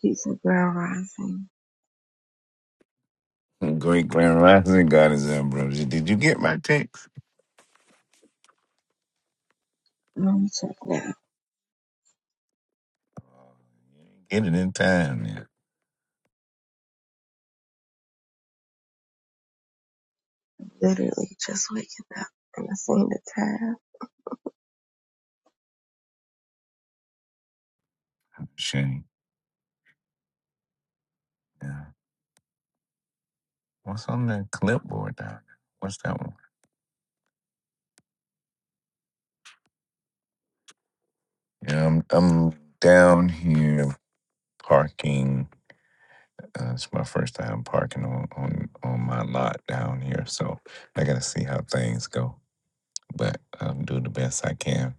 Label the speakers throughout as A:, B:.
A: She's a ground rising.
B: Great Grand Rising God is ambrosia. Did you get my text?
A: Let me check now.
B: Get it in time, yeah.
A: Literally just waking up and I seen the tab.
B: Shane. Yeah. What's on that clipboard down there? What's that one? Yeah, I'm I'm down here parking. Uh, it's my first time parking on, on on my lot down here, so I gotta see how things go. But I'm doing the best I can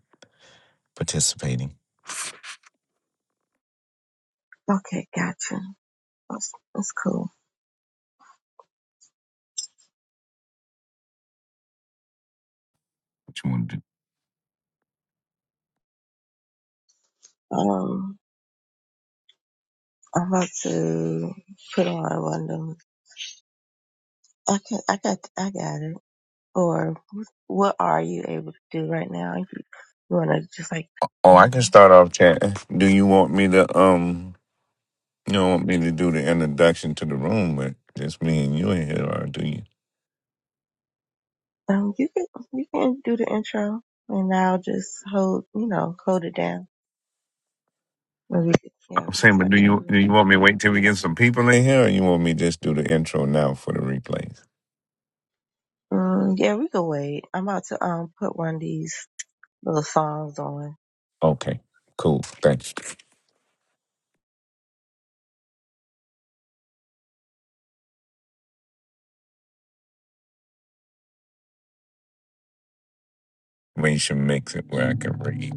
B: participating.
A: Okay, gotcha. That's, that's cool.
B: What you want to do?
A: Um, I'm about to put on one of them. Okay, I got, I got it. Or what are you able to do right now? You, you want to just like,
B: Oh, I
A: mm,
B: can start off chatting. Do you want me to um you don't want me to do the introduction to the room with just me and you in here or do you?
A: um, you can, you can do the intro and I'll just hold, you know, hold it down. Maybe, yeah,
B: I'm
A: we can
B: saying, but
A: start
B: do you do you want
A: chatting.
B: me to wait till we get some people in here or you want me to just do the intro now for the replays?
A: Mm, yeah, we can wait. I'm about to um put one of these little songs on.
B: Okay. Cool. Thanks. We should mix it where I can read.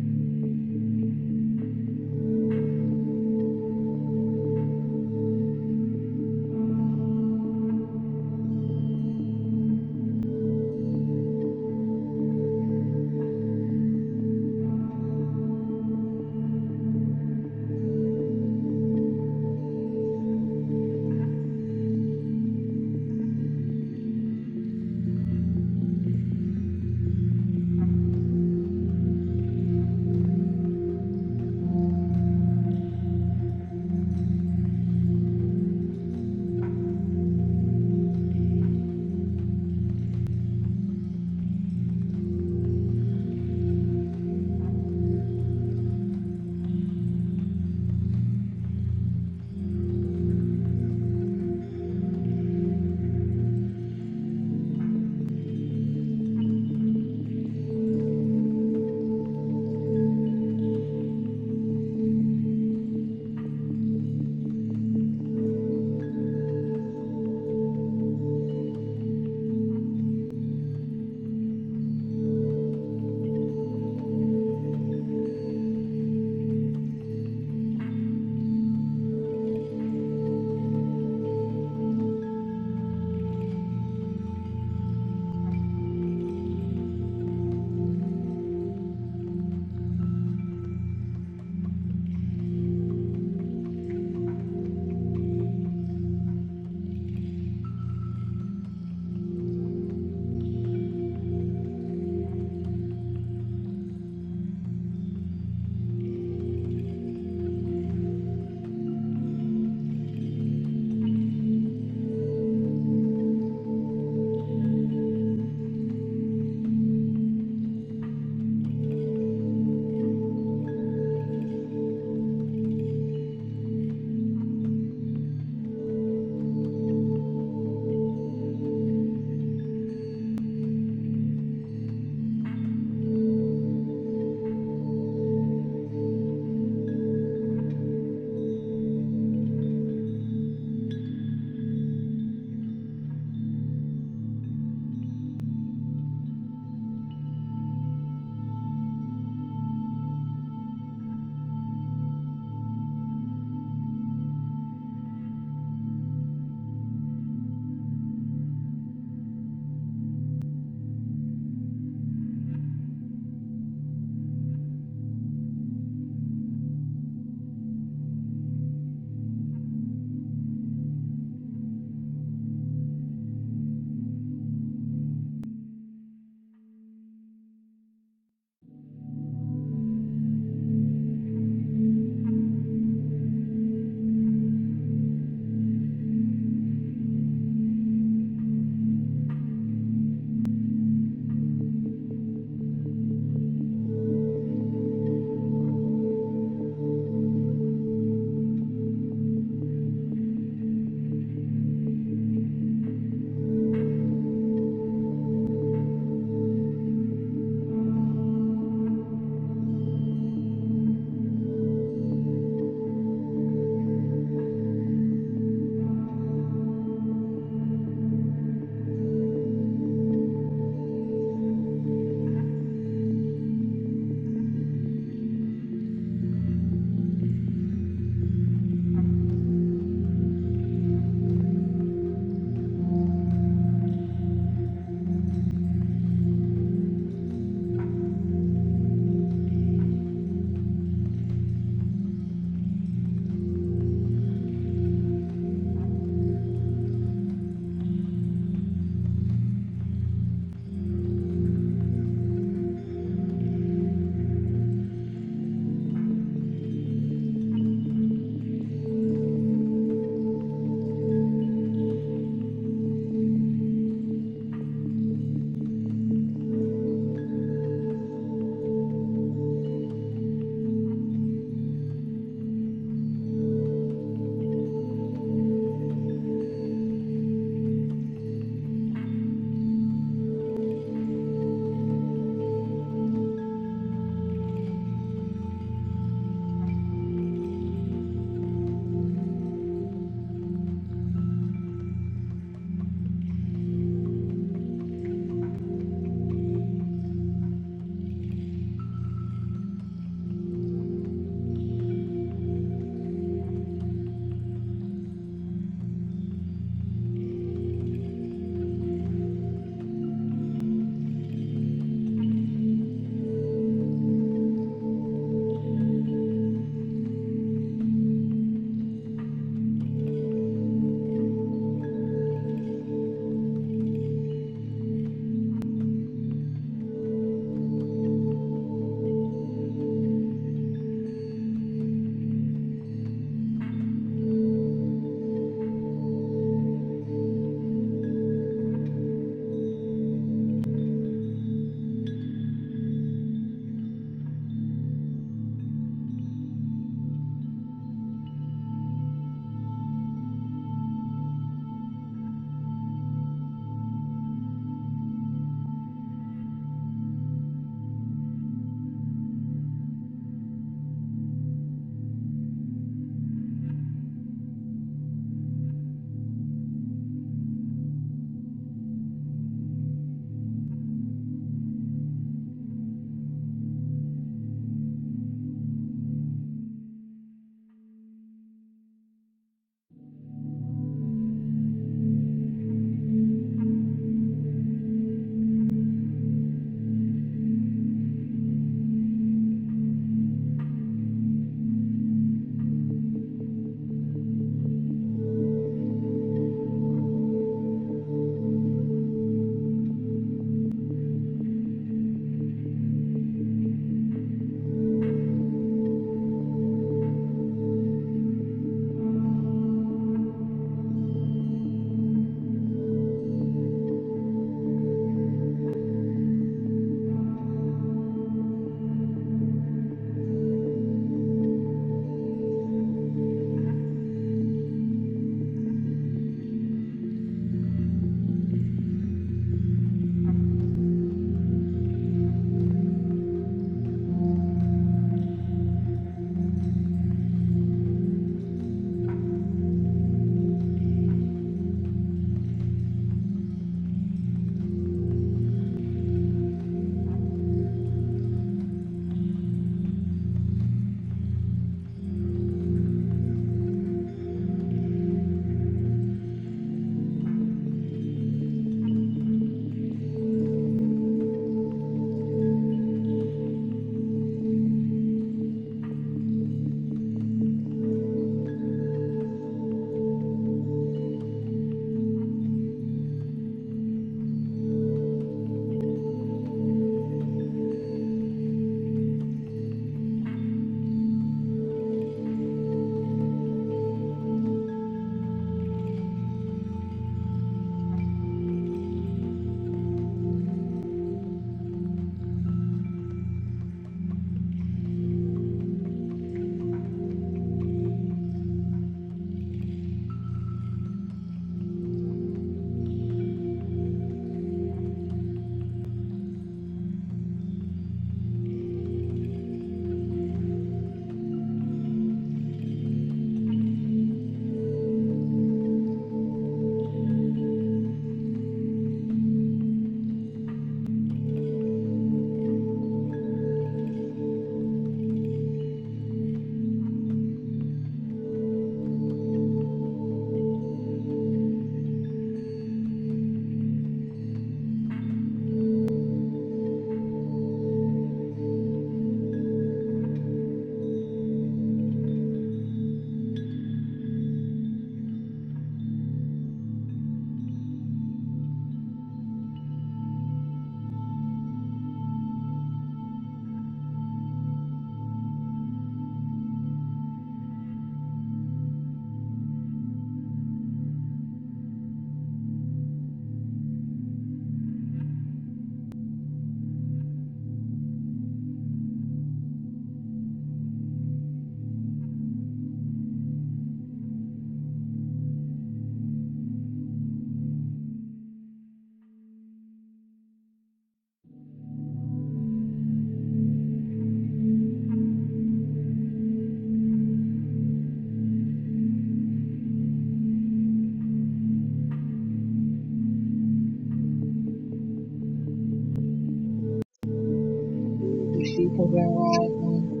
A: You see, rising.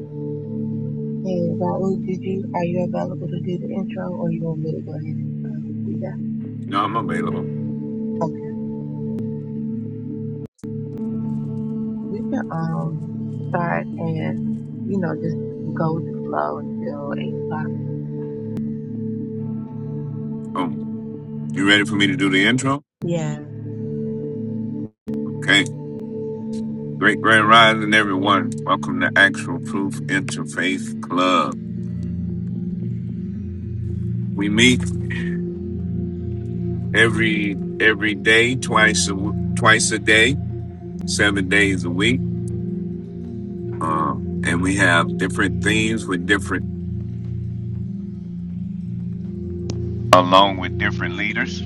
A: Hey, Raul, did you, are you available to do the intro or you want me to go ahead and um, do that?
B: No, I'm available.
A: Okay. We can, um, start and, you know, just go with the flow until 8 o'clock.
B: Oh. You ready for me to do the intro?
A: Yeah.
B: Okay. Great Grand Rising everyone. Welcome to Actual Proof Interfaith Club. We meet every every day, twice a w- twice a day, seven days a week. Um, and we have different themes with different along with different leaders.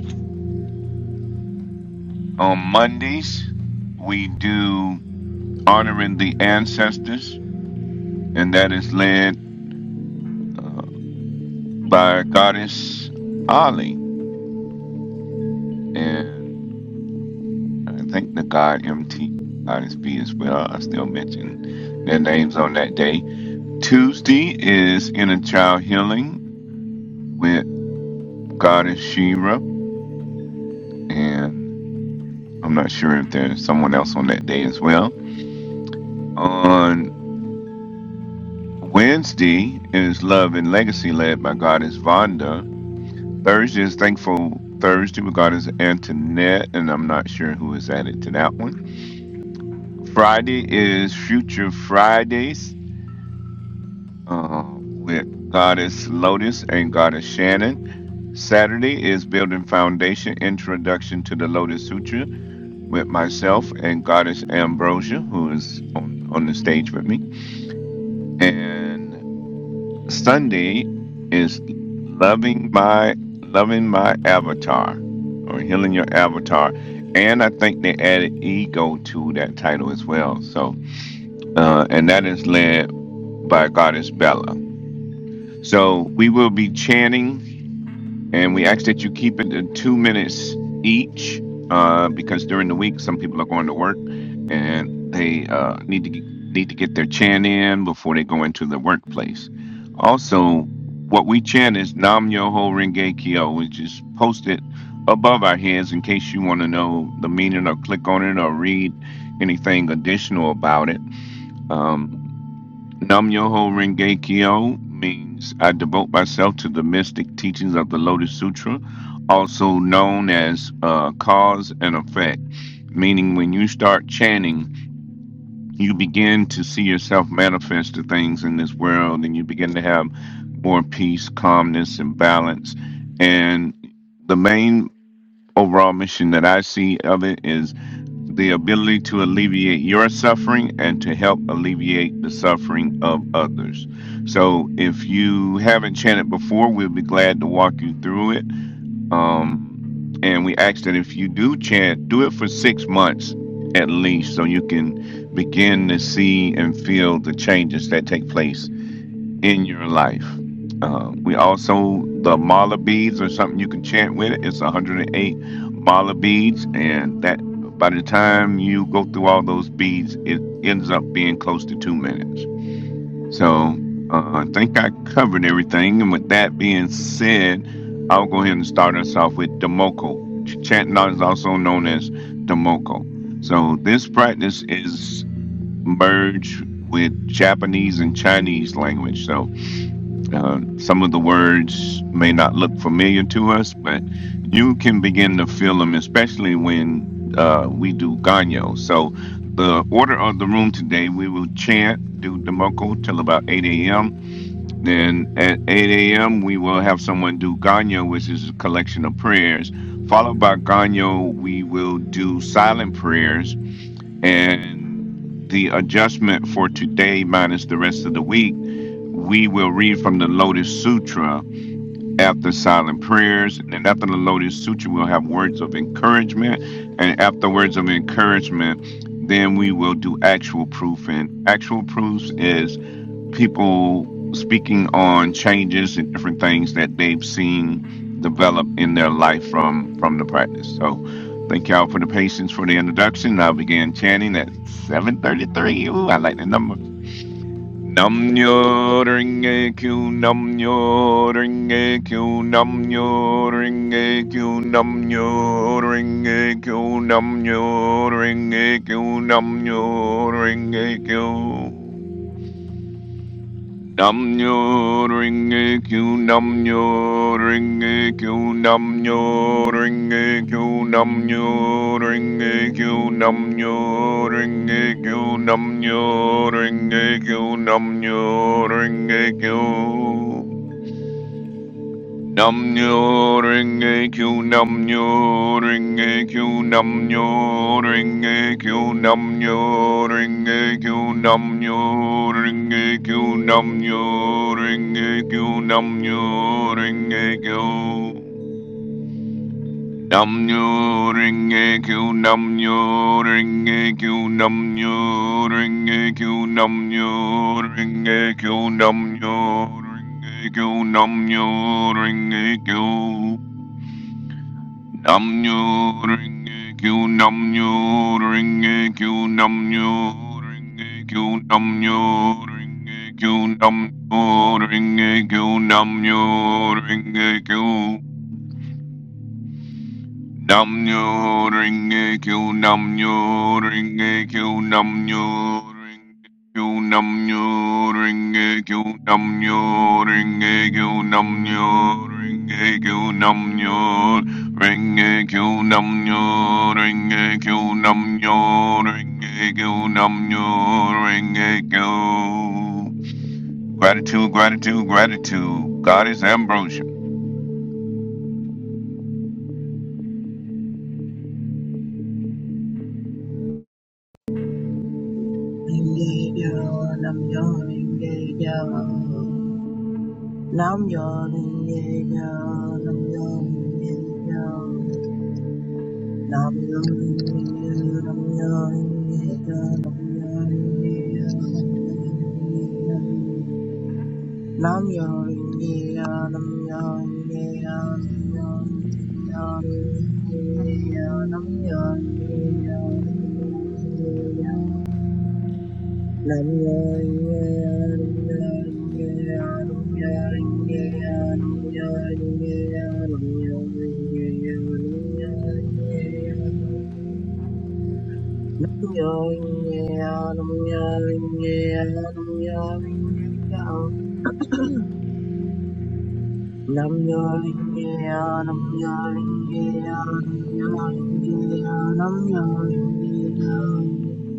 B: On Mondays, we do honoring the ancestors, and that is led uh, by Goddess Ali, and I think the God MT Goddess B as well. I still mention their names on that day. Tuesday is inner child healing, with. Goddess Shira, and I'm not sure if there's someone else on that day as well. On Wednesday is Love and Legacy led by Goddess Vonda. Thursday is Thankful Thursday with Goddess Antoinette, and I'm not sure who is added to that one. Friday is Future Fridays uh, with Goddess Lotus and Goddess Shannon. Saturday is Building Foundation Introduction to the Lotus Sutra with myself and Goddess Ambrosia, who is on, on the stage with me. And Sunday is loving my loving my avatar or healing your avatar. And I think they added ego to that title as well. So uh, and that is led by Goddess Bella. So we will be chanting And we ask that you keep it in two minutes each, uh, because during the week some people are going to work and they uh, need to need to get their chant in before they go into the workplace. Also, what we chant is Nam Yoho Renge Kyo, which is posted above our heads in case you want to know the meaning or click on it or read anything additional about it. Um, Nam Yoho Renge Kyo means I devote myself to the mystic teachings of the Lotus Sutra, also known as uh, cause and effect. Meaning, when you start chanting, you begin to see yourself manifest the things in this world, and you begin to have more peace, calmness, and balance. And the main overall mission that I see of it is the ability to alleviate your suffering and to help alleviate the suffering of others. So, if you haven't chanted before, we'll be glad to walk you through it. Um, and we ask that if you do chant, do it for six months at least, so you can begin to see and feel the changes that take place in your life. Um, we also the mala beads are something you can chant with it. It's 108 mala beads, and that by the time you go through all those beads, it ends up being close to two minutes. So uh, I think I covered everything. And with that being said, I'll go ahead and start us off with Demoko. Ch- Chanting is also known as Demoko. So this practice is merged with Japanese and Chinese language. So uh, some of the words may not look familiar to us, but you can begin to feel them, especially when uh, we do Ganyo. So, the order of the room today, we will chant, do Demoko till about 8 a.m. Then at 8 a.m., we will have someone do Ganyo, which is a collection of prayers. Followed by Ganyo, we will do silent prayers. And the adjustment for today, minus the rest of the week, we will read from the Lotus Sutra after silent prayers. And after the Lotus Sutra, we'll have words of encouragement. And after words of encouragement, then we will do actual proof. And actual proofs is people speaking on changes and different things that they've seen develop in their life from from the practice. So thank y'all for the patience for the introduction. I began chanting at 733. Ooh, I like the number. Nam nyo ring a q nam nyo ring ringe kyu namnyo ringe kyu namnyo ringe kyu namnyo ringe kyu namnyo ringe kyu namnyo ringe kyu Nam nyo ring a q nam nyo ring a q nam nyo ring a q nam nyo ring a q nam nyo ring a q nam nyo ring a q nam nyo ring a q Nam nyo ring a q nam nyo ring a q nam nyo ring a q nam nyo ring a q nam nyo ring a q nam nyo ring a q nam nyo ring a q nam nyo ring a q nam nyo ring a q nam nyo ring a q nam nyo ring a q nam nyo ring a q nam nyo ring a q Namnyo ringe kyu namnyo ringe kyu namnyo ringe kyu namnyo ringe kyu namnyo ringe kyu namnyo ringe kyu Nam nyo ring a q nam nyo ring Namnyo Renge Kyo Namnyo Renge Kyo Namnyo Renge Kyo Namnyo Renge Kyo Namnyo Renge Kyo Namnyo Renge Kyo Namnyo Renge Kyo Namnyo Renge Kyo Namnyo Renge Kyo Namnyo Renge Kyo Gratitude, gratitude, gratitude. God is ambrosia.
A: Ringegyo, namyo ringegyo, namyo ringegyo, namyo ringegyo. Nam Nam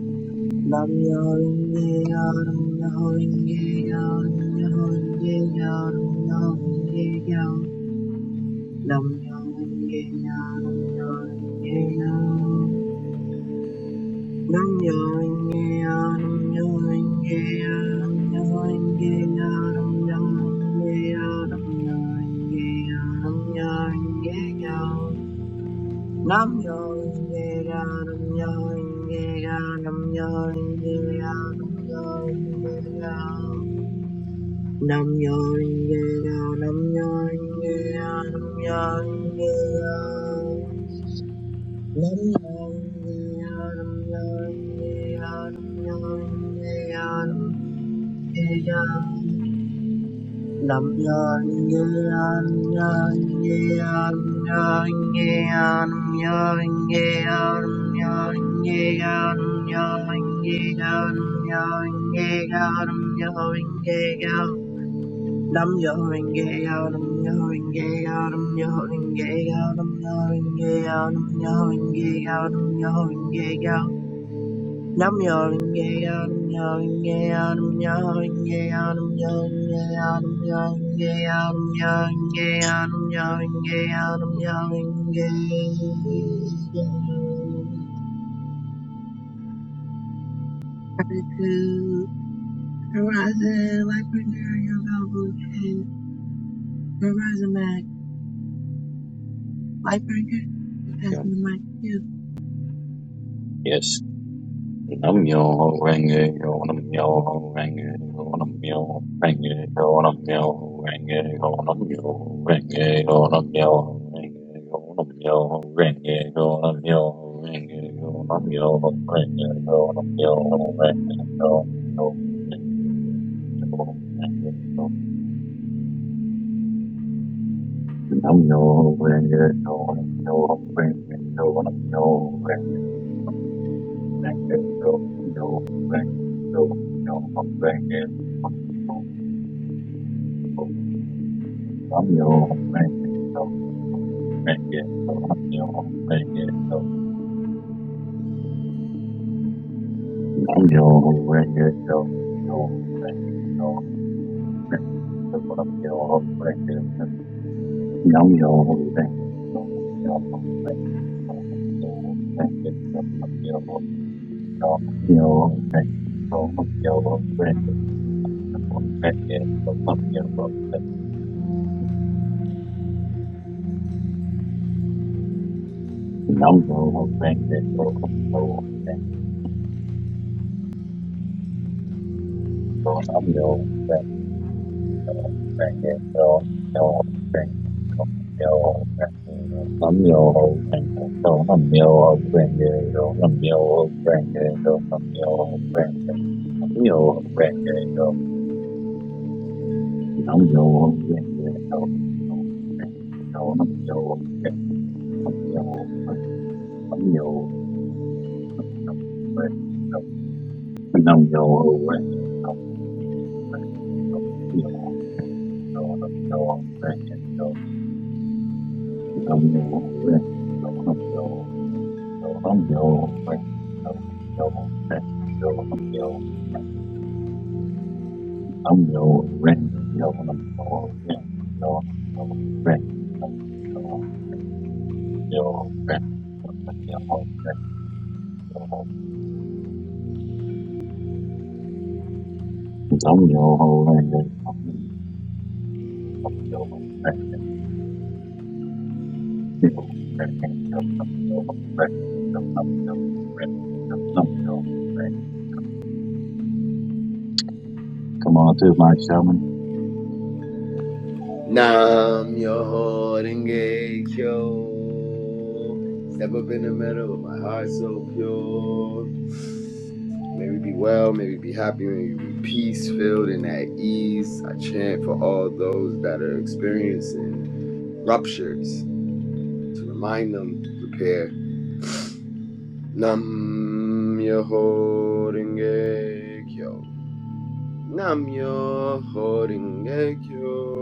A: Nam yeah. Nam yo ringe yo nam yo ringe yo nam yo ringe yo nam yo ringe yo nam yo ringe yo nam yo ringe yo Nam Gratitude. Horizon, Lightbringer, you're available. And Horizon Mag, Lightbringer, you pass
C: Kim.
A: me the mic to you.
C: Yes. Nam yo ho renge yo nam yo ho renge yo nam yo rang it, yo on a yo ho renge yo nam yo ho renge yo nam yo ho renge yo nam yo ho renge yo nam yo ho renge yo nam yo ho renge yo nam yo ho renge yo nam yo ho renge yo nam yo ho renge yo I'm your angel, I'm your angel, I'm your angel. Yo, Namo Buddhaya. Namo Buddhaya. Namo Buddhaya. Namo Buddhaya. Namo Buddhaya. Namo Buddhaya. Namo Buddhaya. Namo Buddhaya. Namo Buddhaya. Namo Buddhaya. Namo Buddhaya. Namo Buddhaya. Namo Buddhaya. Namo Buddhaya. Namo Buddhaya. Namo Buddhaya. Nam yo ren nam yo nam yo ren nam yo ren nam yo ren yo nam yo ren yo nam yo ren yo nam yo ren nam yo ren nam yo ren yo Come on through, my shaman.
D: Nam Yoho Renge Kyo. Step up in the middle with my heart so pure. May we be well, may we be happy, may we be peace filled and at ease. I chant for all those that are experiencing ruptures to remind them, prepare. Nam Yoho Renge Kyo. Nam Yoho Renge Kyo.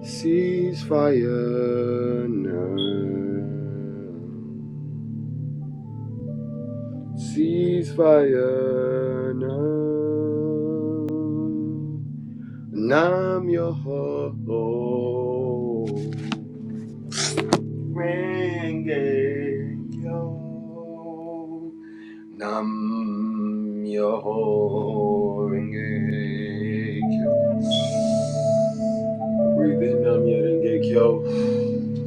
D: Ceasefire now. Ceasefire now. Nam yo ho. ho. yo. Nam yo ho. renge kyo. Breathe in Nam Yo Renge Kyo.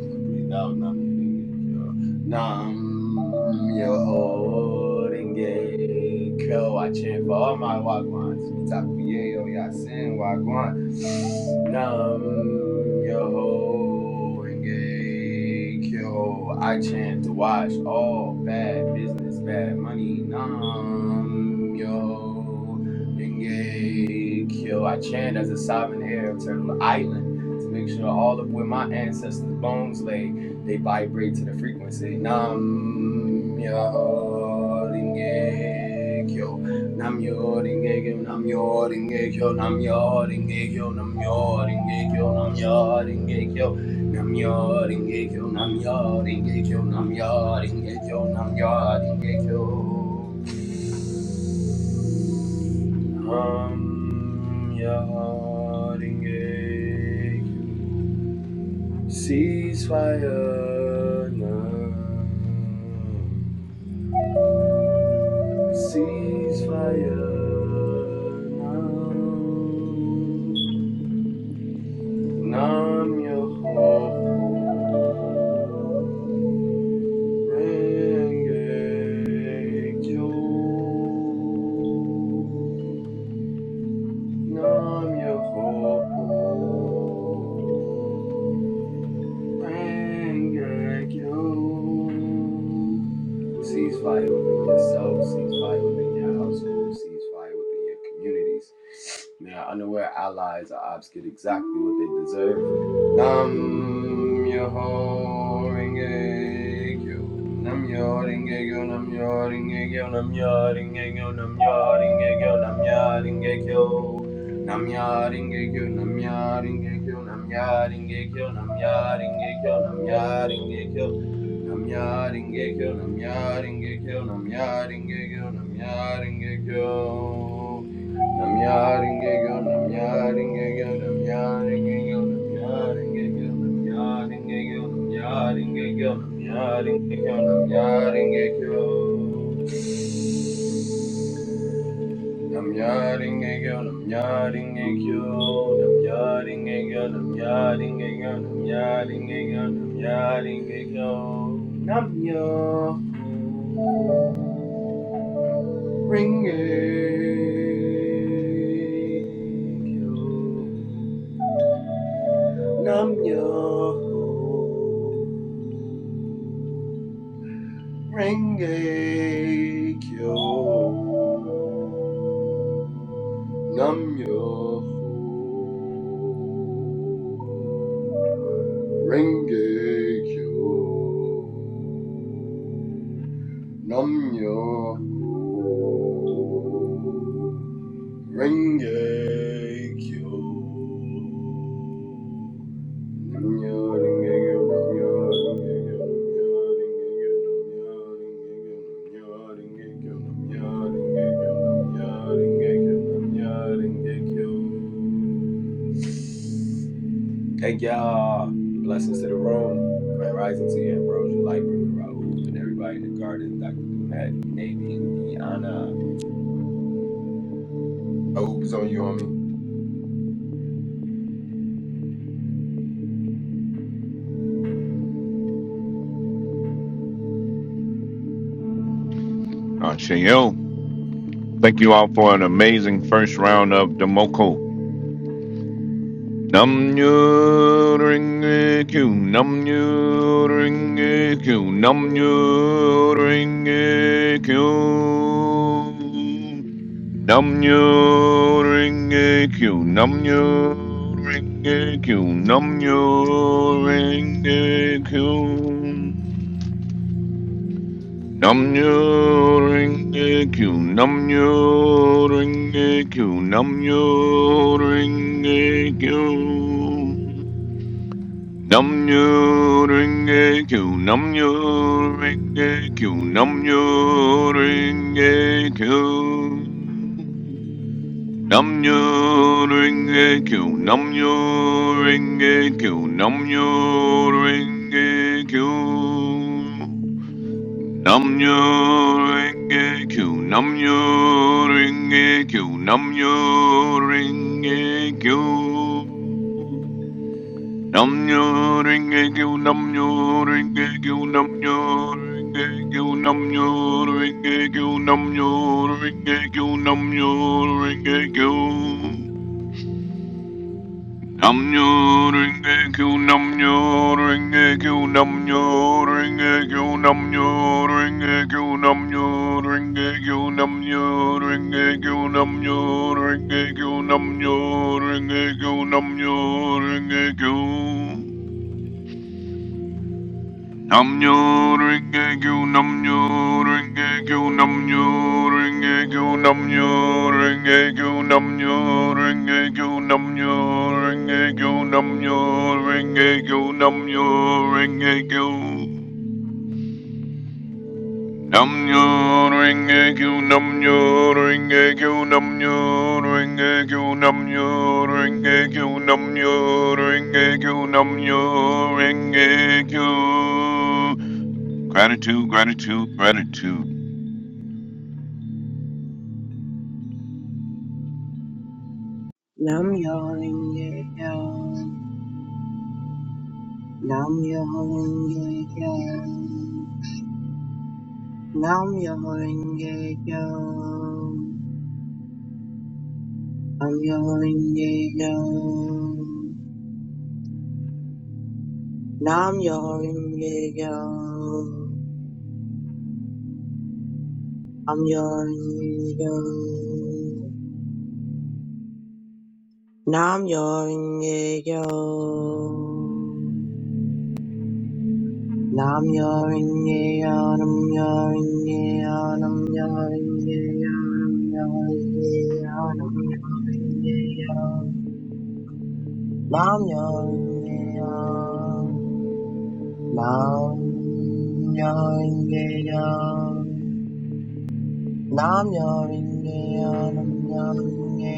D: I breathe out Nam Yoringe Kyo. Nam Yoringe Kyo. I chant for all my Wagwans. Mitaku Yeyo Yasin Wagwan. Nam Yoringe Kyo. I chant to wash all bad business, bad money. Nam Yo. Ringe Kyo. I chant as a sovereign heir of Turtle Island to make sure all of where my ancestors' bones lay, they vibrate to the frequency. Nam myo ringe kyo. Nam myo ringe kyo. Nam myo ringe kyo. Nam myo ringe kyo. Nam myo ringe kyo. Nam myo ringe kyo. Nam myo ringe kyo. Nam myo ringe kyo. Nam myo ringe kyo. Nam myo ringe kyo. Nam Yaringe Kyo. Ceasefire now. Ceasefire now. Nam Yoho Renge Kyo. Nam Yoho Rengekyo. Cease fire within yourself, cease fire within your household, cease fire within your communities. May our unaware allies are obs get exactly what they deserve. Nam Yoho Rengekyo. Nam Yoho Rengekyo, Nam Yoho Rengekyo, Nam Yoho Rengekyo, Nam Yoho Rengekyo, Nam Yoho Rengekyo. Namya Ringekyo, Namya Ringekyo, Namya Ringekyo, Namya Ringekyo, Namya Ringekyo, Namya Ringekyo, Namya Ringekyo, Namya Ringekyo, Namya Ringekyo. Namya Ringekyo, Namya Ringekyo, Namya Ringekyo, Namya Ringekyo, Namya Ringekyo, Namya Ringekyo, Namya Ringekyo, Namya Ringekyo. Namyaringekyo, namyaringekyo, namyaringekyo, namyaringekyo, namyaringekyo, namyaringekyo, namyo. Ringekyo, namyo. Renge Kyo. Nam Yo Ho Renge Kyo. Nam Yo Ho Renge Kyo. Namyo Renge Kyo, Namyo Renge Kyo, Namyo Renge Kyo, Namyo Renge Kyo, Namyo Renge Kyo, Namyo Renge Kyo, Namyo Renge Kyo. Thank y'all. Blessings to the room. Grand Rising to you, Ambrosia Lightbringer, Raoub, and everybody in the garden, Dr. Donette, Navy, and Deanna. Raoub is on you, homie.
B: Ashayo. Thank you all for an amazing first round of Demoko. Num you ring a q num you ring a q num you ring a q num you ring a q num you ring a q num you ring a q Namnyo Renge Kyo, Namnyo Renge Kyo, Namnyo Renge Kyo. Namnyo Renge Kyo, Namnyo Renge Kyo, Namnyo Renge Kyo. Namnyo Renge Kyo, Namnyo Renge Kyo, Namnyo Renge Kyo. Namyo-renge-kyo, Namyo-renge-kyo, Namyo-renge-kyo. Namyo-renge-kyo, Namyo-renge-kyo, Namyo-renge-kyo, Namyo-renge-kyo, Namyo-renge-kyo, Namyo-renge-kyo. Namnyo Renge Kyo Namnyo Renge Kyo Namnyo Renge Kyo Namnyo Renge Kyo Namnyo Renge Kyo Namnyo Renge Kyo Namnyo Renge Kyo Namnyo Renge Kyo Namnyo Renge Kyo Namnyo ringe gyu namnyo ringe gyu namnyo ringe gyu namnyo ringe gyu namnyo ringe gyu namnyo ringe gyu namnyo ringe gyu namnyo ringe gyu namnyo ringe gyu namnyo ringe gyu namnyo ringe gyu namnyo ringe gyu namnyo ringe gyu namnyo ringe gyu Gratitude, gratitude, gratitude.
A: Nam Yoringe Nam Yoringe Nam Myoho Renge Kyo. Nam Myoho Renge Kyo. Nam Myoho Renge Kyo. Nam Myoho Renge Kyo. Nam Myoho Renge Kyo. Nam Myoho Renge Kyo. Nam Myoho Renge Kyo. Nam Myoho Renge Kyo. Nam Myoho Renge Kyo. Nam Myoho Renge Kyo. Nam Myoho Renge Kyo. Nam myo inge Nam myo inge Nam myo inge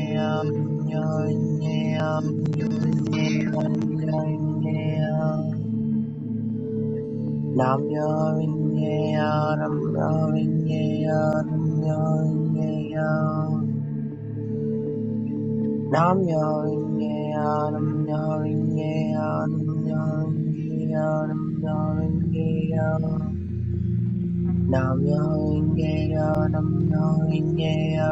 A: Nam myo inge Nam myo inge Nam myo inge Nam myo inge Nam myo inge Nam myo inge Nam myo inge Nam-myoho-renge-kyo, Nam-myoho-renge-kyo,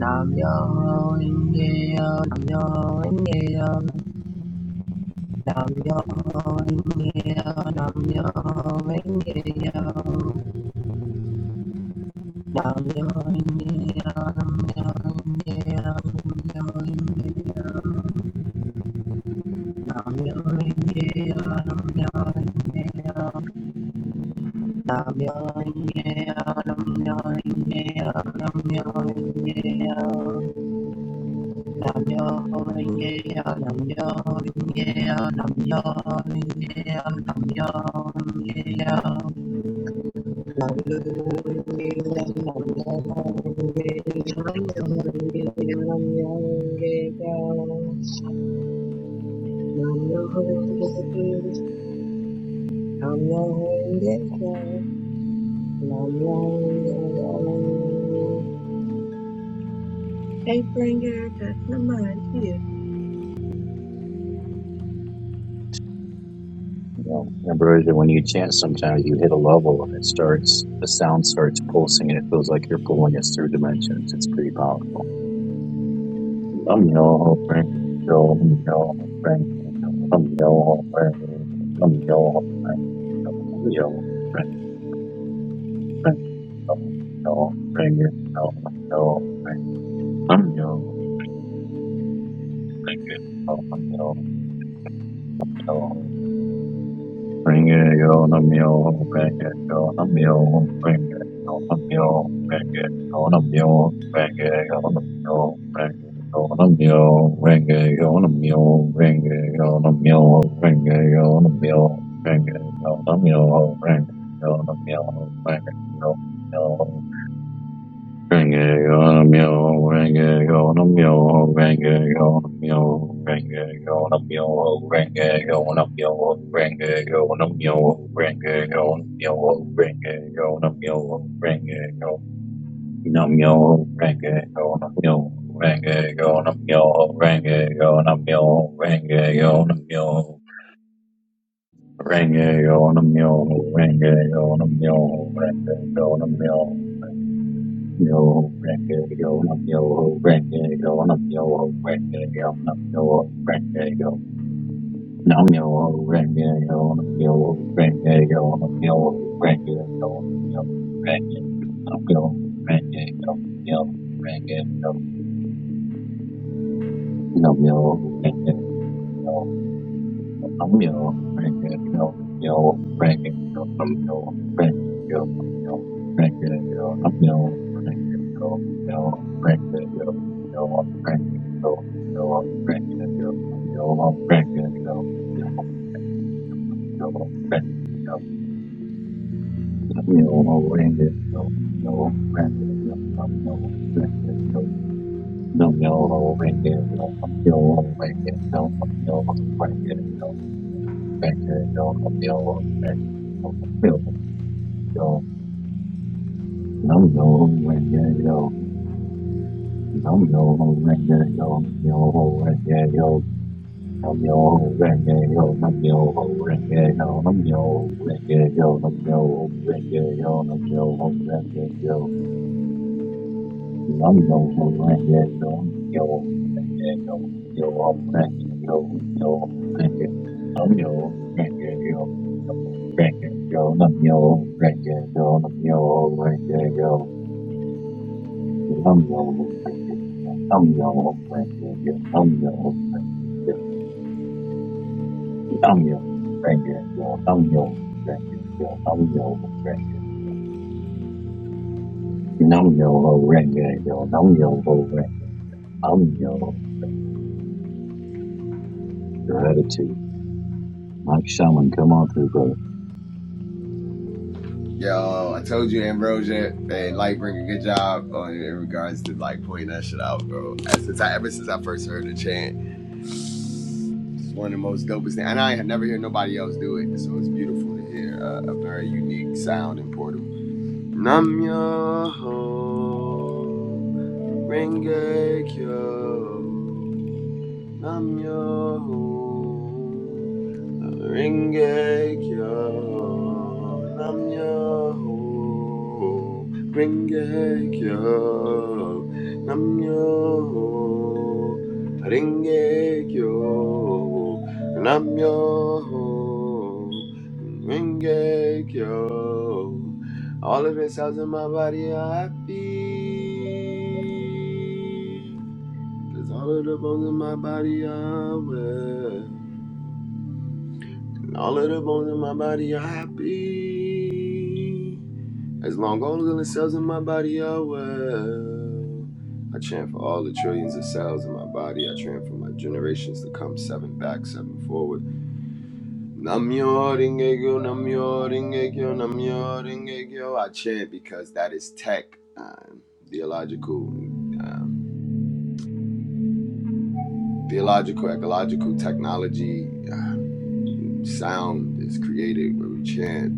A: Nam-myoho-renge-kyo, Nam-myoho-renge-kyo, Nam-myoho-renge-kyo, Nam-myoho-renge-kyo, Nam-myoho-renge-kyo, Nam-myoho-renge-kyo, Nam-myoho-renge-kyo, Nam-myoho-renge-kyo. Nam Hey, bring your address. Come on,
C: You know, Ambrosia, when you chant, sometimes you hit a level and it starts, the sound starts pulsing and it feels like you're pulling us through dimensions. It's pretty powerful. Um, yo, ring, yo, um, yo, ring, yo, um, yo, ring, um, yo, ring, um, yo, ring, ring, um, yo, ring, um, yo, ring, um, yo, ring, um, yo, ring, um, yo, Bring it on a mule, bring it on a mule, bring it on a mule, bring it on a mule, bring it on a mule, bring it on a mule, bring it on a mule, bring it on a mule, bring it on a mule, bring it on a mule, bring it on a mule, bring it on a mule, Renge Yonam Yo, Renge Yonam Yo, Renge Yonam Yo, Renge Yonam Yo, Renge Yonam Yo, Renge Yonam Yo, Renge Yonam Yo, Renge Yonam Yo, Renge Yonam Yo, Renge Yonam Yo, Renge Yonam Yo, Renge Yonam Yo, Renge Yonam Yo, Renge Yonam Yo, Renge Yonam Yo, Renge Yonam Yo, Yo ho, renge, yo num, yo ho, renge, yo num, yo ho, renge, yo num, yo ho, renge, yo num, yo ho, renge, yo num, yo ho, renge, yo num, yo ho, renge, yo num, yo ho, renge, num, yo ho, renge, yo num, yo ho, renge, yo num, yo ho, renge, yo Namyo Renge-kyo, Namyo Renge-kyo, Namyo Renge-kyo, Namyo Renge-kyo, Namyo Renge-kyo, Namyo Renge-kyo, Namyo Renge-kyo, Namyo Renge-kyo, Namyo Renge-kyo, Namyo Renge-kyo. yo, num yo, ring yo, yo, num yo, ring yo, yo, num yo, ring yo, yo, num yo, ring yo, yo, num yo, ring yo, yo, num yo, ring yo, yo, num yo, ring yo, yo, num yo, ring yo, yo, num yo, ring yo, yo, num yo, ring a yo, yo, num yo, yo, ring yo, yo, num yo, ring yo, yo, num yo, ring a yo, num yo, ring yo, yo, num yo, ring yo, yo, num yo, ring yo, yo. Nam yo ring yo, yo nam yo, yo nam yo ring yo, yo nam yo ring yo, yo. nam yo ring yo, yo. nam yo ring yo, yo. nam yo ring yo, nam yo gratitude. Mike Shaman, come on through, brother.
D: Yo, I told you Ambrosia and Lightbringer, good job on in regards to like pointing that shit out, bro. since I ever since I first heard the chant, it's one of the most dopest things, and I have never heard nobody else do it. So it's beautiful to hear a, a very unique sound in Portal. Nam yo ho Rengekyo Namyo Rengekyo Namyo Rengekyo Namyo Rengekyo Namyo Rengekyo all of the cells in my body are happy, 'cause all of the bones in my body are well. All of the bones in my body are happy. As long all of the cells in my body are well. I chant for all the trillions of cells in my body. I chant for my generations to come, seven back, seven forward. Namyo Rengekyo, Namyo Rengekyo, Namyo Rengekyo. I chant because that is tech, um, theological, um, theological, ecological technology sound is created where we chant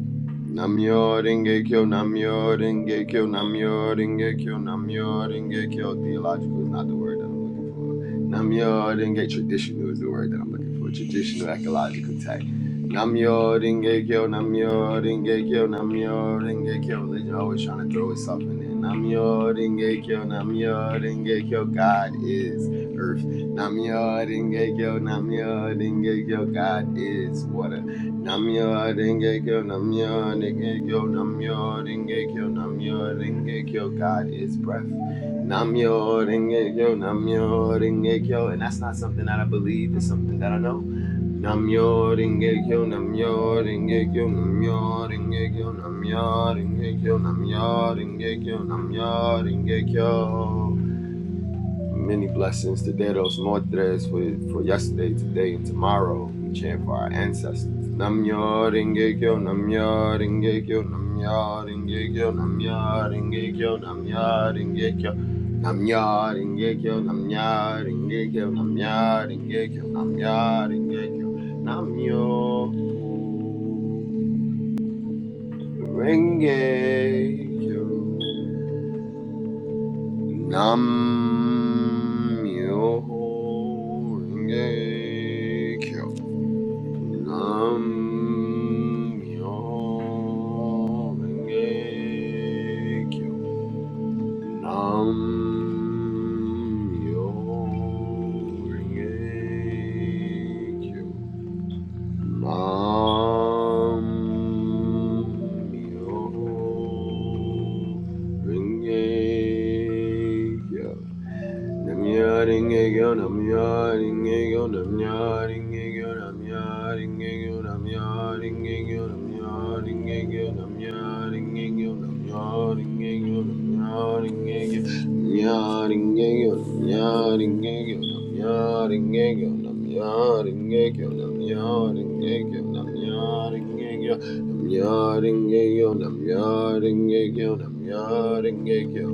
D: Namyo Renge Kyo, Namyo Renge Kyo, Namyo Renge Kyo, Namyo Renge Kyo. Theological is not the word that I'm looking for. Namyo Renge traditional is the word that I'm looking for. Traditional ecological tech. Namyo Renge Kyo, Namyo Renge Kyo, Namyo Renge Kyo. Religion always trying to throw itself in there. Namyo Renge Kyo, Namyo Renge Kyo. God is. earth. Namyo Rengekyo, Namyo Rengekyo, God is water. Namyo Rengekyo, Namyo Rengekyo, Namyo Rengekyo, Namyo Rengekyo, God is breath. Namyo Rengekyo, Namyo Rengekyo, and that's not something that I believe, it's something that I know. Namyo Rengekyo, Namyo Rengekyo, Namyo Rengekyo, Namyo Rengekyo, Namyo Rengekyo, Namyo Rengekyo. Many blessings to Dedos Mortres for, for yesterday, today, and tomorrow. We chant for our ancestors. Namyo Rengekyo, Namyo Rengekyo, Namyo Rengekyo, Namyo Rengekyo, Namyo Rengekyo, Namyo Rengekyo, Namyo Rengekyo, Namyo Rengekyo, Namyo Rengekyo, Namyo Rengekyo. Nam Myoho Renge Kyo. Nam Myoho Renge Kyo. Nam Myoho Renge Kyo. Nam Myoho Renge Kyo. Namyaringekyo, namyaringekyo, namyaringekyo, namyaringekyo, namyaringekyo, namyaringekyo, namyaringekyo, namyaringekyo, namyaringekyo, namyaringekyo, namyaringekyo, namyaringekyo, namyaringekyo, namyaringekyo, namyaringekyo, namyaringekyo, namyaringekyo, namyaringekyo.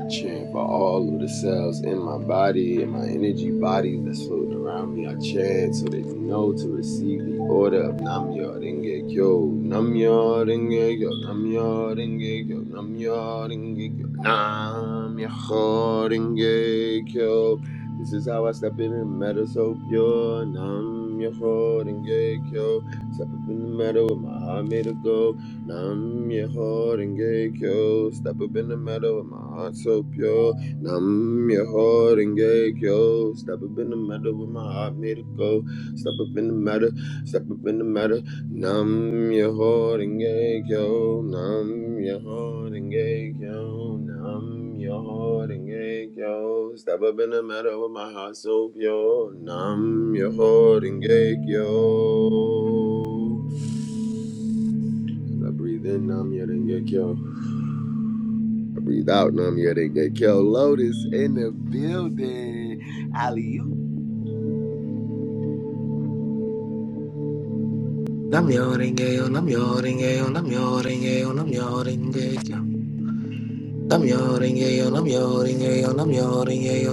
D: I chant for all of the cells in my body and my energy bodies that's floating around me. I chant so they know to receive the order of Namyo Renge Kyo. Namyo Renge Kyo. Namyo Renge Kyo. Namyo Renge Kyo. Namyo Renge Kyo. This is how I step in the meadow so pure. Namyo Renge Kyo. Step up in the meadow with my heart made of gold. Nam Yehor and Renge Kyo. Step up in the meadow with my heart so pure. Nam Yehor and Renge Kyo. Step up in the meadow with my heart made of gold. Step up in the meadow. Step up in the meadow. Nam Yeho Renge Kyo. Nam Yeho Renge Kyo. Nam Yehor and Renge Kyo. Step up in the meadow with my heart so pure. Nam Yehor and Renge Kyo. I breathe in Namya Dengekyo. I breathe out Namya Dengekyo. Lotus in the building. Aliyu.
E: Namyo-renge-kyo, Namyo-renge-kyo, Namyo-renge-kyo, Namyo-renge-kyo. Namyo-renge-kyo, Namyo-renge-kyo,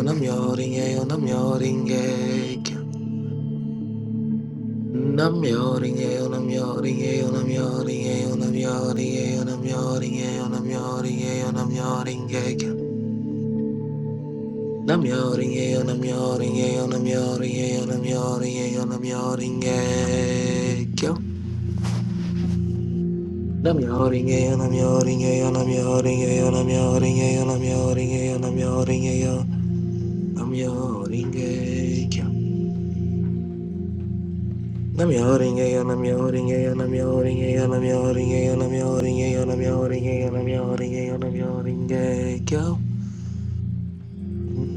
E: Namyo-renge-kyo, Namyo-renge-kyo, Namyo-renge-kyo. Namyo-renge-kyo, Namyo-renge-kyo, Namyo-renge-kyo, Namyo-renge-kyo, Namyo-renge-kyo, Namyo-renge-kyo, Namyo-renge-kyo. Namyo-renge-kyo, Namyo-renge-kyo, Namyo-renge-kyo, Namyo-renge-kyo, Namyo-renge-kyo. Nam yo ringe yo, nam yo ringe yo, nam yo ringe yo, nam yo ringe yo, nam yo ringe yo, nam yo ringe yo, nam yo ringe Nam yo ringe yo, nam yo ringe yo, nam yo ringe yo, nam yo ringe yo, nam yo ringe yo, nam yo ringe yo, nam yo ringe yo, nam yo ringe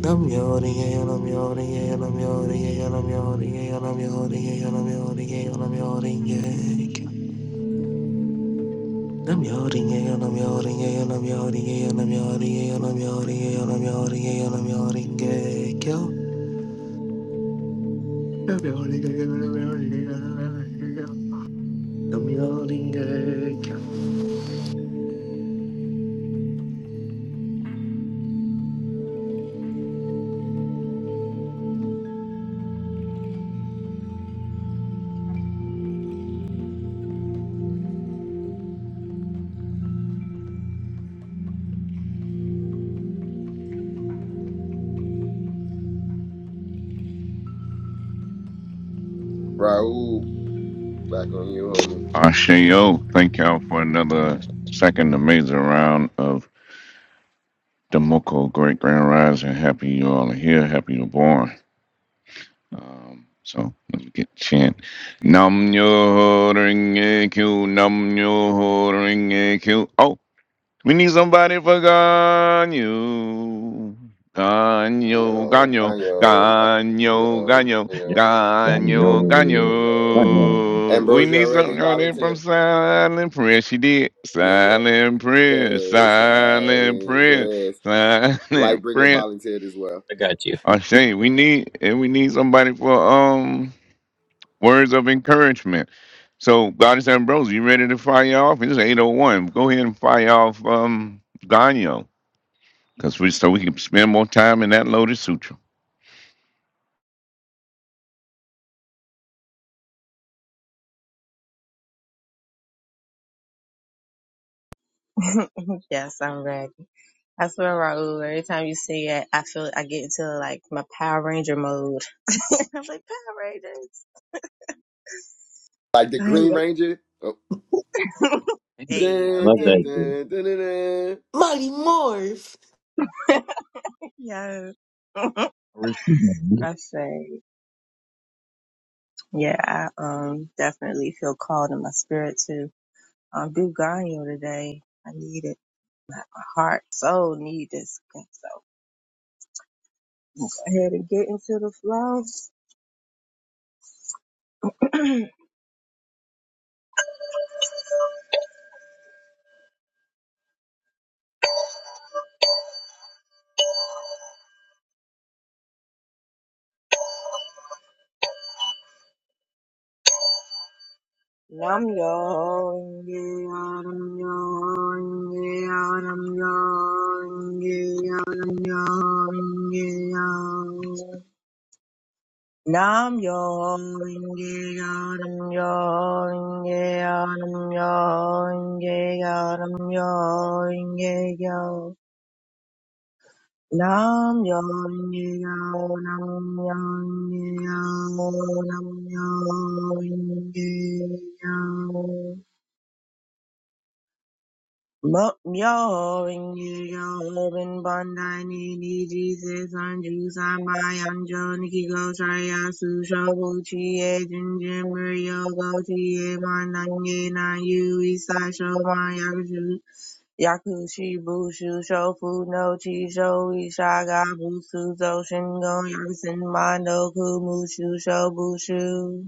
E: Nam yo ringe yo, nam yo ringe yo, nam yo ringe yo, nam yo ringe yo, nam yo ringe nam yo ringe nam yo ringe Nam yo ring a yo nam yo ring a yo nam yo ring a yo nam yo ring a yo nam yo ring a yo nam yo ring a yo nam yo ring a kyo. Nam yo ring a yo nam yo ring a yo nam yo ring a yo. Nam yo ring a kyo.
D: Raul, back on you, homie.
B: Ashayo, thank y'all for another second amazing round of Demoko Great Grand Rise. And happy you all are here. Happy you're born. Um, so let's get chant. Nam yo ring a q, nam yo ring a q. Oh. We need somebody for Ganyo. Ganyo,
D: Yo,
B: Ganyo,
D: yo,
B: Ganyo,
D: yo,
B: Ganyo,
C: Yeah.
D: yo,
C: Nam yo,
B: Ganyo,
D: yo,
C: nam
D: yo.
C: yo.
B: Ganyo. We
D: Ambrosia
B: need
D: already
B: somebody from
D: volunteer.
B: silent prayer. She did
D: Yeah, yeah.
B: silent prayer,
D: Press, I
B: silent
D: mean,
B: prayer,
D: press.
B: silent
D: Lightbringer
B: prayer.
D: volunteered as well.
C: I got you.
B: Ashay, we need and we need somebody for um words of encouragement. So, Goddess Ambrose, you ready to fire off? It's 801. Go ahead and fire off um Ganyo. Because we so we can spend more time in that Lotus sutra.
A: here. yes, I'm ready. I swear, Raul, every time you say it, I feel I get into like my Power Ranger mode. I'm like, Power Rangers.
D: Like the Green
A: I-
D: Ranger. Oh.
A: yeah. hey,
D: Dun,
C: Love
D: dun,
C: that.
A: okay.
C: dude.
D: dun, dun, dun, dun.
E: Mighty Morph!
A: yes. I
C: I respect
A: say, yeah, I um, definitely feel called in my spirit to um, do Ganyo today. I need it. My heart, soul need this. So go ahead and get into the flow. Nam yo inge anam yo inge anam yo inge anam yo inge yo Nam yo inge anam yo inge anam yo inge yo Nam yo inge yo Nam yo inge anam yo inge anam yo inge yo Myoring Urban Bandai Nini Jesus Anju Sambai Anjo Nikiko Shaya Susho Buchi Ejin Jimri Yogo Chie Manange Na Yui Sasho Mayakushu Yakushi Bushu Shofu No Chi Sho Ishaga Busu Zoshin Go Yakusin Mando Kumushu Sho Bushu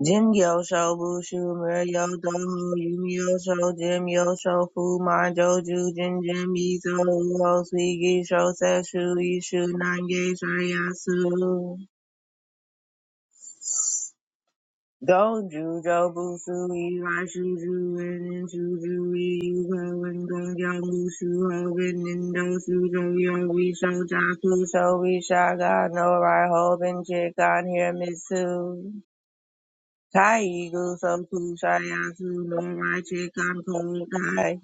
A: Jim Yosho, Bushu, Muryo, Doho, Yumi Yosho, Jim Yosho, Fu, Manjo, Jujin, Jim, Mizo, Uho, Suigi, Sho, Seshu, Ishu, Nange, Shariasu. Go, Jujo, Bushu, Irai, Shuju, Inen, Shuju, Yuho, and Gongyo, Mushu, Hoben, Nindo, Shujo, Yogi, Sho, Jaku, Sho, Ishaga, No, Rai, Hoben, Chikan, Hiramitsu. Kai Eagle, Some Poo, Shayasu, Nomai, Chikan, Kung, Kai,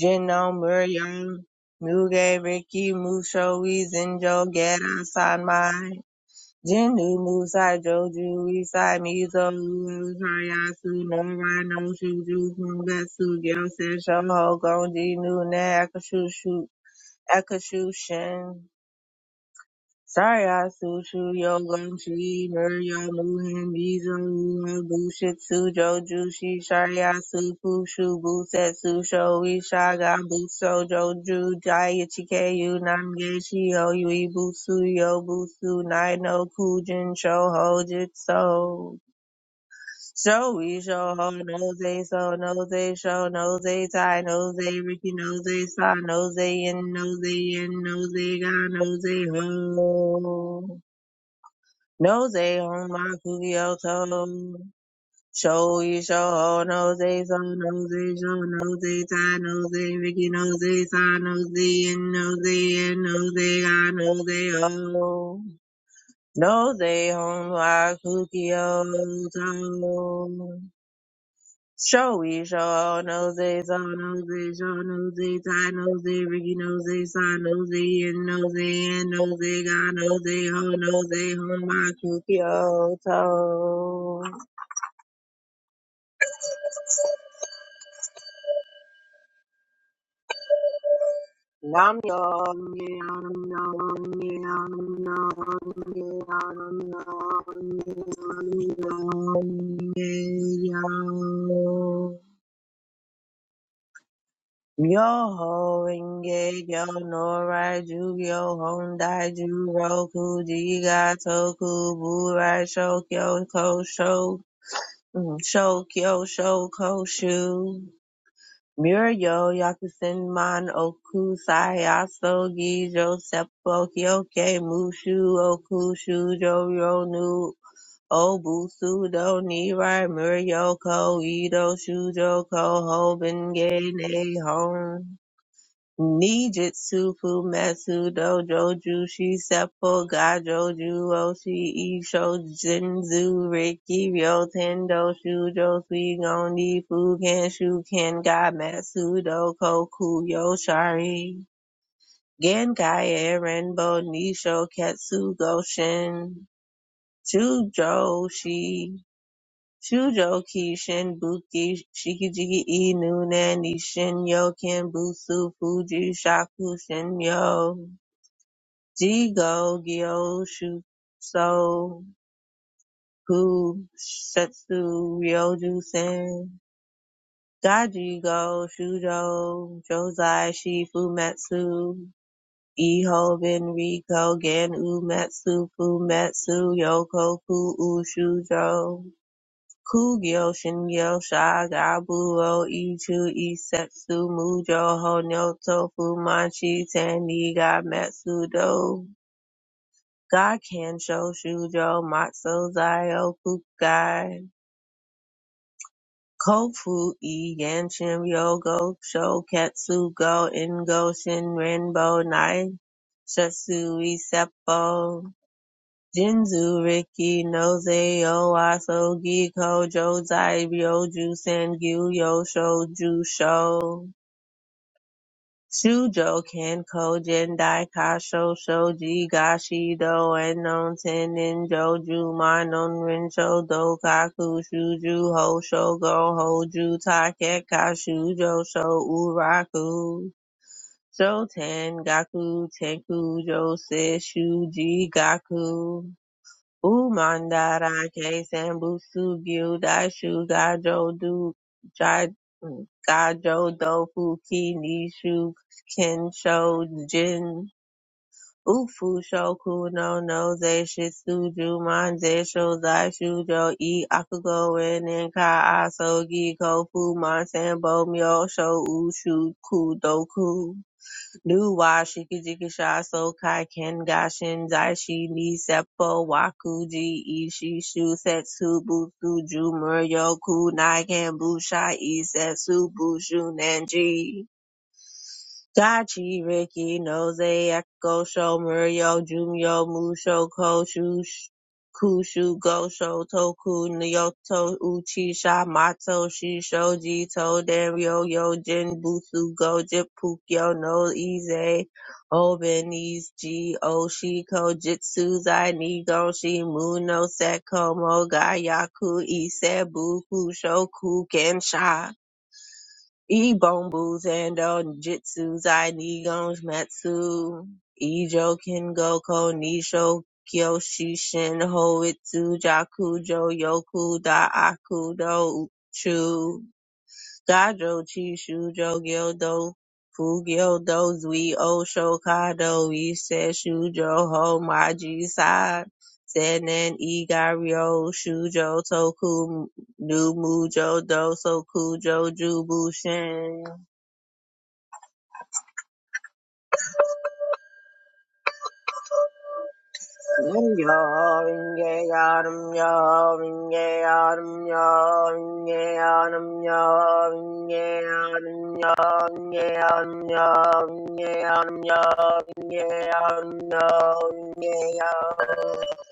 A: Jino, Murion, Muge, Riki, Musho, Zenjo, Geta, Sanmai, Jinu, Musai, Joju, Isai, Mizo, Uru, Shayasu, Nomai, Noshu, Ju, Kungetsu, Gyosei, Shoho, Gonji, Nune, Akashu, Shu- Akashu, Shin. Sariasu Chu Yogan Chi Murya Muhan Bizo Muhan Bushitsu Joju Shi Shariasu Pushu Busetsu Shoi Shaga Buso Joju Jaya Chikeyu Namge Shio Yui Busu Yo Busu Nai No Kujin Shoho Jitsu Shoi Shoho Noze So Noze Sho Noze Tai Noze Riki Noze Sa Noze In Noze In Noze Ga Noze Ho no they on my Kugioto. Show you show no they so no they show no they tie no they Ricky no they sign no they and no they and no they I no they oh no they on my Kugioto. Showy, show nosey, so nosey, show nosey, tie nosey, Ricky nosey, side nosey, and nosey, and nosey, got nosey, ho nosey, ho my Kyoto. toe. Nam yo, nam yo, nam yo, nam yo, nam yo, nam yo, nam yo, nam yo, nam yo. Yo Renge Yo Norai Jugyo Hondai Juroku Jiga Toku Burai Shokyo Ko Sho mm, Shokyo Shoko Shu Muryo Yakusen Man Oku Sayaso Gijo Seppo Kyoke Mushu Oku Shujo Ronu Obusu Do Nirai Muryo Ko Ido Shujo Ko Hoben Ge Ne Hon Nijutsu Fumetsu Dojo Jushi Seppo Gajo Ju Oshi Isho Jinzu Riki Ryo Tendo Shujo Suigon Nifu Kenshu Kenga Matsu Doko Kuyo Shari Genkai Erenbo Nisho Ketsu Goshin Chujoshi Shujoku Shinbuku Shikiji e Nunani Shinyoken busu Fuji Shaku Shinyo Jigo Gyoshu So Ku Setsu Ryoju Sen Gaji Go Shujo Josai Shifu Metsu Ehoben Riko Gen Umetsu Fumetsu Yokoku Ushujo Kugyo, Shingyo, Shakabuto, Ichu, Isetsu, Mujo, Honoto, Fumanshi, Taniga, Matsudo, Gakkensho, Shujo, Matsu, Zayo, Kukai, Kofu, E, Yanshin, Yogo, Shoketsu, Go, Ingo, Shinrin, Bo, Nai, Shatsui, Seppo, Jinzu, Riki, Nozei, Owasso, Gikko, Jozai, Ryoju, Sangyu, Yosho, Jusho, Shujo, Kenko, Jendai, Kasho, Shoji, Gashido, Enon, Tenin, Joju, Manon, Rinsho, Dokaku, Shuju, Hosho, Go, Hoju, Takeka, Shujo, Sho, Uraku. Shoten, Gaku, Tenku, Jose, Shuji, Gaku. Umandara ke sambusu gyu daishu gajo du jai- gajo dofu ki nishu kensho jin ufu shoku no no ze shitsuju man ze sho zai shujo e akugo en ka asogi kofu man sambo myo sho ushu kudoku Nu wa shikijikisha sokai ken gashin daishi ni seppo wakuji ishi shu setsu butsu ju muryo kunai ken busha isetsu bushu nanji. Dachi, Ricky, Nose, Echo, Sho, Murio, Jumio, Musho, Koshu, Sh- Kushu, Gosho, Toku, Nyoto, Uchi, Shamato, Shisho, Jito, Dario, Yojin, Butsu, Gojip, Pukyo, No, Ize, Oben, G, Oshiko, Jitsu, Zai, Nigo, Shimuno, Seko, Moga, Yaku, Ise, Buku, Shoku, Kensha. Ebombu, Zando, Jitsu, Zai, Nigons, Matsu, Ijo, Kengoko, Nisho, Kyoshi, Shin, Hoitsu, Jakujo, Yoku, Daaku, Do, Uchu gajo chi shujo gyodo fu gyodo zui o shokado ise shujo ho maji sai senen igaryo shujo toku nu mujo do sokujo jubushin Nam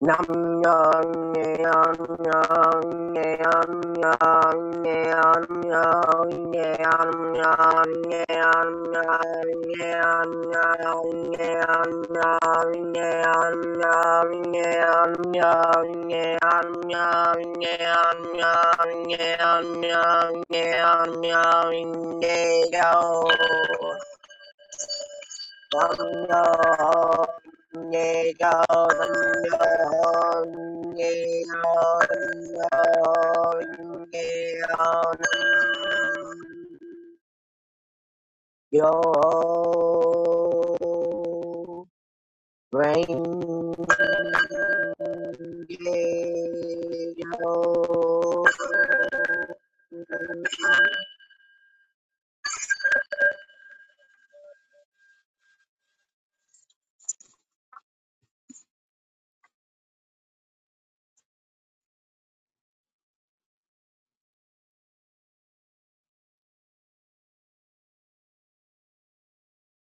A: Go grandmother, a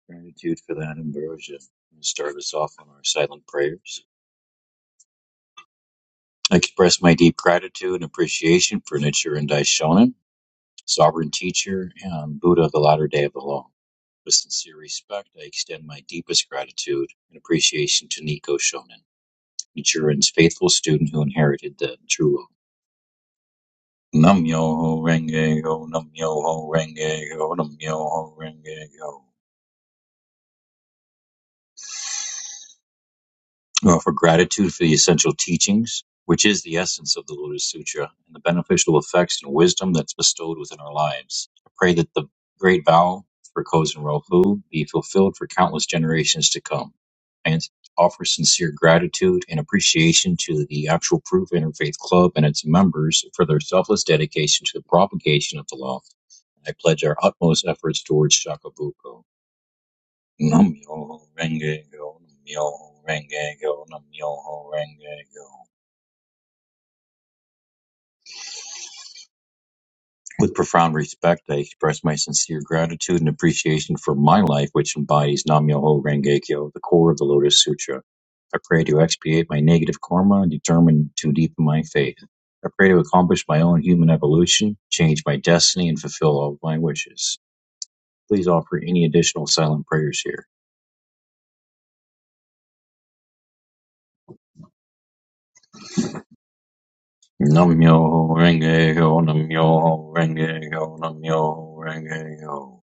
C: Gratitude for that ambrosia. And Start us off on our silent prayers. I express my deep gratitude and appreciation for Nichiren Daishonin Sovereign Teacher and Buddha of the Latter Day of the Law, with sincere respect, I extend my deepest gratitude and appreciation to Nico Shonin, Nichiren's faithful student who inherited the true law. Nam myoho renge ho, nam myoho renge ho, nam myoho renge ho. uh, for gratitude for the essential teachings, which is the essence of the Lotus Sutra, and the beneficial effects and wisdom that's bestowed within our lives. I pray that the great vow for Kozen Rofu be fulfilled for countless generations to come. And offer sincere gratitude and appreciation to the actual Proof Interfaith Club and its members for their selfless dedication to the propagation of the law. I pledge our utmost efforts towards Shakabuku. Namyo Renge Kyo, Namyo Renge Kyo, Namyo Renge Kyo. With profound respect, I express my sincere gratitude and appreciation for my life, which embodies Namyoho Renge Kyo, the core of the Lotus Sutra. I pray to expiate my negative karma and determine to deepen my faith. I pray to accomplish my own human evolution, change my destiny, and fulfill all of my wishes. Please offer any additional silent prayers here. Namyo Renge Ho, Namyo Renge Ho, Namyo Renge Ho.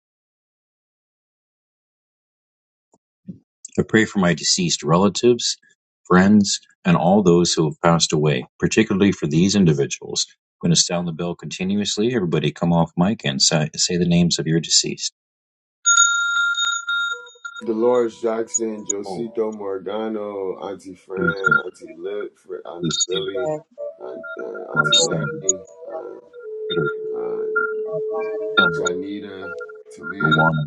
C: I pray for my deceased relatives, friends, and all those who have passed away, particularly for these individuals. I'm going to sound the bell continuously. Everybody come off mic and say, say the names of your deceased.
D: Dolores Jackson,
C: Oh,
D: Josito Morgano, Auntie Fran,
C: Susan,
D: Auntie Lip, Fr- Auntie
C: Lucille,
D: Philly, Aunt, uh, Auntie
C: Marcel,
D: Larry, uh,
C: Peter,
D: uh,
C: Tim,
D: Janita, Talia,
C: Luana,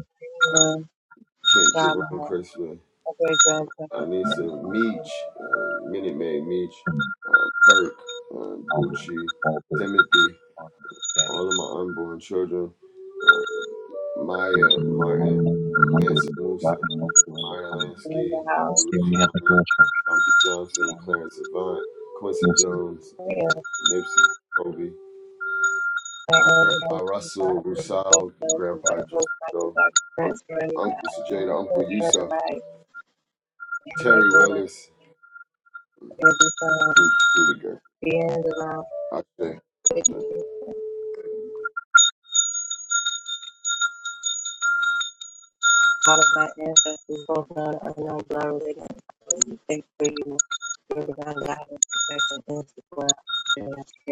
D: Kent
C: Savannah,
D: Jerome Crispin,
A: great grandparents,
D: Anissa
A: and my
D: Meach,
A: uncle.
D: uh, Minute Maid Meach,
C: Herman,
D: uh, Perk, uh,
C: Albert,
D: Bucci,
C: Walter,
D: Timothy,
C: Martin, Daddy.
D: all of my unborn children, uh, Maya,
C: Those in my long
D: Martin,
C: name remembered
D: Mansa
C: and forgotten,
D: Musa,
C: no forever
D: Meyer
C: coming.
A: in
D: Lansky,
A: the
D: Lucky
A: house.
C: Namyo
D: Lucci Bumpy Johnson, Clarence Avant, Quincy Jones,
A: And
D: Nipsey, Kobe,
A: I
D: my
A: only have
D: grandpa
A: two
D: Russell,
A: properties
D: Rusal, Grandpa
A: because of those Michael
D: Josico,
A: Jackson
D: Uncle,
A: friends running my
D: Uncle Sajada, Uncle
A: children and
D: Yusuf,
A: my and they
D: Terry
A: will
D: Willis,
A: and the um
D: Sue Trudiger.
A: being around
D: I think. I think.
A: all of my ancestors, both blood unknown blood related. Thank for you for divine guidance, protection, and support. I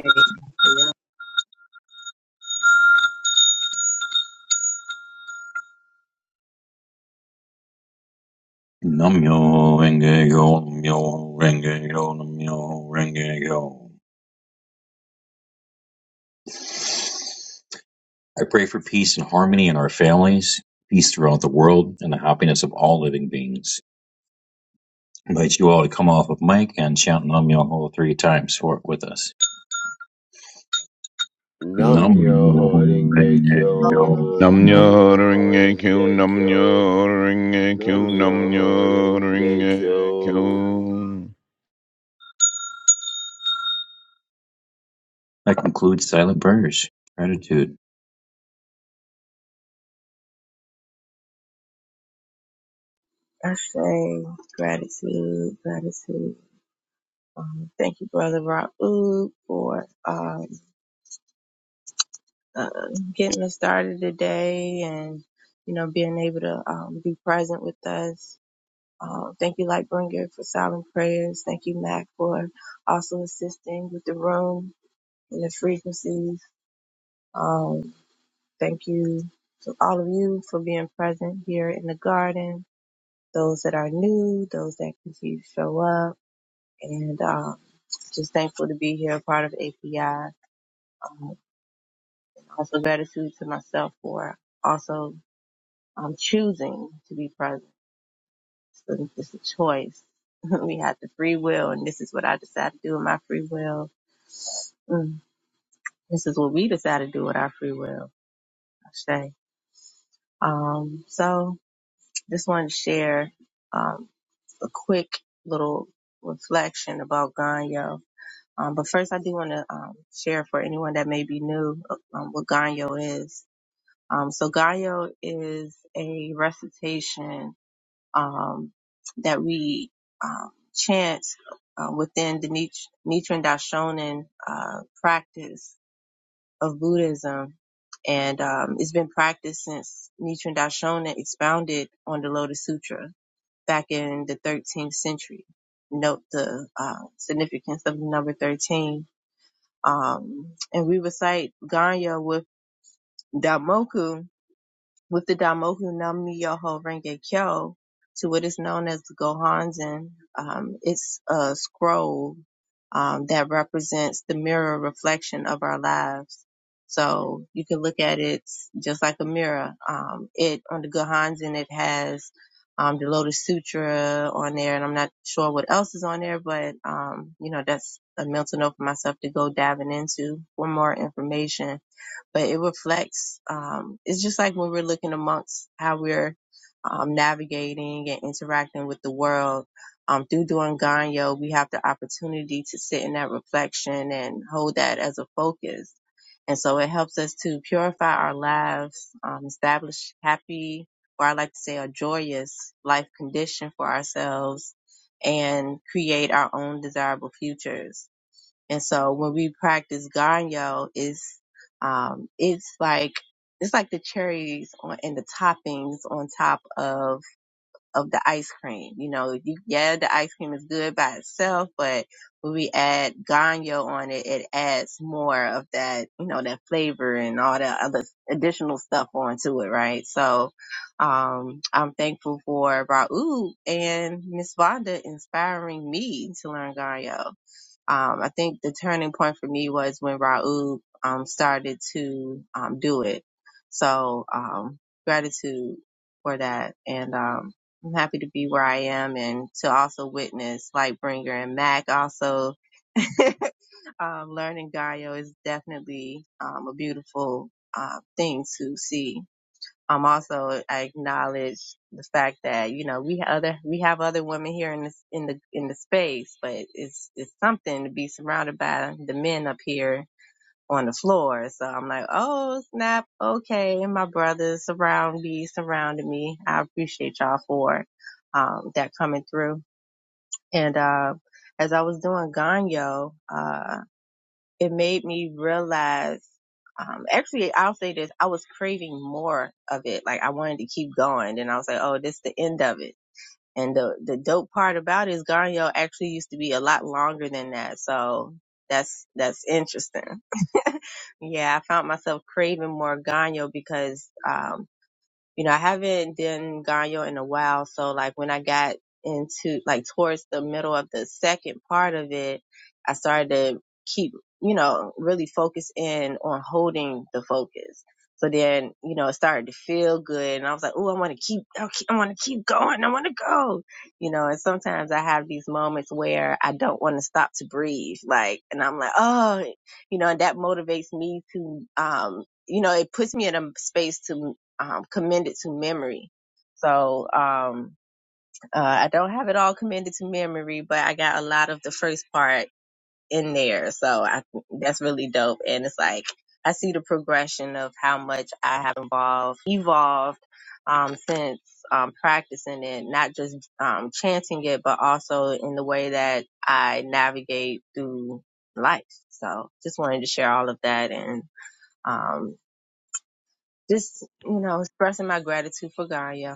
C: Renge Yo, Namyo Renge Yo, Namyo Renge Yo. I pray for peace and harmony in our families, peace throughout the world, and the happiness of all living beings. I invite you all to come off of mic and chant Nam Myoho three times for it with us.
D: Nam
C: Nam
D: yo
C: Myoho
D: horinge
C: Renge Yo.
D: kyo,
B: Nam
D: nam
B: nyo
D: yo
B: ring a q
D: horinge
B: nam
D: kyo,
B: nyo ring a
D: nam
B: q nam
D: yo
B: nyo ring
D: horinge
B: a
D: kyo.
B: q.
C: That concludes silent prayers. Gratitude.
A: say gratitude, gratitude. Um, thank you, Brother Raoub, for uh, uh, getting us started today and, you know, being able to um, be present with us. Uh, thank you, Lightbringer, for silent prayers. Thank you, Mac, for also assisting with the room and the frequencies. Um, thank you to all of you for being present here in the garden, those that are new, those that continue to show up. And um, just thankful to be here, a part of API. Um, also gratitude to myself for also I'm choosing to be present. So it's a choice. we have the free will, and this is what I decide to do with my free will. Mm, This is what we decide to do with our free will, I say. Um, so just wanted to share um, a quick little reflection about Ganyo. Um, but first, I do want to um, share for anyone that may be new uh, um, what Ganyo is. Um, so Ganyo is a recitation um, that we um, chant uh, within the Nich- Nichiren Daishonin uh, practice of Buddhism. And um, it's been practiced since Nichiren Daishonin expounded on the Lotus Sutra back in the 13th century. Note the uh, significance of the number 13. Um, and we recite Ganya with Damoku with the Daimoku Nam Myoho Renge Kyo to what is known as the Gohanzen. Um, it's a scroll um, that represents the mirror reflection of our lives. So you can look at it just like a mirror. Um, it on the Gohanzen it has um, the Lotus Sutra on there, and I'm not sure what else is on there, but um, you know that's a mental note for myself to go diving into for more information but it reflects, um, it's just like when we're looking amongst how we're um, navigating and interacting with the world. Um, through doing Ganyo, we have the opportunity to sit in that reflection and hold that as a focus. And so it helps us to purify our lives, um, establish happy, or I like to say a joyous life condition for ourselves and create our own desirable futures. And so when we practice Ganyo, it's um, it's like it's like the cherries on and the toppings on top of of the ice cream. You know, you, yeah, the ice cream is good by itself, but when we add Ganyo on it, it adds more of that, you know, that flavor and all the other additional stuff onto it, right? So um, I'm thankful for Raul and Miss Vonda inspiring me to learn Ganyo um, I think the turning point for me was when Raoub um, started to um, do it. So um, gratitude for that, and um, I'm happy to be where I am and to also witness Lightbringer and Mac. Also, um, learning Dario is definitely um, a beautiful uh, thing to see I'm also I acknowledge the fact that you know we have other we have other women here in this in the in the space, but it's it's something to be surrounded by the men up here on the floor. So I'm like, oh snap, okay, my brothers surround me, surrounded me. I appreciate y'all for um, that coming through. And uh, as I was doing Ganyo, uh it made me realize um actually I'll say this, I was craving more of it. Like I wanted to keep going and I was like, Oh, this is the end of it. And the the dope part about it is Garnio actually used to be a lot longer than that. So that's that's interesting. Yeah, I found myself craving more Ganyo because um, you know, I haven't done Ganyo in a while. So like when I got into like towards the middle of the second part of it, I started to keep, you know, really focus in on holding the focus. So then, you know, it started to feel good and I was like, Oh, I want to keep, I want to keep going. I want to go, you know, and sometimes I have these moments where I don't want to stop to breathe. Like, and I'm like, Oh, you know, and that motivates me to, um, you know, it puts me in a space to um, commended to memory. So um, uh, I don't have it all commended to memory, but I got a lot of the first part in there. So I, that's really dope. And it's like I see the progression of how much I have involved, evolved um, since um, practicing it, not just um, chanting it, but also in the way that I navigate through life. So just wanted to share all of that and um, just you know expressing my gratitude for Gaia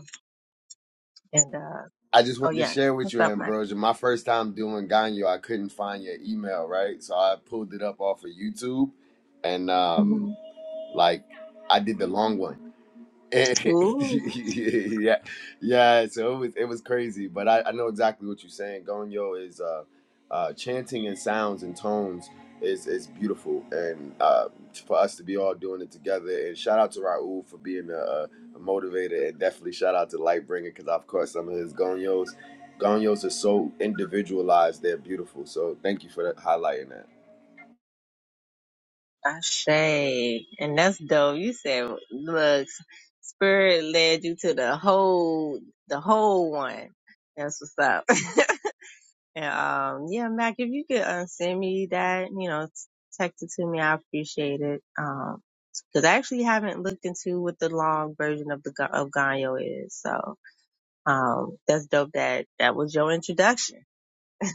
A: And uh,
D: I just
A: oh
D: wanted to
A: yes,
D: share with
A: what's
D: you,
A: up, Mike?
D: Ambrosia. My first time doing Ganyo, I couldn't find your email, right? So I pulled it up off of YouTube and um
A: Mhm.
D: like I did the long one. And-
A: Ooh,
D: yeah, yeah. So it was it was crazy, but I, I know exactly what you're saying. Gonyo is uh, uh, chanting and sounds and tones is is beautiful, and uh, for us to be all doing it together. And shout out to Raul for being a, a a motivator, and definitely shout out to Lightbringer because I've caught some of his Gonyos. Gonyos are so individualized; they're beautiful. So thank you for that, highlighting that.
A: Ashe, and that's dope. You said, look, spirit led you to the whole, the whole one. That's what's up. and um, yeah, Mac, if you could uh, send me that, you know, s- text it to me, I appreciate it. Um, because I actually haven't looked into what the long version of the Ga- of Ganyo is. So, um, that's dope. That that was your introduction.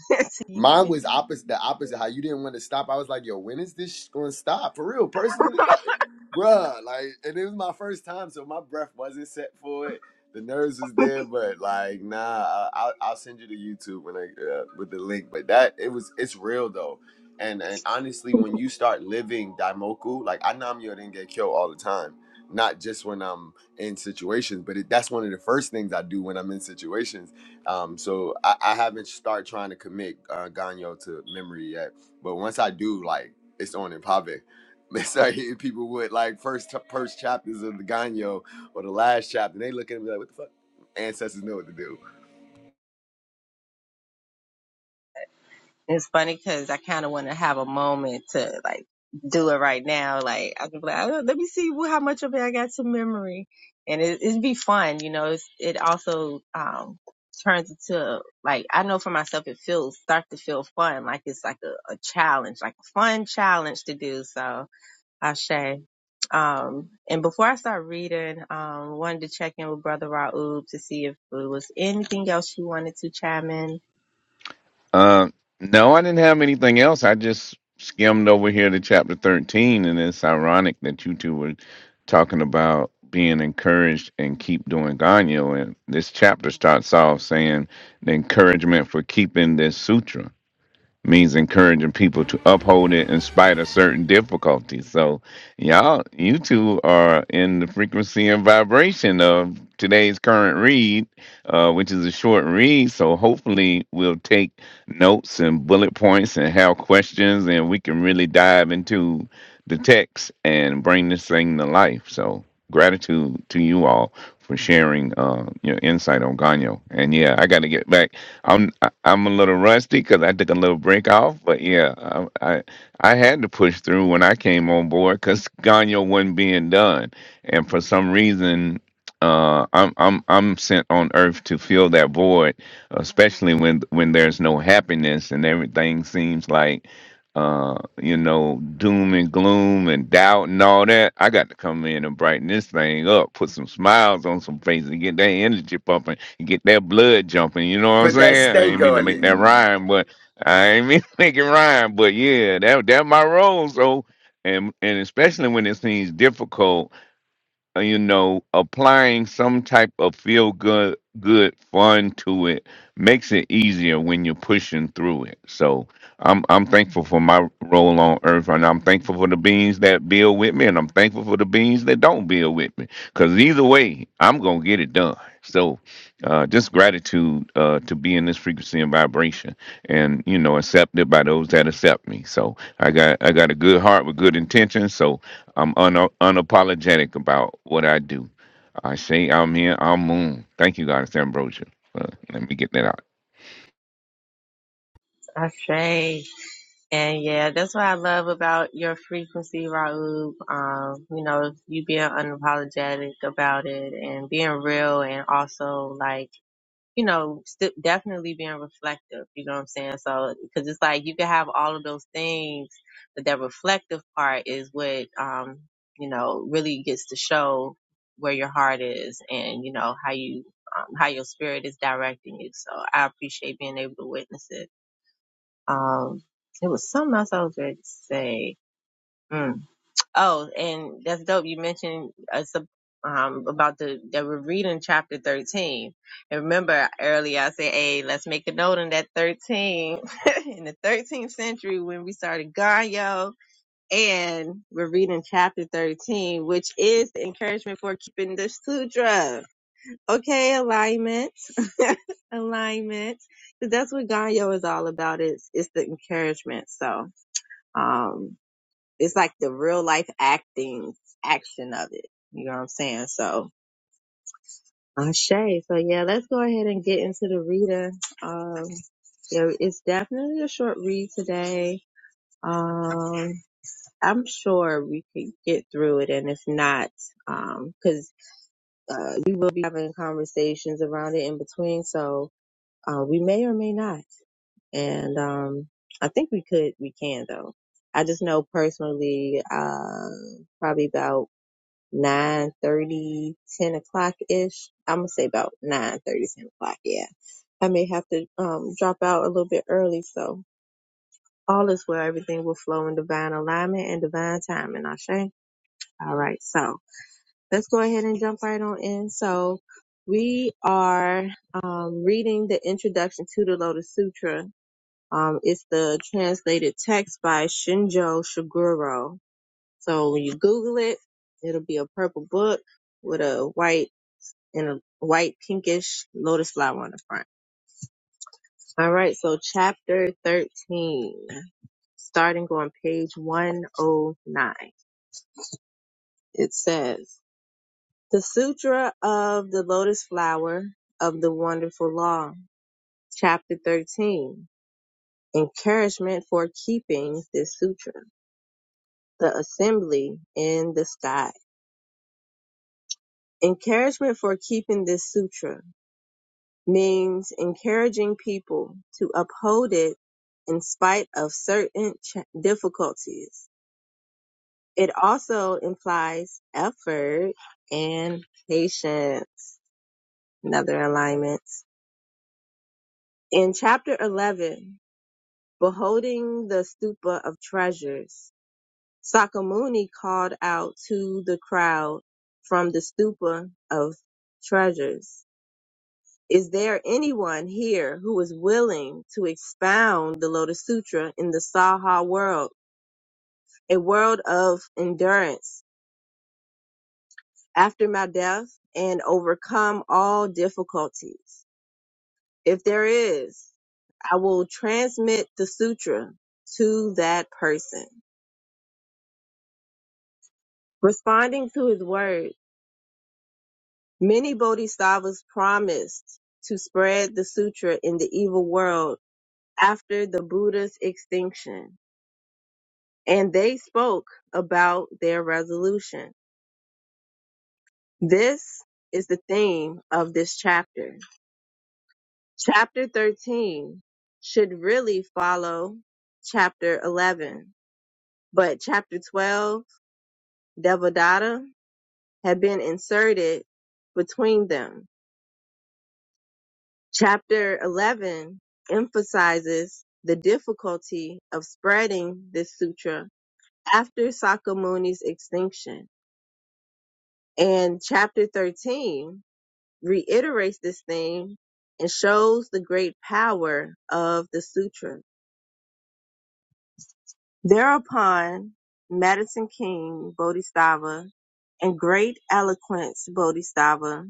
D: Mine
A: when
D: was opposite the opposite. How you didn't want to stop. I was like, yo, when is this going to stop? For real, personally, like, bruh, like, and it was my first time, so my breath wasn't set for it. The nerves was there, but like, nah, I, I'll, I'll send you to YouTube when I uh, with the link. But that it was, it's real though. And and honestly, when you start living daimoku, like I namyo didn't get killed all the time, not just when I'm in situations, but it, that's one of the first things I do when I'm in situations. Um, so I, I haven't started trying to commit uh, ganyo to memory yet, but once I do, like, it's on in pave. It's like if people would like first first chapters of the Ganyo or the last chapter, they look at me like, "What the fuck?" Ancestors know what to do.
A: It's funny because I kind of want to have a moment to like do it right now. Like I can be like, oh, let me see wh- how much of it I got to memory, and it, it'd be fun, you know. It's, it also um turns into like I know for myself, it feels start to feel fun, like it's like a, a challenge, like a fun challenge to do. So Ashe. Um, and before I start reading, um, wanted to check in with Brother Raoub to see if there was anything else you wanted to chime in.
B: Uh, no, I didn't have anything else. I just skimmed over here to chapter thirteen, and it's ironic that you two were talking about being encouraged and keep doing ganyo. And this chapter starts off saying the encouragement for keeping this sutra. means encouraging people to uphold it in spite of certain difficulties. So, y'all, you two are in the frequency and vibration of today's current read, uh, which is a short read. So, hopefully, we'll take notes and bullet points and have questions, and we can really dive into the text and bring this thing to life. So, gratitude to you all for sharing uh, your insight on Ganyo. And yeah, I got to get back. I'm I- I'm a little rusty because I took a little break off, but yeah, I, I I had to push through when I came on board because Ganyo wasn't being done, and for some reason, uh, I'm I'm I'm sent on Earth to fill that void, especially when when there's no happiness and everything seems like, uh, you know, doom and gloom and doubt and all that. I got to come in and brighten this thing up, put some smiles on some faces, get that energy pumping get that blood jumping. You know what I'm
D: Put that
B: saying? I
D: stake
B: ain't mean to
D: on
B: make that
D: it
B: rhyme, but I ain't mean to make it rhyme. But yeah, that that my role. So and and especially when it seems difficult uh, you know, applying some type of feel good, good fun to it makes it easier when you're pushing through it. So I'm I'm thankful for my role on Earth, and I'm thankful for the beings that build with me, and I'm thankful for the beings that don't build with me. Because either way, I'm gonna get it done. So uh, just gratitude uh, to be in this frequency and vibration, and you know, accepted by those that accept me. So I got I got a good heart with good intentions. So I'm un- unapologetic about what I do. I say I'm here, I'm moon. Thank you, God, it's Ambrosia. Uh, let me get that out.
A: Ashe. And yeah, that's what I love about your frequency, Raoub. Um, you know, you being unapologetic about it and being real and also like, you know, st- definitely being reflective. You know what I'm saying? So, cause it's like you can have all of those things, but that reflective part is what, um, you know, really gets to show where your heart is and, you know, how you, um, how your spirit is directing you. So I appreciate being able to witness it. Um, it was something else I was ready to say. Mm. Oh, and that's dope. You mentioned us um, about the that we're reading chapter thirteen. And remember earlier I said, "Hey, let's make a note on that thirteen in the thirteenth century when we started Ganyo." And we're reading chapter thirteen, which is the encouragement for keeping the sutra. Okay, alignment, alignment. 'Cause That's what Ganyo is all about. It's it's the encouragement. So. Um, it's like the real life acting action of it. You know what I'm saying? So Shay. So yeah, let's go ahead and get into the reader. Um, yeah, it's definitely a short read today. Um, I'm sure we could get through it, and if not, um, because uh, we will be having conversations around it in between, so uh, we may or may not. And um, I think we could, we can though. I just know personally, uh, probably about nine thirty, ten o'clock ish. I'm gonna say about nine thirty, ten o'clock. Yeah, I may have to um, drop out a little bit early. So all is well. Everything will flow in divine alignment and divine timing. Ashe. All right. So let's go ahead and jump right on in. So we are um, reading the introduction to the Lotus Sutra. Um, it's the translated text by Shinjo Shiguro. So when you Google it, it'll be a purple book with a white and a white pinkish lotus flower on the front. All right, so chapter 13, starting on page 109. It says, The Sutra of the Lotus Flower of the Wonderful Law, chapter 13, Encouragement for Keeping this Sutra, the Assembly in the Sky. Encouragement for keeping this sutra. means encouraging people to uphold it in spite of certain ch- difficulties. It also implies effort and patience. Another alignment. In chapter 11, beholding the stupa of treasures, Sakamuni called out to the crowd from the stupa of treasures Is there anyone here who is willing to expound the Lotus Sutra in the Saha world, a world of endurance after my death and overcome all difficulties? If there is, I will transmit the sutra to that person. Responding to his word, many bodhisattvas promised to spread the sutra in the evil world after the Buddha's extinction. and they spoke about their resolution. This is the theme of this chapter. Chapter 13 should really follow chapter 11, but chapter 12, Devadatta, had been inserted between them. Chapter 11 emphasizes the difficulty of spreading this sutra after Sakamuni's extinction. And chapter 13 reiterates this theme and shows the great power of the sutra. Thereupon, Madison King Bodhisattva and great eloquence Bodhisattva,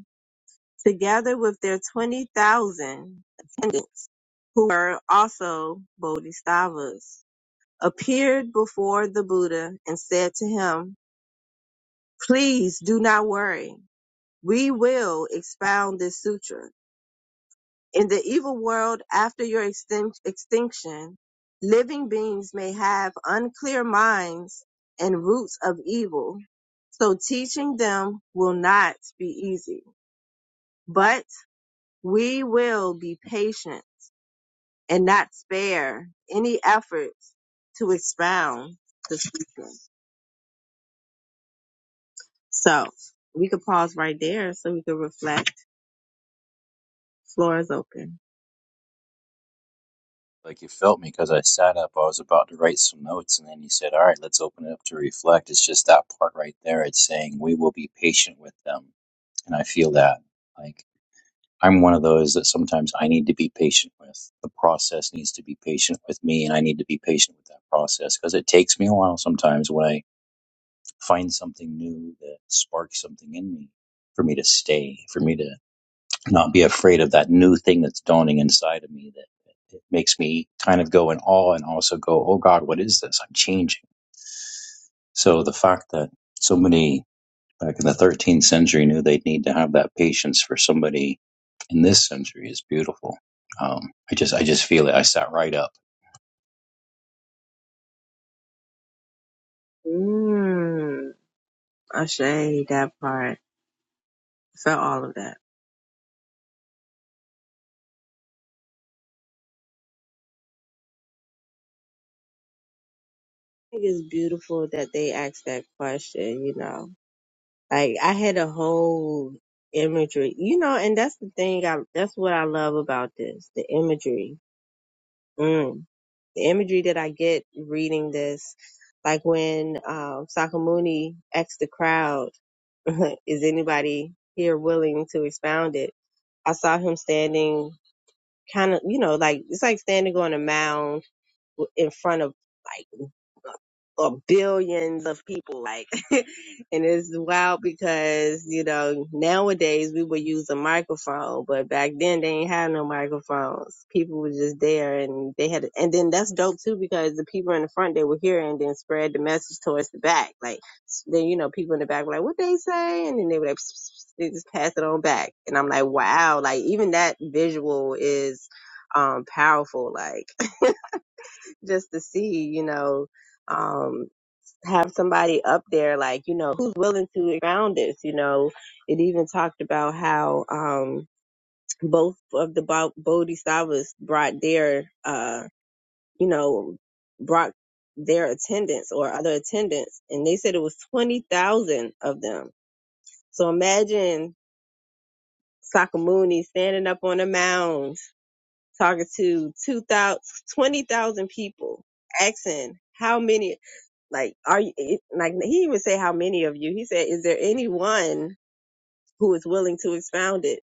A: together with their 20,000 attendants, who were also Bodhisattvas, appeared before the Buddha and said to him, Please do not worry. We will expound this sutra In the evil world after your extin- extinction, living beings may have unclear minds and roots of evil, so teaching them will not be easy. But we will be patient and not spare any efforts to expound the scripture. So we could pause right there so we could reflect. Floor is open.
C: Like you felt me because I sat up. I was about to write some notes, and then you said, "All right, let's open it up to reflect." It's just that part right there. It's saying we will be patient with them, and I feel that. Like I'm one of those that sometimes I need to be patient with. The process needs to be patient with me, and I need to be patient with that process because it takes me a while sometimes when I find something new that sparks something in me for me to stay, for me to not be afraid of that new thing that's dawning inside of me that it makes me kind of go in awe and also go, oh God, what is this? I'm changing. So the fact that so many back in the 13th century knew they'd need to have that patience for somebody in this century is beautiful. Um, I just, I just feel it. I sat right up.
A: Mmm. Ashe, that part. Felt all of that. think it's beautiful that they asked that question, you know. Like I had a whole imagery, you know, and that's the thing I that's what I love about this, the imagery. Mm. The imagery that I get reading this, like when um Sakamuni asked the crowd, is anybody here willing to expound it? I saw him standing kind of, you know, like it's like standing on a mound w- in front of like. or billions of people like and it's wild because you know nowadays we would use a microphone but back then they ain't have no microphones people were just there and they had and then that's dope too because the people in the front they were here and then spread the message towards the back like then you know people in the back were like what they say and then they would like they just pass it on back and i'm like wow like even that visual is um powerful like just to see you know um have somebody up there, like, you know, who's willing to ground this, you know. It even talked about how um, both of the Bo- Bodhisattvas brought their, uh, you know, brought their attendance or other attendance, and they said it was 20,000 of them. So imagine Sakamuni standing up on a mound talking to 2,000, 20,000 people, asking how many like are you it- like he even say how many of you he said is there anyone who is willing to expound it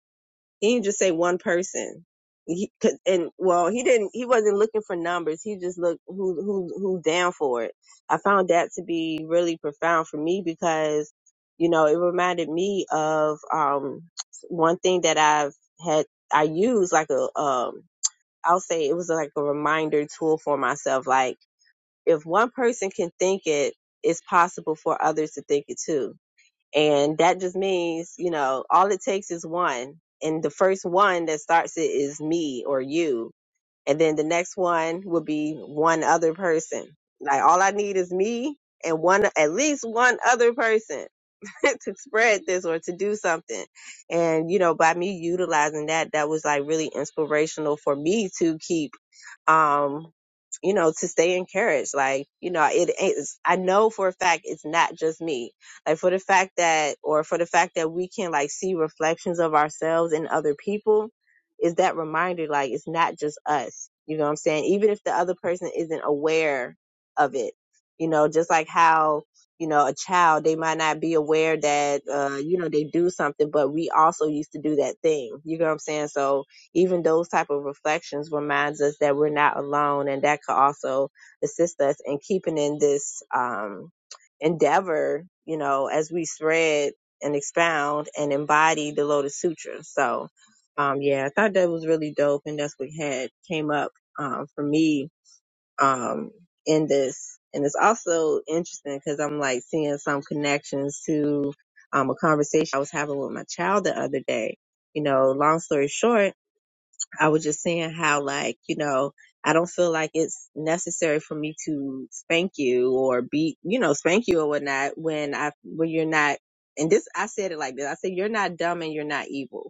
A: he didn't just say one person he, 'cause- and well he didn't he wasn't looking for numbers he just looked who who who down for it i found that to be really profound for me because you know it reminded me of um one thing that i've had i use like a um i'll say it was like a reminder tool for myself like if one person can think it, it's possible for others to think it too. And that just means, you know, all it takes is one. And the first one that starts it is me or you. And then the next one will be one other person. Like all I need is me and one, at least one other person to spread this or to do something. And, you know, by me utilizing that, that was like really inspirational for me to keep um, you know, to stay encouraged. Like, you know, it is, I know for a fact it's not just me. Like for the fact that, or for the fact that we can like see reflections of ourselves in other people is that reminder, like it's not just us. You know what I'm saying? Even if the other person isn't aware of it, you know, just like how, you know, a child, they might not be aware that, uh, you know, they do something, but we also used to do that thing. You know what I'm saying? So, even those type of reflections reminds us that we're not alone and that could also assist us in keeping in this um, endeavor you know as we spread and expound and embody the lotus sutra so um, yeah i thought that was really dope and that's what had came up um, for me um, in this and it's also interesting because i'm like seeing some connections to um, a conversation i was having with my child the other day you know long story short I was just saying how like, you know, I don't feel like it's necessary for me to spank you or beat, you know, spank you or whatnot when I, when you're not, and this, I said it like this. I said, you're not dumb and you're not evil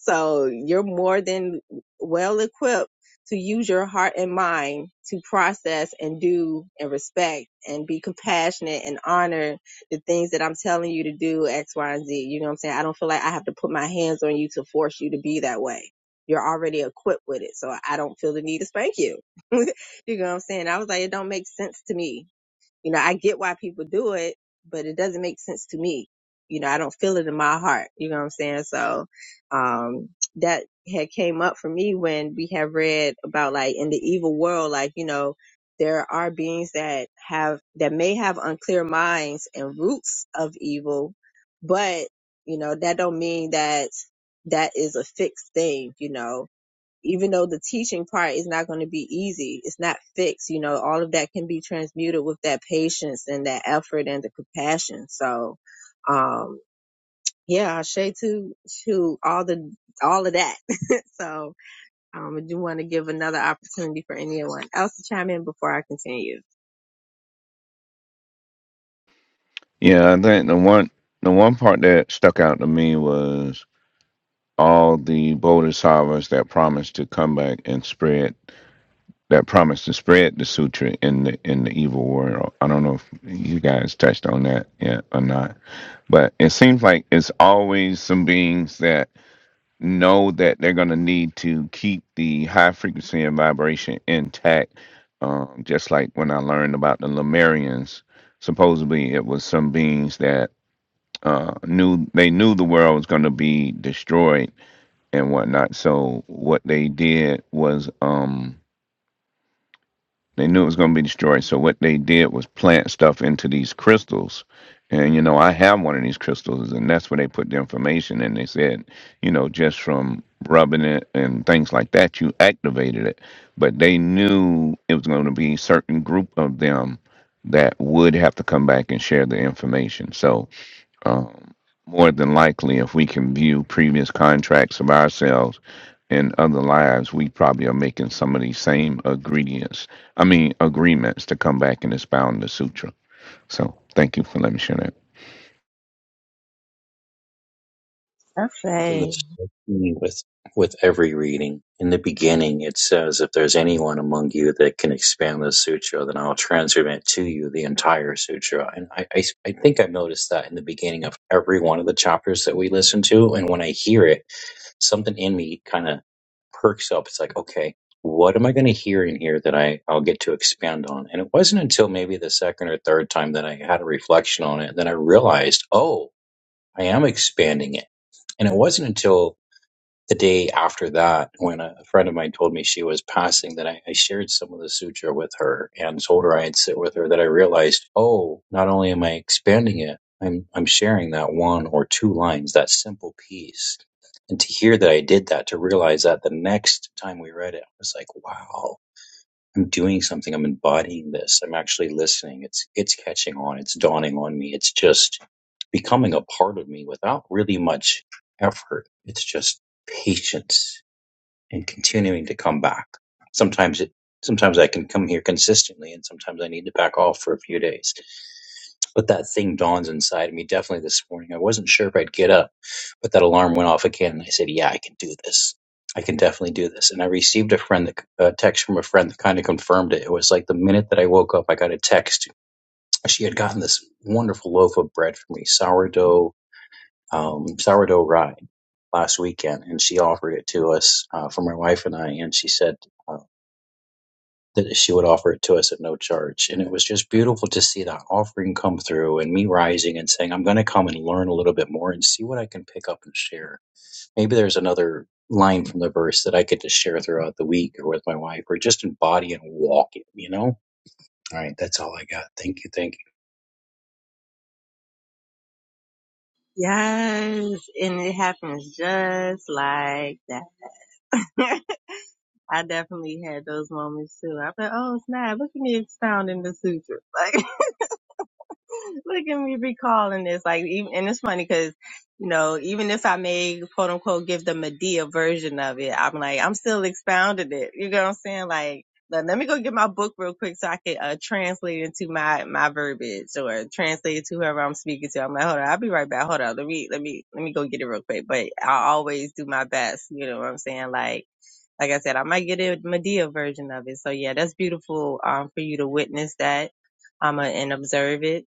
A: so you're more than well equipped to use your heart and mind to process and do and respect and be compassionate and honor the things that I'm telling you to do X, Y, and Z. You know what I'm saying? I don't feel like I have to put my hands on you to force you to be that way. You're already equipped with it. So I don't feel the need to spank you. you know what I'm saying? I was like, it don't make sense to me you know, I get why people do it, but it doesn't make sense to me. You know, I don't feel it in my heart. You know what I'm saying? So, um, that had came up for me when we have read about like in the evil world, like, you know, there are beings that have, that may have unclear minds and roots of evil, but, you know, that don't mean that that is a fixed thing, you know even though the teaching part is not going to be easy, it's not fixed. You know, all of that can be transmuted with that patience and that effort and the compassion. So, um, yeah, ashe to, to all the, all of that. so, um, I do want to give another opportunity for anyone else to chime in before I continue.
B: Yeah, I think the one the one part that stuck out to me was all the bodhisattvas that promised to come back and spread that promised to spread the sutra in the in the evil world. I don't know if you guys touched on that yet or not. But it seems like it's always some beings that know that they're going to need to keep the high frequency and vibration intact. Um, just like when I learned about the Lemurians, supposedly it was some beings that uh, knew they knew the world was going to be destroyed and whatnot. So what they did was um, they knew it was going to be destroyed. So what they did was plant stuff into these crystals. And you know, I have one of these crystals, and that's where they put the information. And they said, you know, just from rubbing it and things like that, you activated it. But they knew it was going to be certain group of them that would have to come back and share the information. So um, more than likely, if we can view previous contracts of ourselves in other lives, we probably are making some of these same ingredients. I mean, agreements to come back and expound the sutra. So, thank you for letting me share that.
C: something
A: Okay.
C: that's striking with with every reading. In the beginning, it says, "If there's anyone among you that can expand the sutra, then I'll transmit to you the entire sutra." And I, I, I think I noticed that in the beginning of every one of the chapters that we listen to. And when I hear it, something in me kind of perks up. It's like, okay, what am I going to hear in here that I, I'll get to expand on? And it wasn't until maybe the second or third time that I had a reflection on it that I realized, oh. I am expanding it. And it wasn't until the day after that when a friend of mine told me she was passing that I, I shared some of the sutra with her and told her I'd sit with her that I realized, oh, not only am I expanding it, I'm, I'm sharing that one or two lines, that simple piece. And to hear that I did that, to realize that the next time we read it, I was like, wow, I'm doing something. I'm embodying this. I'm actually listening. It's it's catching on. It's dawning on me. It's just becoming a part of me without really much effort. It's just patience and continuing to come back. Sometimes it sometimes I can come here consistently and sometimes I need to back off for a few days. But that thing dawns inside of me definitely this morning. I wasn't sure if I'd get up, but that alarm went off again and I said, "Yeah, I can do this. I can definitely do this." And I received a friend that, a text from a friend that kind of confirmed it. It was like the minute that I woke up, I got a text. She had gotten this wonderful loaf of bread for me, sourdough um, sourdough rye last weekend, and she offered it to us uh, for my wife and I, and she said uh, that she would offer it to us at no charge, and it was just beautiful to see that offering come through, and me rising and saying, "I'm going to come and learn a little bit more and see what I can pick up and share." Maybe there's another line from the verse that I could just share throughout the week or with my wife, or just embody and walk it. You know? All right, that's all I got. Thank you, thank you.
A: Yes. And it happens just like that. I definitely had those moments too. I thought, oh snap, look at me expounding the sutras. Like, Look at me recalling this. Like, even, and it's funny because, you know, even if I may quote unquote give the Medea version of it, I'm like, I'm still expounding it. You know what I'm saying? Like, let let me go get my book real quick so I can uh, translate it into my, my verbiage or translate it to whoever I'm speaking to. I'm like, hold on, I'll be right back. Hold on. Let me, let me, let me go get it real quick. But I always do my best. You know what I'm saying? Like, like I said, I might get a Medea version of it. So yeah, that's beautiful, um, for you to witness that, um, and observe it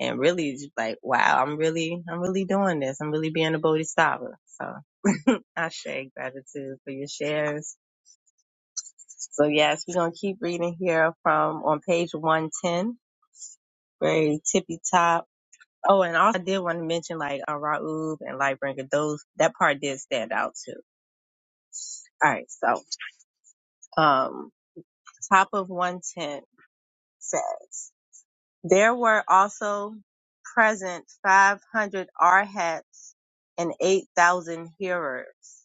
A: and really just like, wow, I'm really, I'm really doing this. I'm really being a bodhisattva. So I share gratitude for your shares. So yes, we're going to keep reading here from on page 110, very tippy top. Oh, and also I did want to mention like uh, Raub and Lightbringer, those, that part did stand out too. All right. So, um, top of 110 says, there were also present 500 arhats and 8,000 hearers.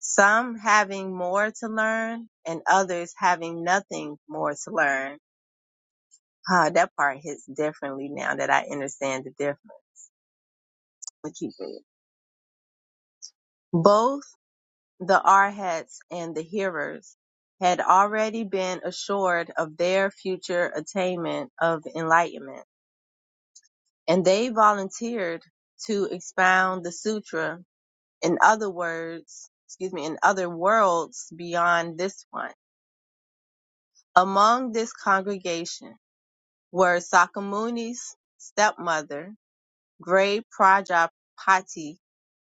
A: some having more to learn and others having nothing more to learn. Ah, that part hits differently now that I understand the difference. But keep it. Both the Arhats and the hearers had already been assured of their future attainment of enlightenment, and they volunteered to expound the sutra. In other words, excuse me, in other worlds beyond this one. Among this congregation were Sakamuni's stepmother, Grey Prajapati,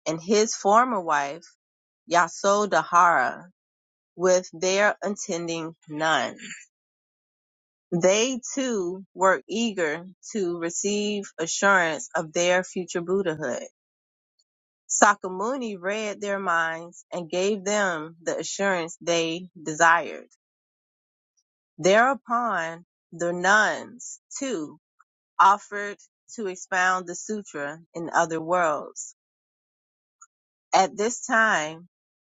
A: and his former wife, Yasodhara, with their attending nun. They too were eager to receive assurance of their future Buddhahood. Sakamuni read their minds and gave them the assurance they desired. Thereupon, the nuns, too, offered to expound the sutra in other worlds. At this time,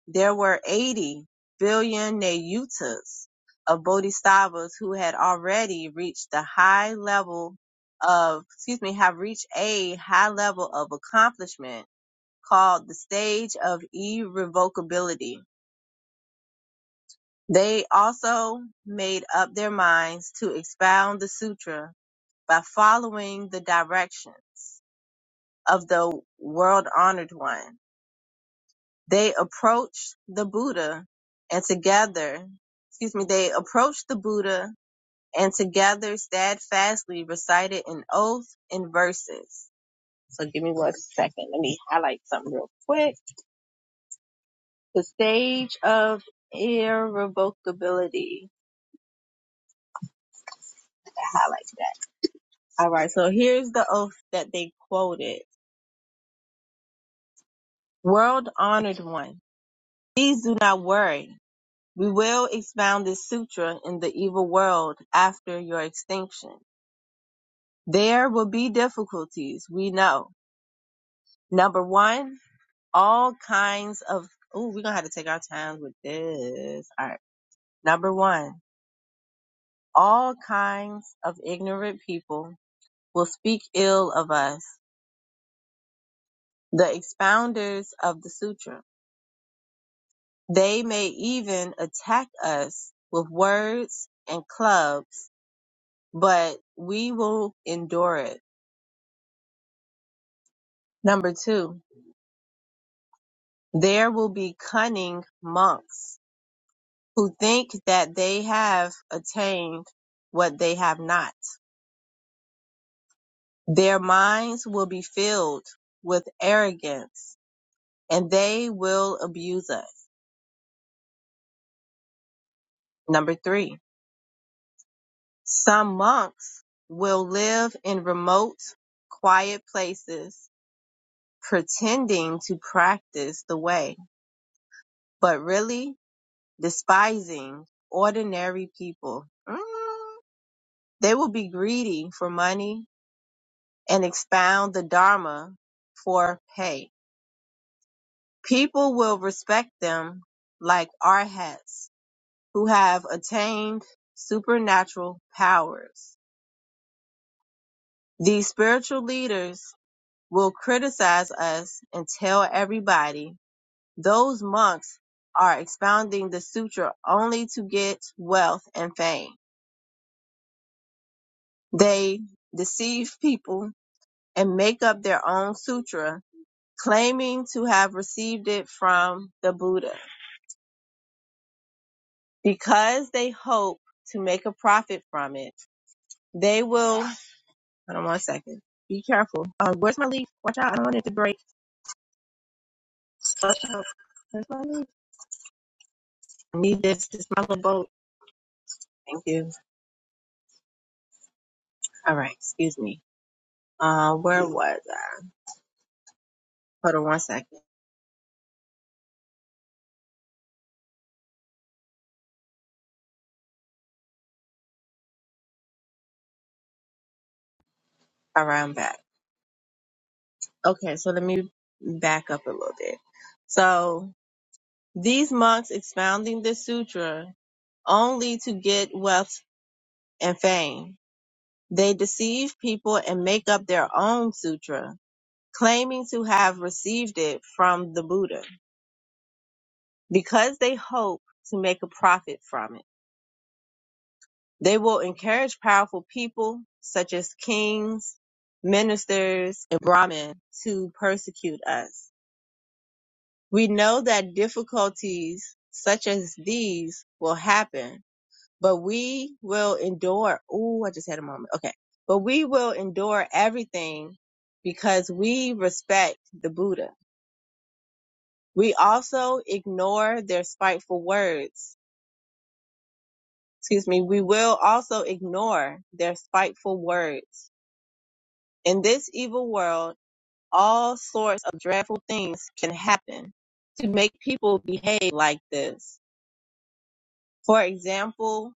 A: there were 80 billion Nayutas of Bodhisattvas who had already reached the high level of, excuse me, have reached a high level of accomplishment called the stage of irrevocability. They also made up their minds to expound the sutra by following the directions of the world honored one. They approached the Buddha and together, excuse me, they approached the Buddha and together steadfastly recited an oath in verses. So give me one second. Let me highlight something real quick. The stage of irrevocability. I Highlight that. All right. So here's the oath that they quoted. World honored one. Please do not worry. We will expound this sutra in the evil world after your extinction. There will be difficulties, we know. Number one, all kinds of, oh, we're gonna have to take our time with this. All right. Number one, all kinds of ignorant people will speak ill of us, the expounders of the sutra. They may even attack us with words and clubs, but we will endure it Number two, there will be cunning monks who think that they have attained what they have not. Their minds will be filled with arrogance and they will abuse us. Number three, some monks will live in remote, quiet places pretending to practice the way, but really despising ordinary people. Mm. They will be greedy for money and expound the Dharma for pay. People will respect them like arhats who have attained supernatural powers. These spiritual leaders will criticize us and tell everybody those monks are expounding the sutra only to get wealth and fame. They deceive people and make up their own sutra claiming to have received it from the Buddha. Because they hope to make a profit from it, they will. Hold on one second. Be careful. Uh, where's my leaf? Watch out. I don't want it to break. Watch Where's my leaf? I need this. This is my little boat. Thank you. All right. Excuse me. Uh, where was I? Hold on one second. All right. I'm back. Okay. So let me back up a little bit. So these monks expounding the sutra only to get wealth and fame They deceive people and make up their own sutra, claiming to have received it from the Buddha, because they hope to make a profit from it. They will encourage powerful people, such as kings, ministers, and Brahmin, to persecute us. We know that difficulties such as these will happen but we will endure. Ooh, I just had a moment. Okay. But we will endure everything because we respect the Buddha. We also ignore their spiteful words. Excuse me. We will also ignore their spiteful words. In this evil world, all sorts of dreadful things can happen to make people behave like this. For example,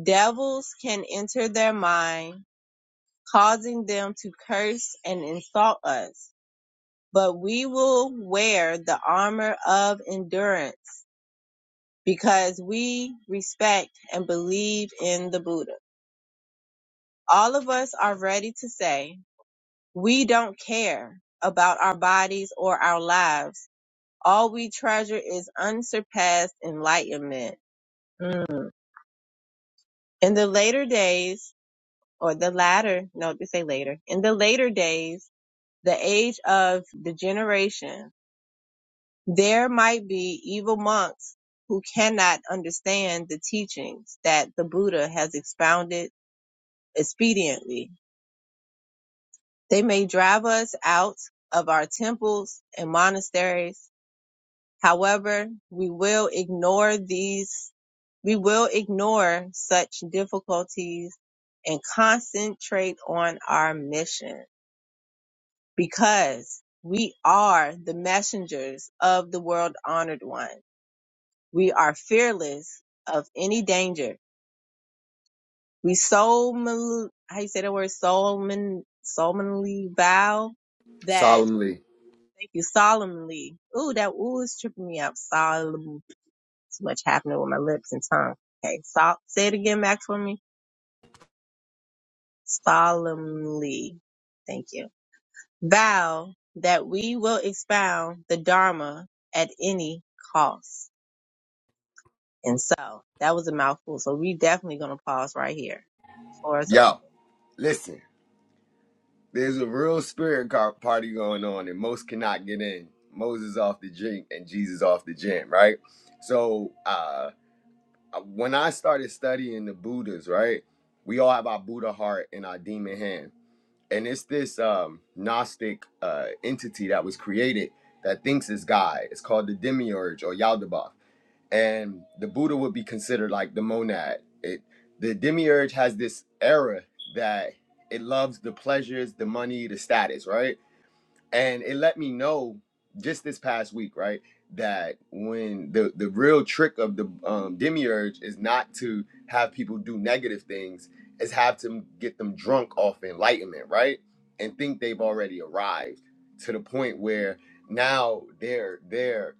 A: devils can enter their mind causing them to curse and insult us. But we will wear the armor of endurance because we respect and believe in the Buddha. All of us are ready to say, we don't care about our bodies or our lives. All we treasure is unsurpassed enlightenment. Mm. In the later days, or the latter, no, they say later, in the later days, the age of degeneration, There might be evil monks who cannot understand the teachings that the Buddha has expounded expediently. They may drive us out of our temples and monasteries. However, we will ignore these, we will ignore such difficulties and concentrate on our mission because we are the messengers of the world honored one We are fearless of any danger. We solemnly, how you say that word, solemn, solemnly vow that,
D: solemnly.
A: thank you, solemnly. Ooh, that ooh is tripping me up. Solemn, too much happening with my lips and tongue. Okay, so, say it again back for me. Solemnly. Thank you. Vow that we will expound the Dharma at any cost. And so that was a mouthful. So we definitely gonna pause right here. Floor is open.
D: Yo, listen. There's a real spirit party going on, and most cannot get in. Moses off the drink and Jesus off the gym, right? So uh, uh, when I started studying the Buddhas, right, we all have our Buddha heart and our demon hand and it's this um gnostic uh entity that was created that thinks it's god it's called the demiurge or yaldabaoth and the buddha would be considered like the monad it the demiurge has this era that it loves the pleasures the money the status right and it let me know just this past week, right, that when the the real trick of the um, demiurge is not to have people do negative things, is have to get them drunk off enlightenment, right, and think they've already arrived to the point where now they're they're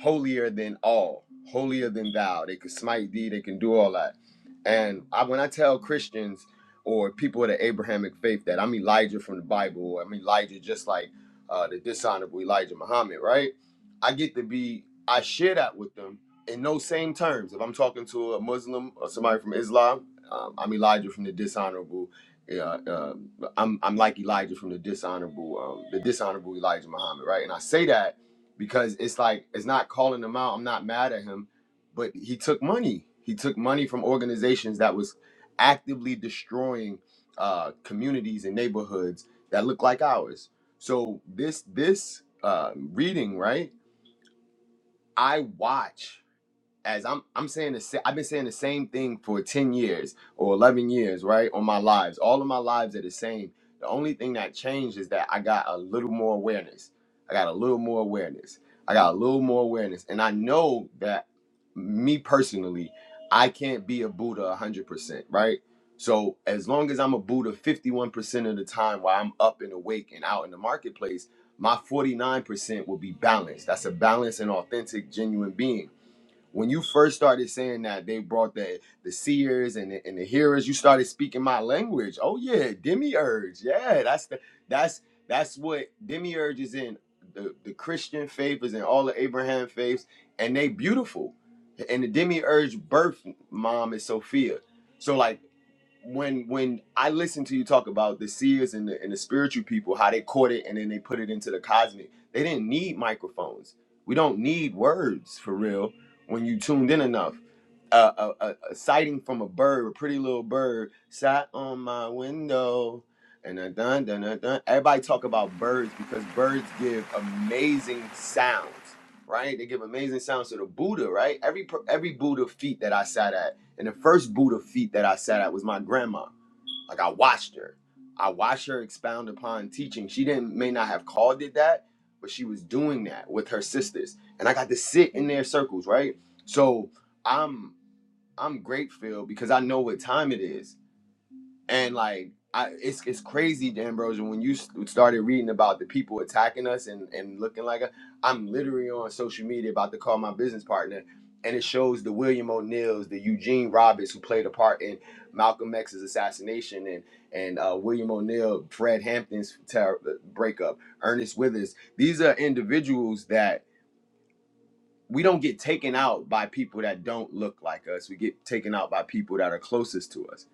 D: holier than all, holier than thou. They can smite thee, they can do all that. And I, when I tell Christians or people of the Abrahamic faith that I'm Elijah from the Bible, I'm Elijah just like uh, the dishonorable Elijah Muhammad, right? I get to be, I share that with them in those same terms. If I'm talking to a Muslim or somebody from Islam, um, I'm Elijah from the dishonorable. Uh, uh, I'm I'm like Elijah from the dishonorable, um, the dishonorable Elijah Muhammad, right? And I say that because it's like it's not calling him out. I'm not mad at him, but he took money. He took money from organizations that was actively destroying uh, communities and neighborhoods that look like ours so this this uh, reading, right? I watch as I'm I'm saying the sa- I've been saying the same thing for 10 years or 11 years, right? On my lives. All of my lives are the same. The only thing that changed is that I got a little more awareness. I got a little more awareness. I got a little more awareness and I know that me personally, I can't be a Buddha 100%, right? So as long as I'm a Buddha 51% of the time while I'm up and awake and out in the marketplace, my 49% will be balanced. That's a balanced and authentic genuine being when you first started saying that they brought the the seers and the, and the hearers you started speaking my language oh yeah demiurge yeah that's the that's that's what demiurge is in the, the christian faith is in all the abraham faiths and they beautiful and the demiurge birth mom is sophia so like when when I listen to you talk about the seers and the, and the spiritual people, how they caught it and then they put it into the cosmic, they didn't need microphones. We don't need words for real when you tuned in enough. Uh, a, a, a sighting from a bird, a pretty little bird, sat on my window. And a dun dun dun dun. Everybody talk about birds because birds give amazing sounds, right? They give amazing sounds to the Buddha, right? Every per- every Buddha feet that I sat at and the first Buddha feet that I sat at was my grandma. Like I watched her. I watched her expound upon teaching. She didn't may not have called it that, but she was doing that with her sisters. And I got to sit in their circles, right? So I'm I'm grateful because I know what time it is and like I, it's it's crazy, D'Ambrosio. When you s- started reading about the people attacking us and and looking like us, I'm literally on social media about to call my business partner, and it shows the William O'Neills, the Eugene Roberts who played a part in Malcolm X's assassination, and and uh, William O'Neill, Fred Hampton's ter- breakup, Ernest Withers. These are individuals that we don't get taken out by people that don't look like us. We get taken out by people that are closest to us.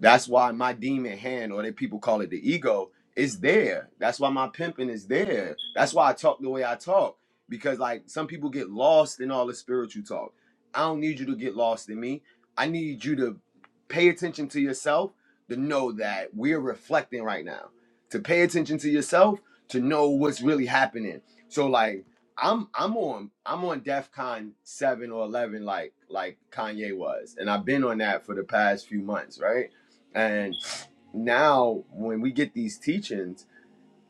D: That's why my demon hand, or that people call it the ego, is there. That's why my pimping is there. That's why I talk the way I talk. Because like some people get lost in all the spiritual talk. I don't need you to get lost in me. I need you to pay attention to yourself to know that we're reflecting right now. To pay attention to yourself to know what's really happening. So like I'm I'm on I'm on DEFCON seven or eleven like like Kanye was, and I've been on that for the past few months, right? And now when we get these teachings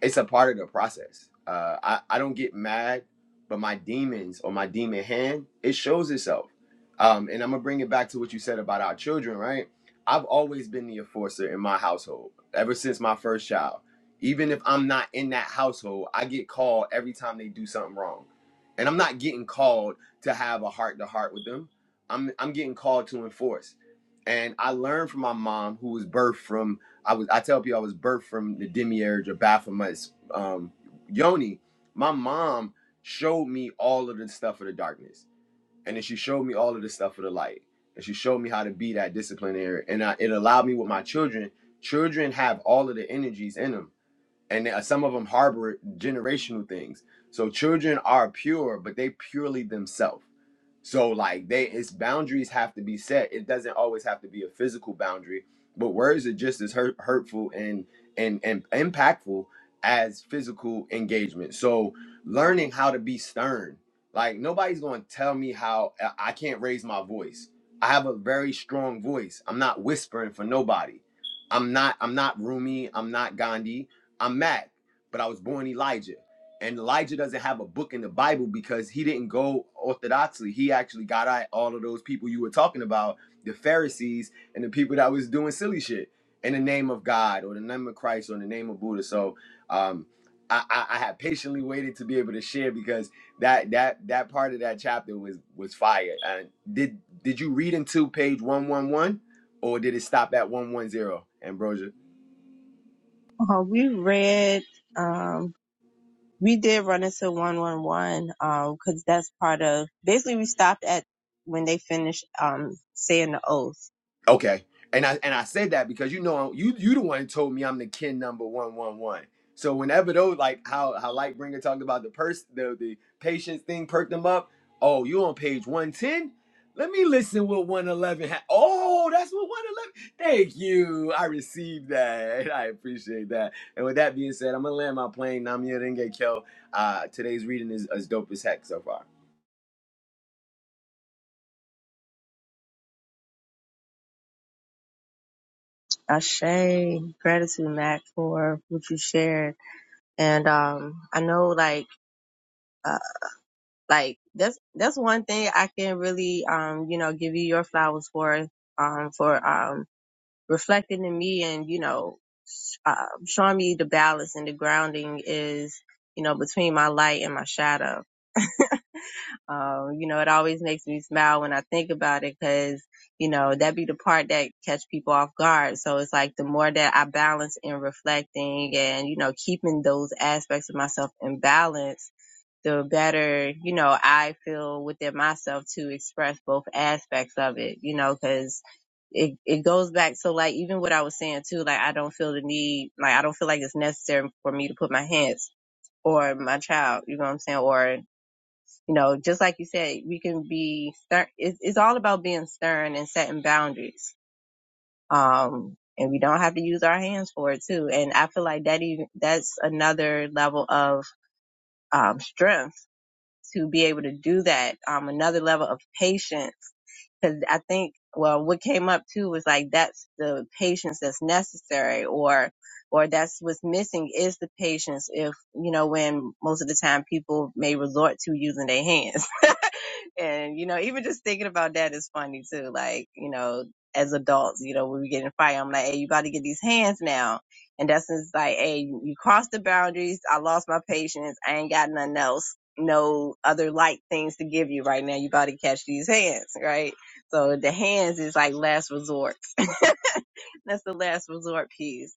D: it's a part of the process. Uh, I, I don't get mad, but my demons or my demon hand, it shows itself. Um, and I'm gonna bring it back to what you said about our children, right? I've always been the enforcer in my household ever since my first child. Even if I'm not in that household, I get called every time they do something wrong. And I'm not getting called to have a heart to heart with them. I'm I'm getting called to enforce. And I learned from my mom, who was birthed from. I was I tell people I was birthed from the demiurge or Baphomet's um, yoni. My mom showed me all of the stuff of the darkness, and then she showed me all of the stuff of the light, and she showed me how to be that disciplinarian. And I, it allowed me with my children. Children have all of the energies in them and uh, some of them harbor generational things. So children are pure, but they purely themselves. So like they, its boundaries have to be set. It doesn't always have to be a physical boundary, but words are just as hurt, hurtful and and and impactful as physical engagement. So learning how to be stern, like nobody's going to tell me how I I can't raise my voice. I have a very strong voice. I'm not whispering for nobody. I'm not I'm not Rumi. I'm not Gandhi. I'm Mac, but I was born Elijah. And Elijah doesn't have a book in the Bible because he didn't go orthodoxly. He actually got at all of those people you were talking about, the Pharisees and the people that was doing silly shit in the name of God or the name of Christ or in the name of Buddha. So um, I, I, I had patiently waited to be able to share because that that that part of that chapter was was fire. And did did you read into page one one one, or did it stop at one one zero, Ambrosia?
A: Uh, we read, um, we did run into 111, um, cause that's part of, basically we stopped at when they finished, um, saying the oath.
D: Okay. And I and I said that because you know you you the one who told me I'm the kin number one one one. So whenever those like how how Lightbringer talked about the person the the patience thing perked them up. Oh, you on page one ten? Let me listen what one eleven. Ha- oh, that's what one eleven. Thank you. I received that. I appreciate that. And with that being said, I'm gonna land my plane. Namia Denge Kyo. Uh, today's reading is as dope as heck so far.
A: Ashe, gratitude, Mac, for what you shared. And, um, I know like, uh, like that's, that's one thing I can really, um, you know, give you your flowers for, um, for, um, reflecting in me and, you know, uh, showing me the balance and the grounding is, you know, between my light and my shadow. Um, you know, it always makes me smile when I think about it because, you know, that be the part that catch people off guard. So it's like the more that I balance in reflecting and, you know, keeping those aspects of myself in balance, the better, you know, I feel within myself to express both aspects of it, you know, cause it, it goes back to like even what I was saying too, like I don't feel the need, like I don't feel like it's necessary for me to put my hands or my child, you know what I'm saying? Or, you know, just like you said, we can be stern. It's, it's all about being stern and setting boundaries. Um, and we don't have to use our hands for it too. And I feel like that even, that's another level of, um, strength to be able to do that. Um, another level of patience. Cause I think, well, what came up too was like, that's the patience that's necessary or, or that's what's missing is the patience. If, you know, when most of the time people may resort to using their hands and, you know, even just thinking about that is funny too. Like, you know, as adults, you know, when we get in a fight, I'm like, hey, you about to get these hands now. And that's just like, hey, you crossed the boundaries. I lost my patience. I ain't got nothing else, no other light things to give you right now. You about to catch these hands, right? So the hands is like last resort. That's the last resort piece.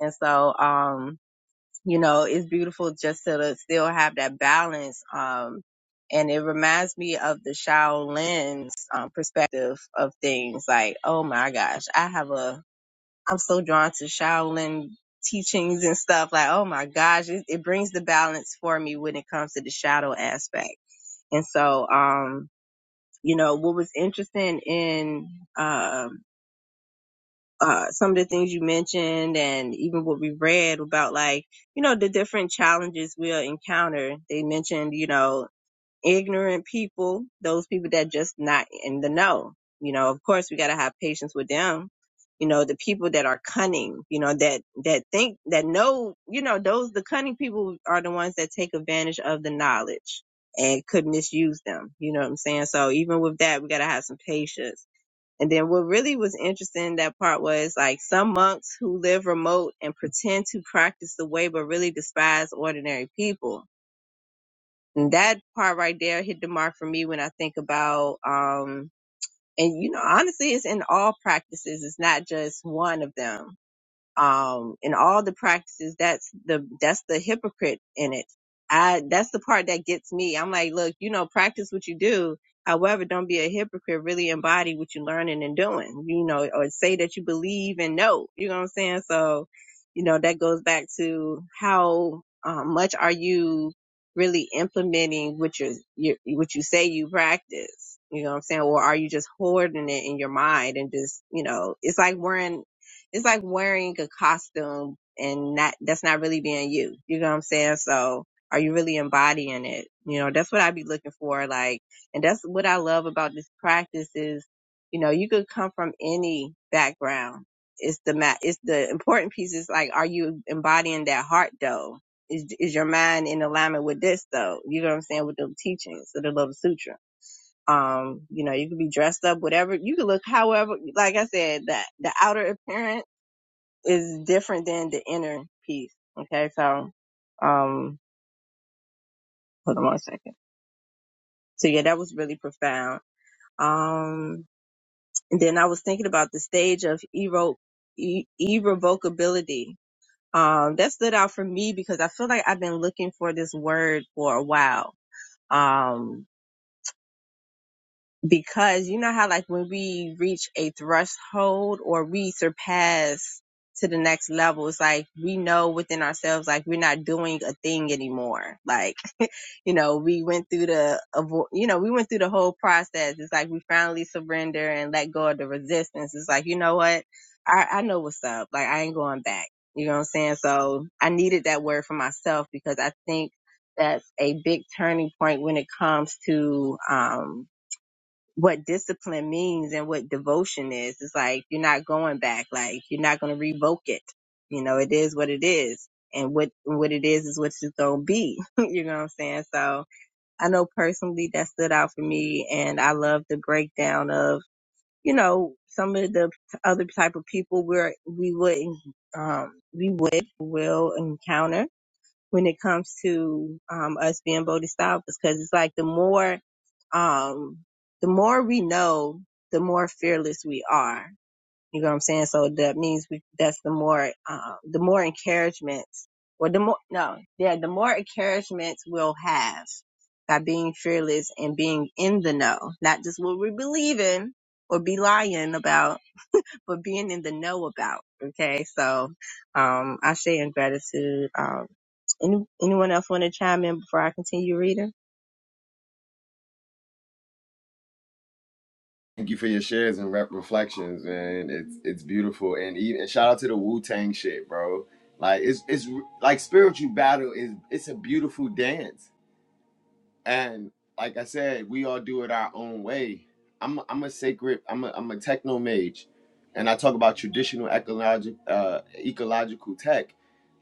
A: And so, um, you know, it's beautiful just to still have that balance. Um, and it reminds me of the Shaolin's um, perspective of things. Like, oh my gosh, I have a, I'm so drawn to Shaolin teachings and stuff. Like, oh my gosh, it, it brings the balance for me when it comes to the shadow aspect. And so, um, you know, what was interesting in, um, uh, some of the things you mentioned and even what we read about like, you know, the different challenges we'll encounter. They mentioned, you know, ignorant people, those people that just not in the know. You know, of course we got to have patience with them. You know, the people that are cunning, you know, that, that think, that know, you know, those, the cunning people are the ones that take advantage of the knowledge and could misuse them. You know what I'm saying? So even with that, we got to have some patience and then what really was interesting in that part was like some monks who live remote and pretend to practice the way, but really despise ordinary people. And that part right there hit the mark for me when I think about, um, and you know, honestly, it's in all practices. It's not just one of them um, and all the practices. That's the that's the hypocrite in it. I that's the part that gets me. I'm like, look, you know, practice what you do. However, don't be a hypocrite. Really embody what you're learning and doing. You know, or say that you believe and know. You know what I'm saying? So, you know, that goes back to how um, much are you really implementing what you you what you say you practice. You know what I'm saying? Or are you just hoarding it in your mind and just you know, it's like wearing it's like wearing a costume and not that's not really being you. You know what I'm saying? So are you really embodying it? You know, that's what I'd be looking for. Like, and that's what I love about this practice is, you know, you could come from any background. It's the ma- it's the important piece is like, are you embodying that heart though? Is is your mind in alignment with this though? You know what I'm saying? With the teachings of the Love Sutra um you know you could be dressed up whatever you could look however like i said that the outer appearance is different than the inner peace. Okay, so um hold on one second. So yeah, that was really profound. Um and then I was thinking about the stage of irre- i- irrevocability. Um that stood out for me because I feel like I've been looking for this word for a while. Um because you know how like when we reach a threshold or we surpass to the next level it's like we know within ourselves like we're not doing a thing anymore like you know we went through the avo- you know we went through the whole process it's like we finally surrender and let go of the resistance it's like you know what i i know what's up like i ain't going back you know what i'm saying so i needed that word for myself because i think that's a big turning point when it comes to um what discipline means and what devotion is. It's like you're not going back. Like you're not going to revoke it. You know, it is what it is. And what what it is is what it's gonna be. you know what I'm saying? So I know personally that stood out for me, and I love the breakdown of you know some of the other type of people where we would um we would will encounter when it comes to um, us being bodhisattvas because it's like the more um, the more we know, the more fearless we are. You know what I'm saying? So that means we, that's the more, uh, the more encouragements, or the more, no, yeah, the more encouragements we'll have by being fearless and being in the know, not just what we believe in or be lying about, for being in the know about. Okay. So, um, I say in gratitude. Um, any, anyone else want to chime in before I continue reading?
D: Thank you for your shares and rep reflections, man. It's it's beautiful, and even shout out to the Wu Tang shit, bro. Like it's it's like spiritual battle is it's a beautiful dance, and like I said, we all do it our own way. I'm a, I'm a sacred I'm a I'm a techno mage, and I talk about traditional ecologic uh, ecological tech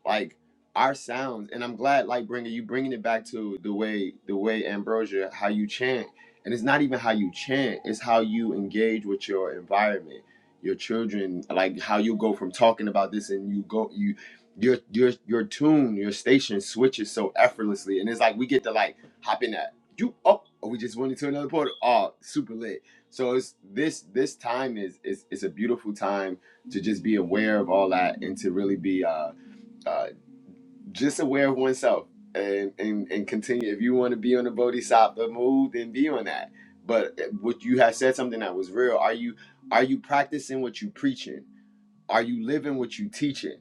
D: like our sounds and i'm glad like bringing you bringing it back to the way the way ambrosia how you chant and it's not even how you chant it's how you engage with your environment your children like how you go from talking about this and you go you your your your tune your station switches so effortlessly and it's like we get to like hop in that you oh oh, we just went into another portal oh super lit so it's this this time is is it's a beautiful time to just be aware of all that and to really be uh uh just aware of oneself and and, and continue if you want to be on the bodhisattva move then be on that but what you have said something that was real are you are you practicing what you preaching are you living what you teaching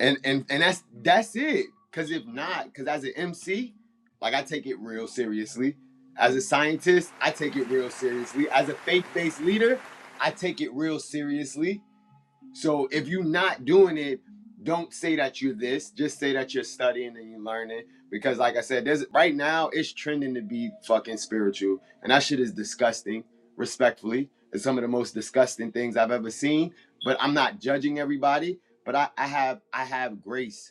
D: and and and that's that's it because if not because as an mc like i take it real seriously as a scientist i take it real seriously as a faith-based leader i take it real seriously so if you're not doing it, don't say that you're this. Just say that you're studying and you're learning. Because like I said, there's right now it's trending to be fucking spiritual. And that shit is disgusting, respectfully. It's some of the most disgusting things I've ever seen. But I'm not judging everybody. But I, I have I have grace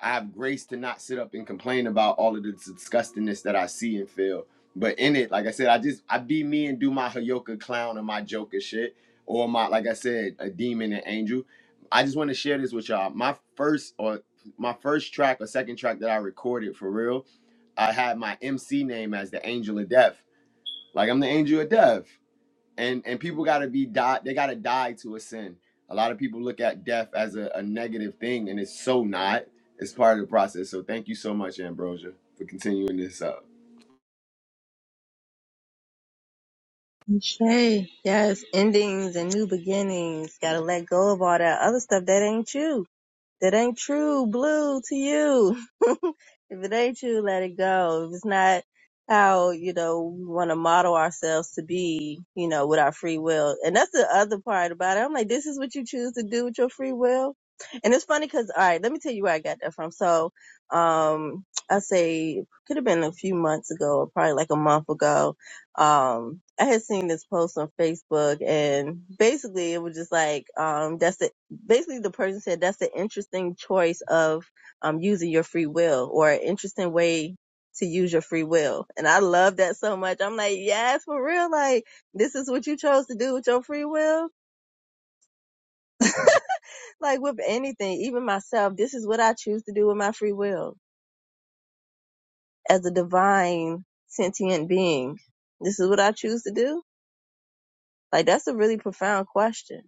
D: I have grace to not sit up and complain about all of the disgustingness that I see and feel. But in it, like I said, I just I be me and do my Hayoka clown and my Joker shit, or my like I said, a demon and angel. I just want to share this with y'all. My first or my first track or second track that I recorded for real, I had my MC name as the Angel of Death. Like I'm the Angel of Death and and people got to be die they got to die to a sin a lot of people look at death as a, a negative thing and it's so not it's part of the process so thank you so much ambrosia for continuing this up
A: Okay. Yes. Endings and new beginnings. Gotta let go of all that other stuff that ain't you. that ain't true blue to you. if it ain't you, let it go. If it's not how, you know, we want to model ourselves to be, you know, with our free will. And that's the other part about it. I'm like, this is what you choose to do with your free will. And it's funny because, all right, let me tell you where I got that from. So, um, I say could have been a few months ago or probably like a month ago. Um, I had seen this post on Facebook and basically it was just like, um, that's it basically the person said that's an interesting choice of um using your free will or an interesting way to use your free will. And I love that so much. I'm like, yes, for real. Like this is what you chose to do with your free will. Like with anything, even myself, this is what I choose to do with my free will as a divine sentient being. This is what I choose to do. Like that's a really profound question.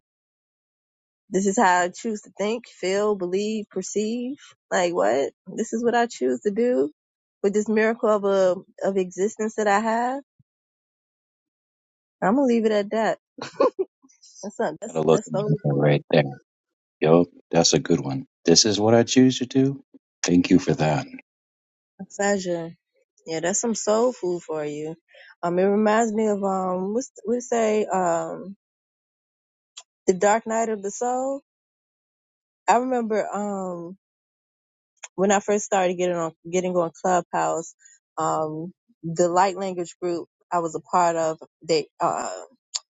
A: This is how I choose to think, feel, believe, perceive. Like what? This is what I choose to do with this miracle of a of existence that I have. I'm gonna leave it at that. That's not
C: Gotta
A: that's
C: look
A: that's soul food.
C: right there. Yo, that's a good one. This is what I choose to do. Thank you for that.
A: Saja. Yeah, that's some soul food for you. Um, it reminds me of um, what's we say um, the Dark Night of the Soul. I remember um when I first started getting on getting on Clubhouse, um, the light language group I was a part of, they uh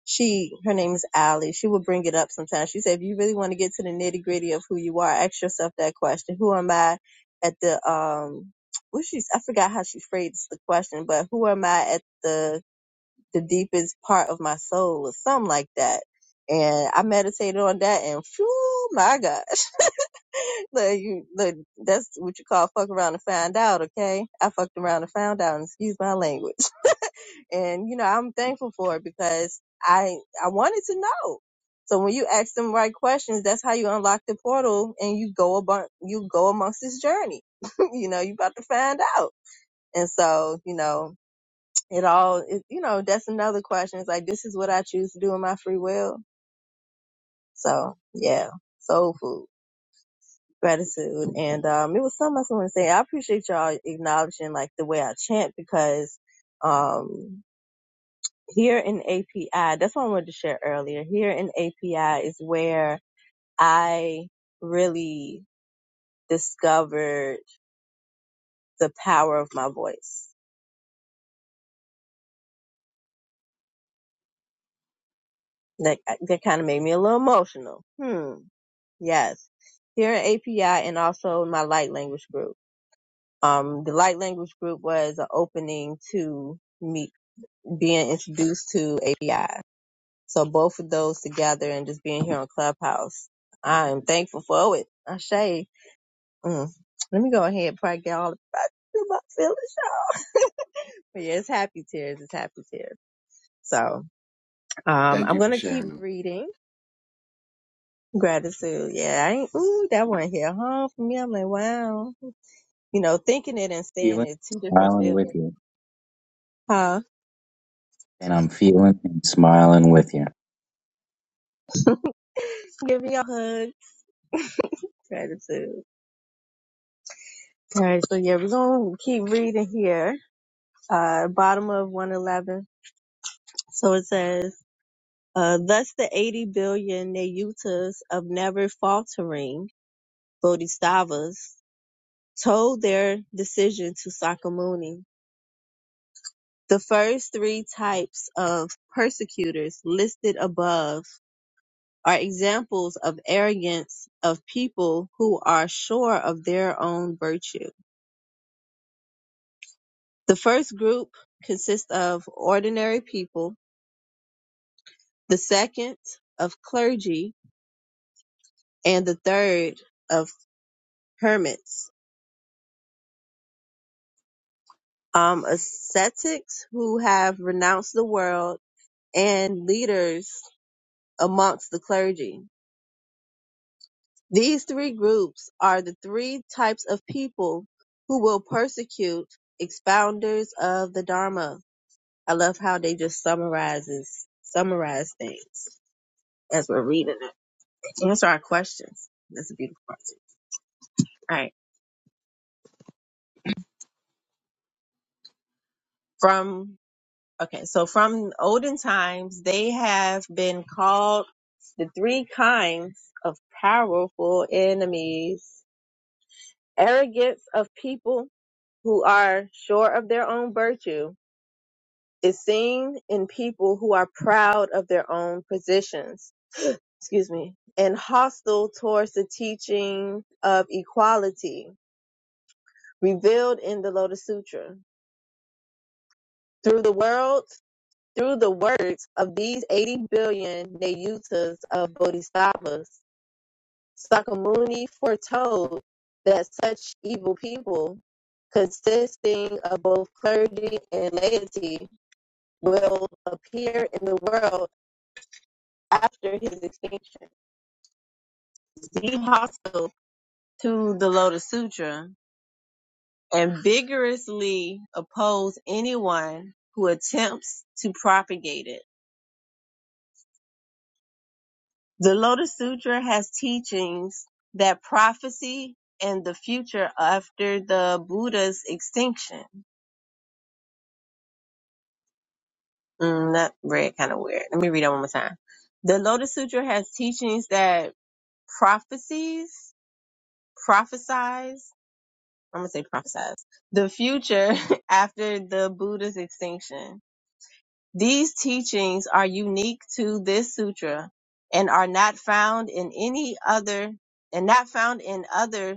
A: she her name is Allie. She would bring it up sometimes. She said, if you really want to get to the nitty gritty of who you are, ask yourself that question: Who am I at the um? What she's I forgot how she phrased the question, but who am I at the the deepest part of my soul or something like that. And I meditated on that and phew, my God Look, you, look, that's what you call fuck around and find out, okay? I fucked around and found out, and excuse my language. And, you know, I'm thankful for it because I, I wanted to know. So when you ask them right questions, that's how you unlock the portal and you go about, you go amongst this journey. you know, you about to find out. And so, you know, it all, it, you know, that's another question. It's like, this is what I choose to do in my free will. So yeah, soul food. gratitude. And um, it was something else I want to say. I appreciate y'all acknowledging like the way I chant because um, here in API, that's what I wanted to share earlier. Here in API is where I really discovered the power of my voice. That uh, that kind of made me a little emotional. Hmm. Yes. Here in API and also my light language group. Um, the light language group was an opening to me being introduced to API So both of those together and just being here on Clubhouse, I am thankful for it. I say, mm. let me go ahead and probably get all about my feelings out. But yeah, it's happy tears. It's happy tears. So um,
D: thank
A: I'm
D: you for
A: gonna keep
D: sharing them
A: reading gratitude. Yeah, I ain't, ooh, that one hit home for me. I'm like, wow. You know, thinking it and saying
C: Feeling,
A: it, two different
C: smiling with
A: feelings.
C: you,
A: Huh?
C: and I'm feeling and smiling with you.
A: Give me a hug. Gratitude. All right, so yeah, we're gonna keep reading here. Uh, bottom of 111. So it says. Uh, thus the 80 billion Nayutas of never faltering Bodhisattvas told their decision to Sakamuni. The first three types of persecutors listed above are examples of arrogance of people who are sure of their own virtue. The first group consists of ordinary people, the second of clergy, and the third of hermits. um, ascetics who have renounced the world, and leaders amongst the clergy. These three groups are the three types of people who will persecute expounders of the Dharma. I love how they just summarizes summarize things as we're reading it. Answer our questions. That's a beautiful part. All right. From Okay, so from olden times, they have been called the three kinds of powerful enemies. Arrogance of people who are sure of their own virtue is seen in people who are proud of their own positions, excuse me, and hostile towards the teaching of equality revealed in the Lotus Sutra. Through the world Through the works of these 80 billion Nayutas of Bodhisattvas, Sakamuni foretold that such evil people, consisting of both clergy and laity, will appear in the world after his extinction. Be hostile to the Lotus Sutra and vigorously oppose anyone who attempts to propagate it. The Lotus Sutra has teachings that prophecy and the future after the Buddha's extinction. Mm, that read kind of weird. Let me read that one more time. The Lotus Sutra has teachings that prophecies, prophesize. I'm going to say prophesize the future after the Buddha's extinction. These teachings are unique to this sutra and are not found in any other and not found in other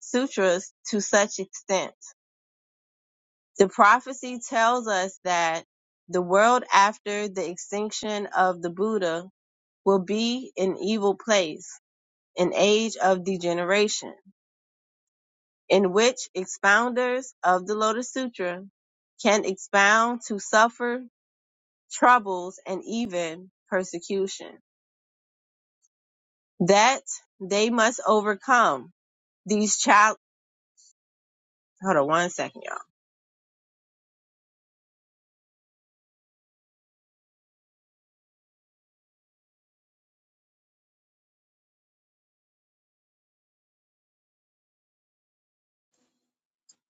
A: sutras to such extent. The prophecy tells us that the world after the extinction of the Buddha will be an evil place, an age of degeneration, in which expounders of the Lotus Sutra can expound to suffer troubles and even persecution that they must overcome these child. Hold on one second, y'all.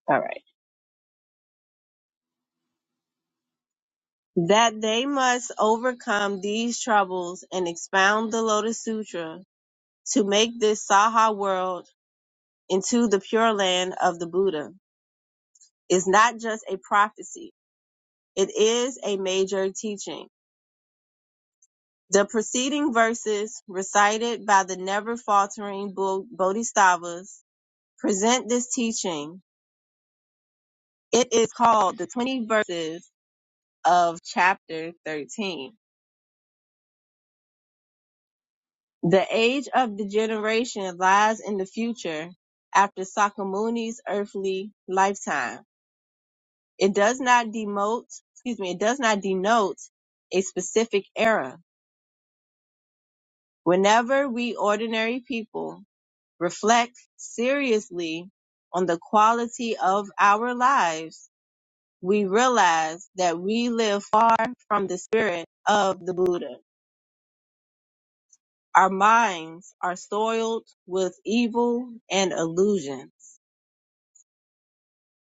A: All right. that they must overcome these troubles and expound the Lotus Sutra to make this Saha world into the pure land of the Buddha is not just a prophecy, it is a major teaching. The preceding verses recited by the never faltering Bo- Bodhisattvas present this teaching. It is called the 20 verses of chapter 13. The age of the generation lies in the future after Sakamuni's earthly lifetime. It does not demote, excuse me, it does not denote a specific era. Whenever we ordinary people reflect seriously on the quality of our lives, we realize that we live far from the spirit of the Buddha. Our minds are soiled with evil and illusions.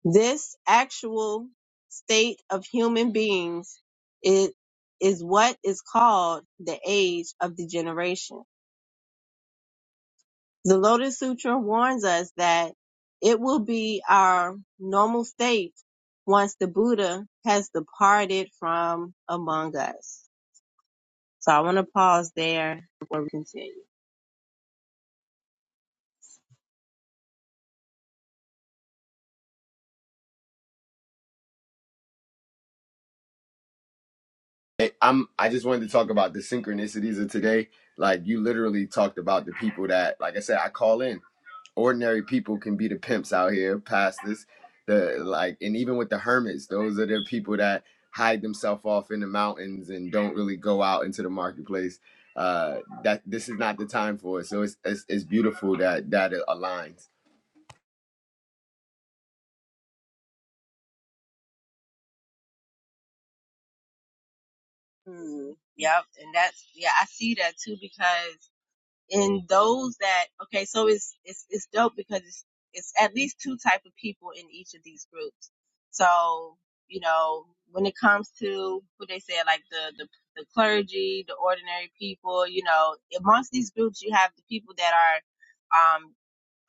A: This actual state of human beings is, is what is called the age of degeneration. The Lotus Sutra warns us that it will be our normal state once the Buddha has departed from among us. So I want to pause there before we continue.
D: Hey, i'm i just wanted to talk about the synchronicities of today like you literally talked about the people that like i said i call in ordinary people can be the pimps out here, pastors, the like, and even with the hermits, those are the people that hide themselves off in the mountains and don't really go out into the marketplace. Uh, that this is not the time for it. So it's it's, it's beautiful that that it aligns.
A: Hmm, yep. And that's, yeah, I see that too because and those that okay so it's it's it's dope because it's it's at least two type of people in each of these groups so you know when it comes to what they say like the the, the clergy the ordinary people you know amongst these groups you have the people that are um,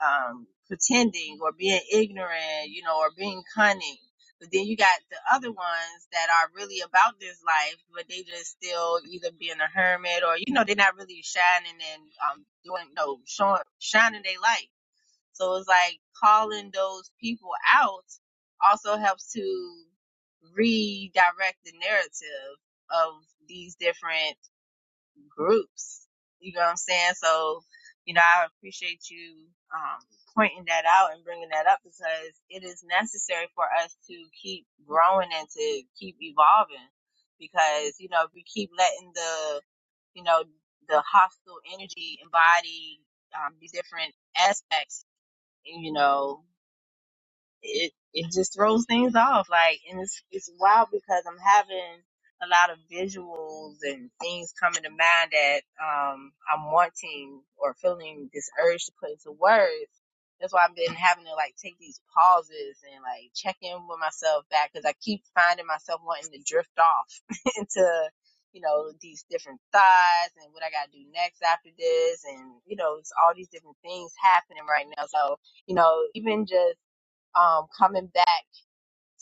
A: um, pretending or being ignorant, you know, or being cunning. But then you got the other ones that are really about this life, but they just still either being a hermit or you know they're not really shining and um doing no showing shining their light. So it's like calling those people out also helps to redirect the narrative of these different groups. You know what I'm saying? So, you know, I appreciate you um, pointing that out and bringing that up because it is necessary for us to keep growing and to keep evolving. Because you know, if we keep letting the, you know, the hostile energy embody um, these different aspects, you know it it just throws things off. Like, and it's it's wild because I'm having a lot of visuals and things coming to mind that um I'm wanting or feeling this urge to put into words. That's why I've been having to like take these pauses and like check in with myself back because I keep finding myself wanting to drift off into you know these different thoughts and what I got to do next after this and you know it's all these different things happening right now. So you know, even just um, coming back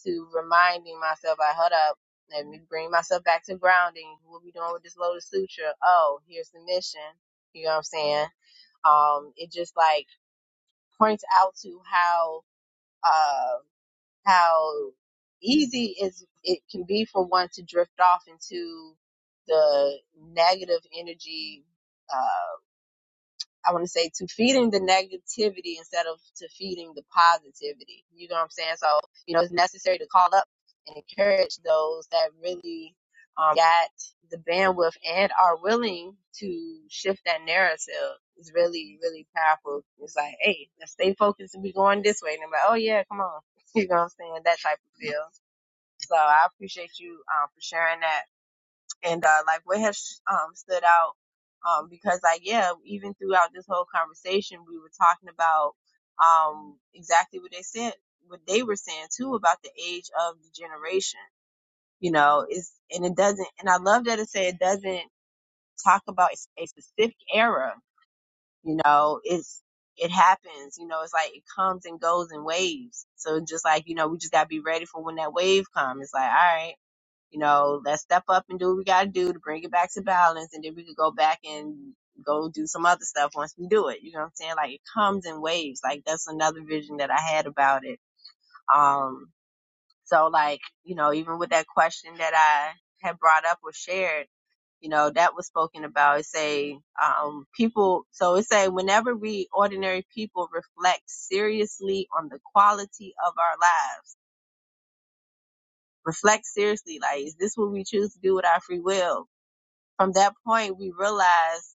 A: to reminding myself, I like, hold up, let me bring myself back to grounding. What we doing with this Lotus Sutra? Oh, here's the mission. You know what I'm saying? Um, it just like points out to how, uh, how easy is it can be for one to drift off into the negative energy, Uh. I want to say to feeding the negativity instead of to feeding the positivity. You know what I'm saying? So, you know, it's necessary to call up and encourage those that really um, got the bandwidth and are willing to shift that narrative. It's really, really powerful. It's like, hey, let's stay focused and be going this way. And I'm like, oh yeah, come on. You know what I'm saying? That type of feel. So I appreciate you um, for sharing that and uh, like what has um, stood out um, because like yeah even throughout this whole conversation we were talking about um, exactly what they said what they were saying too about the age of the generation you know is and it doesn't and i love that it said it doesn't talk about a specific era you know it's it happens you know it's like it comes and goes in waves so just like you know we just got to be ready for when that wave comes it's like all right you know, let's step up and do what we gotta do to bring it back to balance and then we could go back and go do some other stuff once we do it. You know what I'm saying? Like it comes in waves. Like that's another vision that I had about it. Um so like, you know, even with that question that I had brought up or shared, you know, that was spoken about. It say, um, people so it say whenever we ordinary people reflect seriously on the quality of our lives. Reflect seriously, like, is this what we choose to do with our free will? from that point, we realize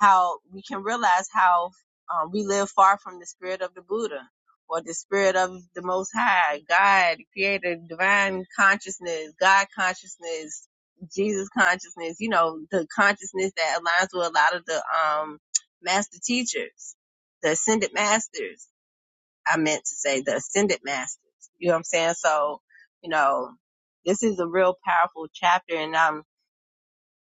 A: how we can realize how um, we live far from the spirit of the Buddha or the spirit of the Most High, God, Creator, Divine Consciousness, God Consciousness, Jesus Consciousness. You know, the consciousness that aligns with a lot of the um, master teachers, the ascended masters. I meant to say the ascended masters. You know what I'm saying? So, you know, this is a real powerful chapter, and I'm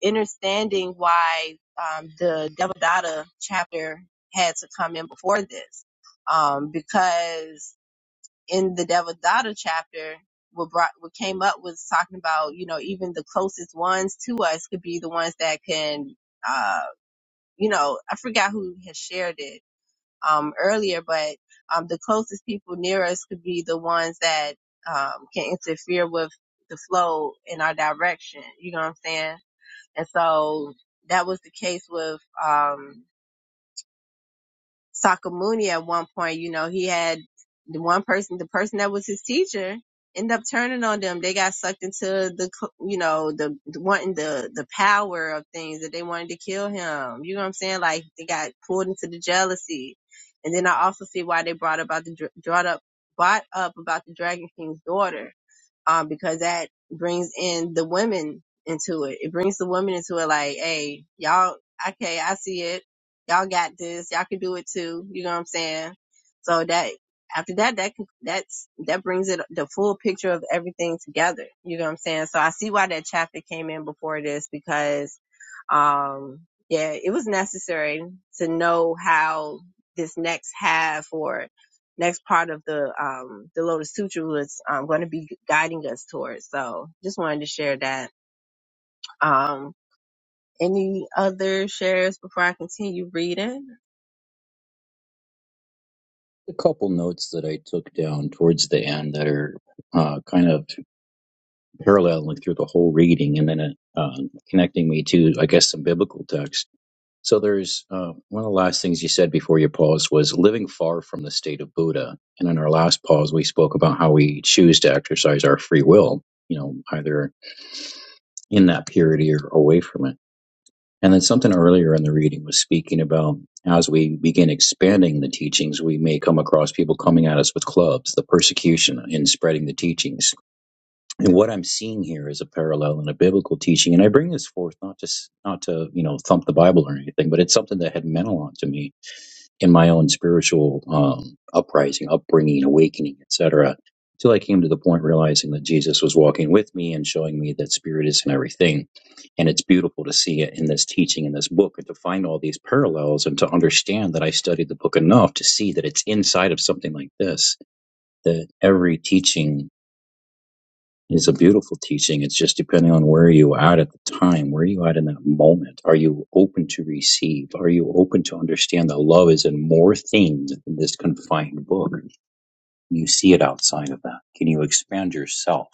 A: understanding why um, the Devadatta chapter had to come in before this, um, because in the Devadatta chapter, what brought what came up was talking about you know even the closest ones to us could be the ones that can uh, you know I forgot who has shared it um, earlier, but um, the closest people near us could be the ones that um, can interfere with the flow in our direction. You know what I'm saying? And so that was the case with um Sakamuni at one point, you know, he had the one person, the person that was his teacher end up turning on them. They got sucked into the, cl- you know, the, the wanting the, the power of things that they wanted to kill him. You know what I'm saying? Like they got pulled into the jealousy. And then I also see why they brought about the, dr- brought up, brought up about the Dragon King's daughter um, because that brings in the women into it. It brings the women into it like, hey, y'all, okay, I see it. Y'all got this. Y'all can do it too. You know what I'm saying? So that, after that, that, can- that's, that brings it, the full picture of everything together. You know what I'm saying? So I see why that chapter came in before this because, um, yeah, it was necessary to know how this next half or next part of the um the Lotus Sutra was um going to be guiding us towards. So just wanted to share that. Um any other shares before I continue reading
C: A couple notes that I took down towards the end that are uh, kind of paralleling through the whole reading, and then it, uh, connecting me to, I guess, some biblical text. So there's uh, one of the last things you said before your pause was living far from the state of Buddha, and in our last pause we spoke about how we choose to exercise our free will. You know, either in that purity or away from it. And then something earlier in the reading was speaking about as we begin expanding the teachings, we may come across people coming at us with clubs, the persecution in spreading the teachings. And what I'm seeing here is a parallel in a biblical teaching. And I bring this forth not to not to you know thump the Bible or anything, but it's something that had meant a lot to me in my own spiritual um, uprising, upbringing, awakening, etc. Till I came to the point realizing that Jesus was walking with me and showing me that spirit is in everything. And it's beautiful to see it in this teaching, in this book, and to find all these parallels and to understand that I studied the book enough to see that it's inside of something like this, that every teaching it's a beautiful teaching. It's just depending on where you are at at the time. Where are you at in that moment? Are you open to receive? Are you open to understand that love is in more things than this confined book? You see it outside of that. Can you expand yourself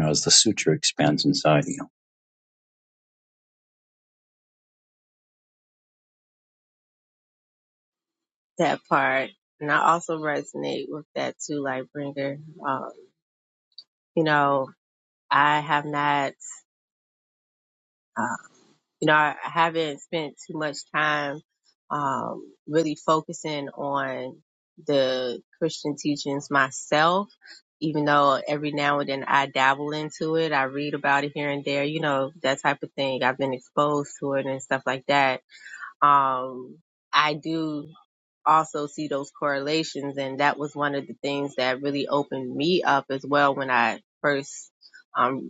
C: as the sutra expands inside of you?
A: that part? And I also resonate with that too, Lightbringer. Um, you know, I have not uh, you know, I I haven't spent too much time um, really focusing on the Christian teachings myself, even though every now and then I dabble into it. I read about it here and there, you know, that type of thing. I've been exposed to it and stuff like that. Um, I do also see those correlations, and that was one of the things that really opened me up as well when I first. um,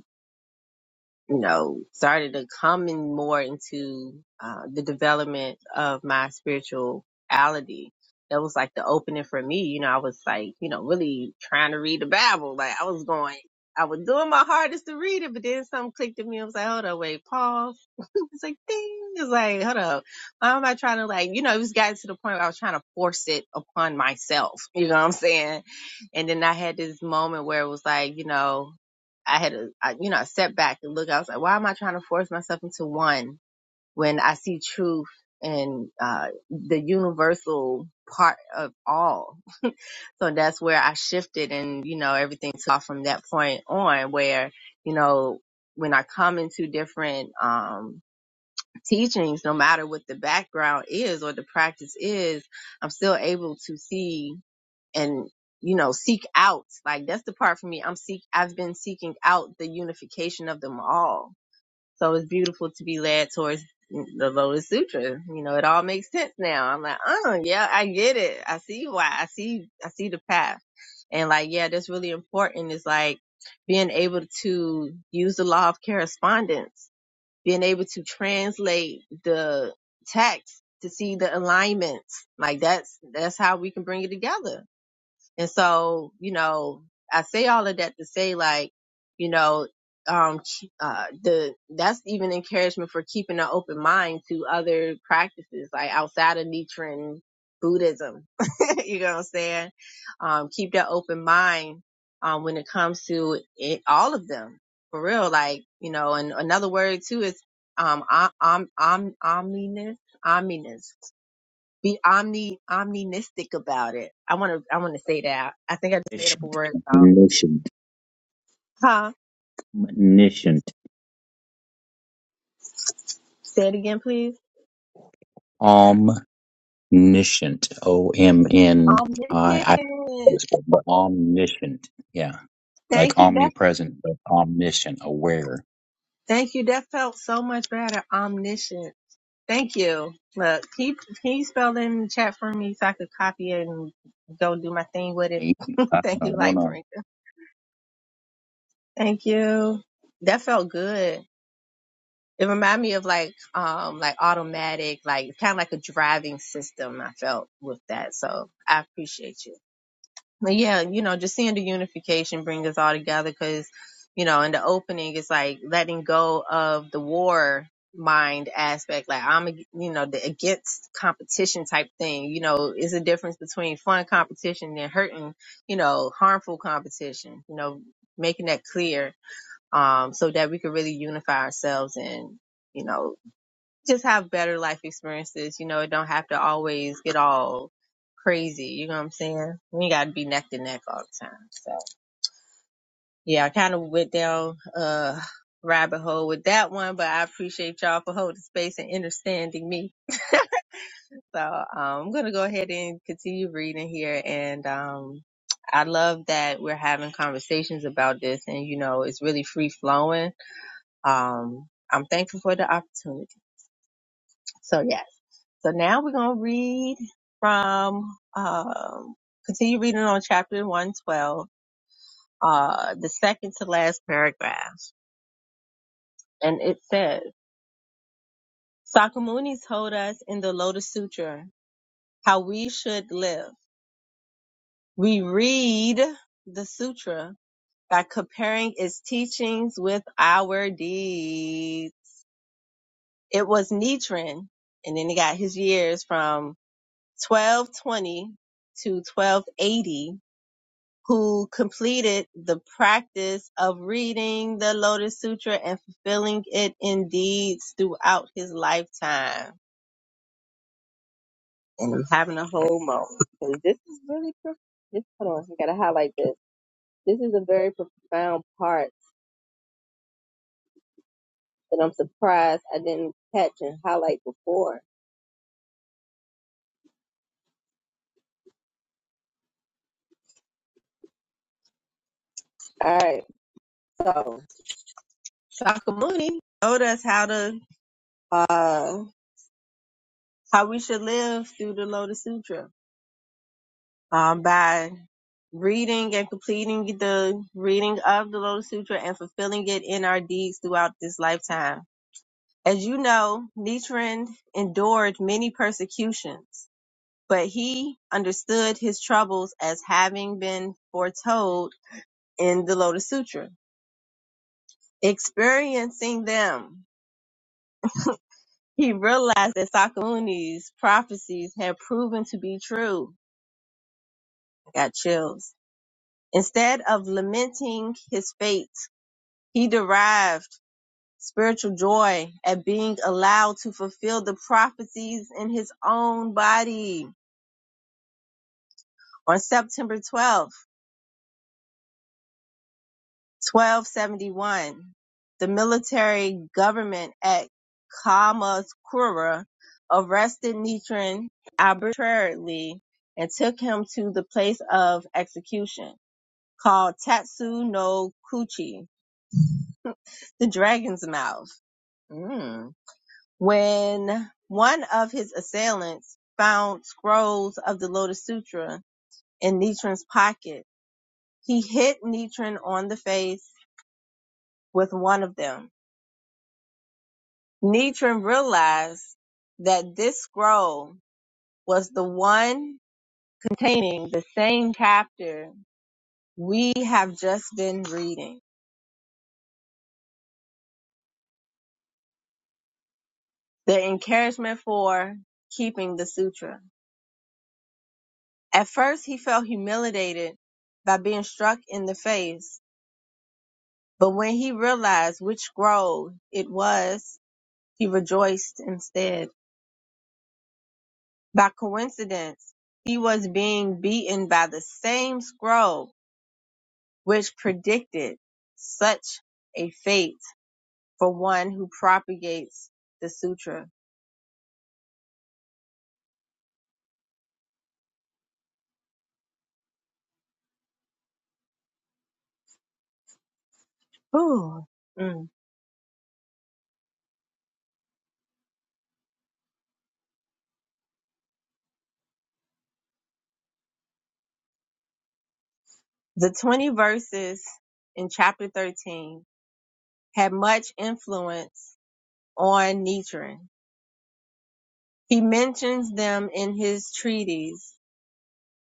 A: you know, started to come in more into uh, the development of my spirituality. That was like the opening for me. You know, I was like, you know, really trying to read the Bible. Like I was going, I was doing my hardest to read it, but then something clicked in me. I was like, hold on, wait, pause it's like ding. It's like, hold up. Why am I trying to like, you know, it was gotten to the point where I was trying to force it upon myself. You know what I'm saying? And then I had this moment where it was like, you know, I had a, I, you know, I stepped back and look. I was like, why am I trying to force myself into one when I see truth and uh, the universal part of all? So that's where I shifted, and you know, everything took off from that point on. Where you know, when I come into different, um, teachings, no matter what the background is or the practice is, I'm still able to see and, you know, seek out. Like that's the part for me. I'm seek, I've been seeking out the unification of them all. So it's beautiful to be led towards the Lotus Sutra. You know, it all makes sense now. I'm like, oh yeah, I get it. I see why. I see, I see the path. And like, yeah, that's really important is like being able to use the law of correspondence being able to translate the text to see the alignments. Like that's that's how we can bring it together. And so, you know, I say all of that to say like, you know, um, uh, the, that's even encouragement for keeping an open mind to other practices, like outside of Nichiren Buddhism. you know what I'm saying? Um, keep that open mind, um, when it comes to it, all of them for real. Like, you know, and another word too is, um, om, om, om, omniness, omniness be omni omnistic about it. I want to I want to say that. I think I just made up a word. So,
C: Omniscient.
A: huh?
C: Omniscient.
A: Say it again, please.
C: Omniscient. O M N I I.
A: Omniscient.
C: Omniscient. Yeah. Like
A: Thank you, Def.
C: omnipresent, but omniscient, aware.
A: Thank you. That felt so much better. Omniscient. Thank you. Look, can you, can you spell it in the chat for me so I could copy it and go do my thing with it?
C: Me, I
A: Thank you,
C: don't know. no.
A: Lightbringer. Thank you. That felt good. It reminded me of like um like automatic, like kind of like a driving system I felt with that. So I appreciate you. But yeah, you know, just seeing the unification bring us all together because, you know, in the opening it's like letting go of the war mind aspect. Like I'm, ag- you know, the against competition type thing, you know, is a difference between fun competition and hurting, you know, harmful competition, you know, making that clear um, so that we can really unify ourselves and, you know, just have better life experiences. You know, it don't have to always get all crazy. You know what I'm saying? We got to be neck to neck all the time. So yeah, I kind of went down uh rabbit hole with that one, but I appreciate y'all for holding space and understanding me. So um, I'm gonna go ahead and continue reading here, and um, I love that we're having conversations about this, and you know, it's really free flowing. Um, I'm thankful for the opportunity. So yeah. So now we're going to read from, um, continue reading on chapter 112, uh, the second to last paragraph. And it says, Sakamuni told us in the Lotus Sutra how we should live. We read the sutra by comparing its teachings with our deeds. It was Nichiren, and then he got his years from 1220 to 1280 who completed the practice of reading the Lotus Sutra and fulfilling it in deeds throughout his lifetime. And I'm having a whole moment 'cause this is really prof- this. Hold on, I gotta highlight this. This is a very profound part that I'm surprised I didn't catch and highlight before. All right, so Shakyamuni told us how to uh how we should live through the Lotus Sutra uh, by reading and completing the reading of the Lotus Sutra and fulfilling it in our deeds throughout this lifetime. As you know, Nichiren endured many persecutions, but he understood his troubles as having been foretold in the Lotus Sutra. Experiencing them, he realized that Sakamuni's prophecies had proven to be true. I got chills. Instead of lamenting his fate, He derived spiritual joy at being allowed to fulfill the prophecies in his own body. On September twelfth, 12, 1271, the military government at Kamakura arrested Nichiren arbitrarily and took him to the place of execution called Tatsu no Kuchi, the dragon's mouth. Mm. When one of his assailants found scrolls of the Lotus Sutra in Nichiren's pocket, he hit Nichiren on the face with one of them. Nichiren realized that this scroll was the one containing the same chapter we have just been reading. The encouragement for keeping the sutra. At first he felt humiliated by being struck in the face But when he realized which grove it was, he rejoiced instead. By coincidence, he was being beaten by the same scroll which predicted such a fate for one who propagates the sutra. Whew. Mm. The 20 verses in chapter 13 had much influence on Nichiren. He mentions them in his treatise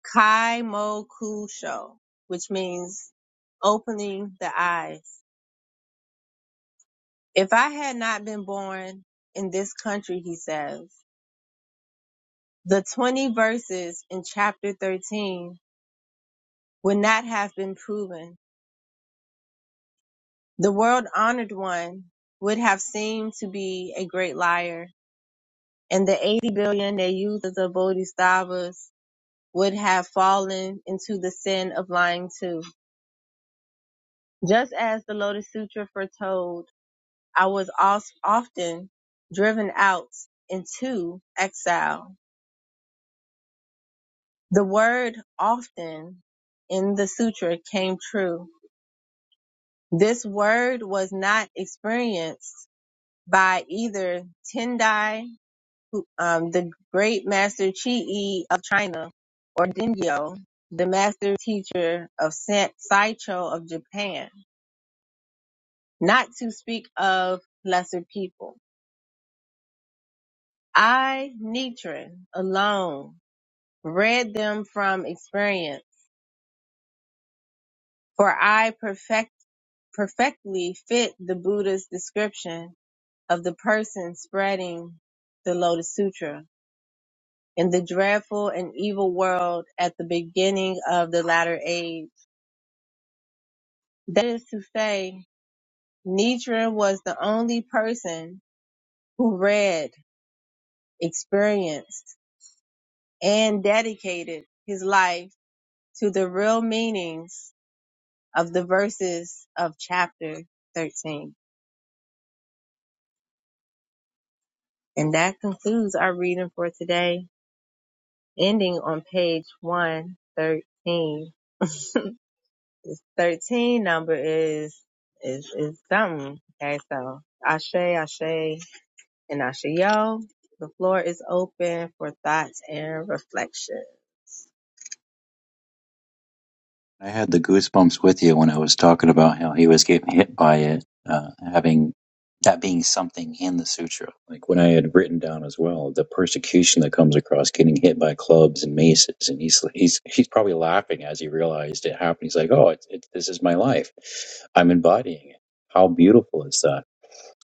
A: Kaimokusho, which means opening the eyes. If I had not been born in this country, he says, the 20 verses in chapter 13 would not have been proven. The world honored one would have seemed to be a great liar, and the 80 billion they used as the bodhisattvas would have fallen into the sin of lying too. Just as the Lotus Sutra foretold I was als- often driven out into exile. The word often in the sutra came true. This word was not experienced by either Tendai, um, the great master Chi'i of China, or Dingyo, the master teacher of San- Saicho of Japan, not to speak of lesser people. I, Nichiren, alone read them from experience, for I perfect, perfectly fit the Buddha's description of the person spreading the Lotus Sutra in the dreadful and evil world at the beginning of the latter age. That is to say, Nietzsche was the only person who read, experienced, and dedicated his life to the real meanings of the verses of chapter 13. And that concludes our reading for today, ending on page 113. This 13 number is, is, is something. Okay, so Ashe, Ashe, and Ashayo. The floor is open for thoughts and reflection.
C: I had the goosebumps with you when I was talking about how he was getting hit by it, uh, having that being something in the sutra. Like when I had written down as well, the persecution that comes across getting hit by clubs and maces, and he's he's he's probably laughing as he realized it happened. He's like, "Oh, it's it, this is my life. I'm embodying it. How beautiful is that?"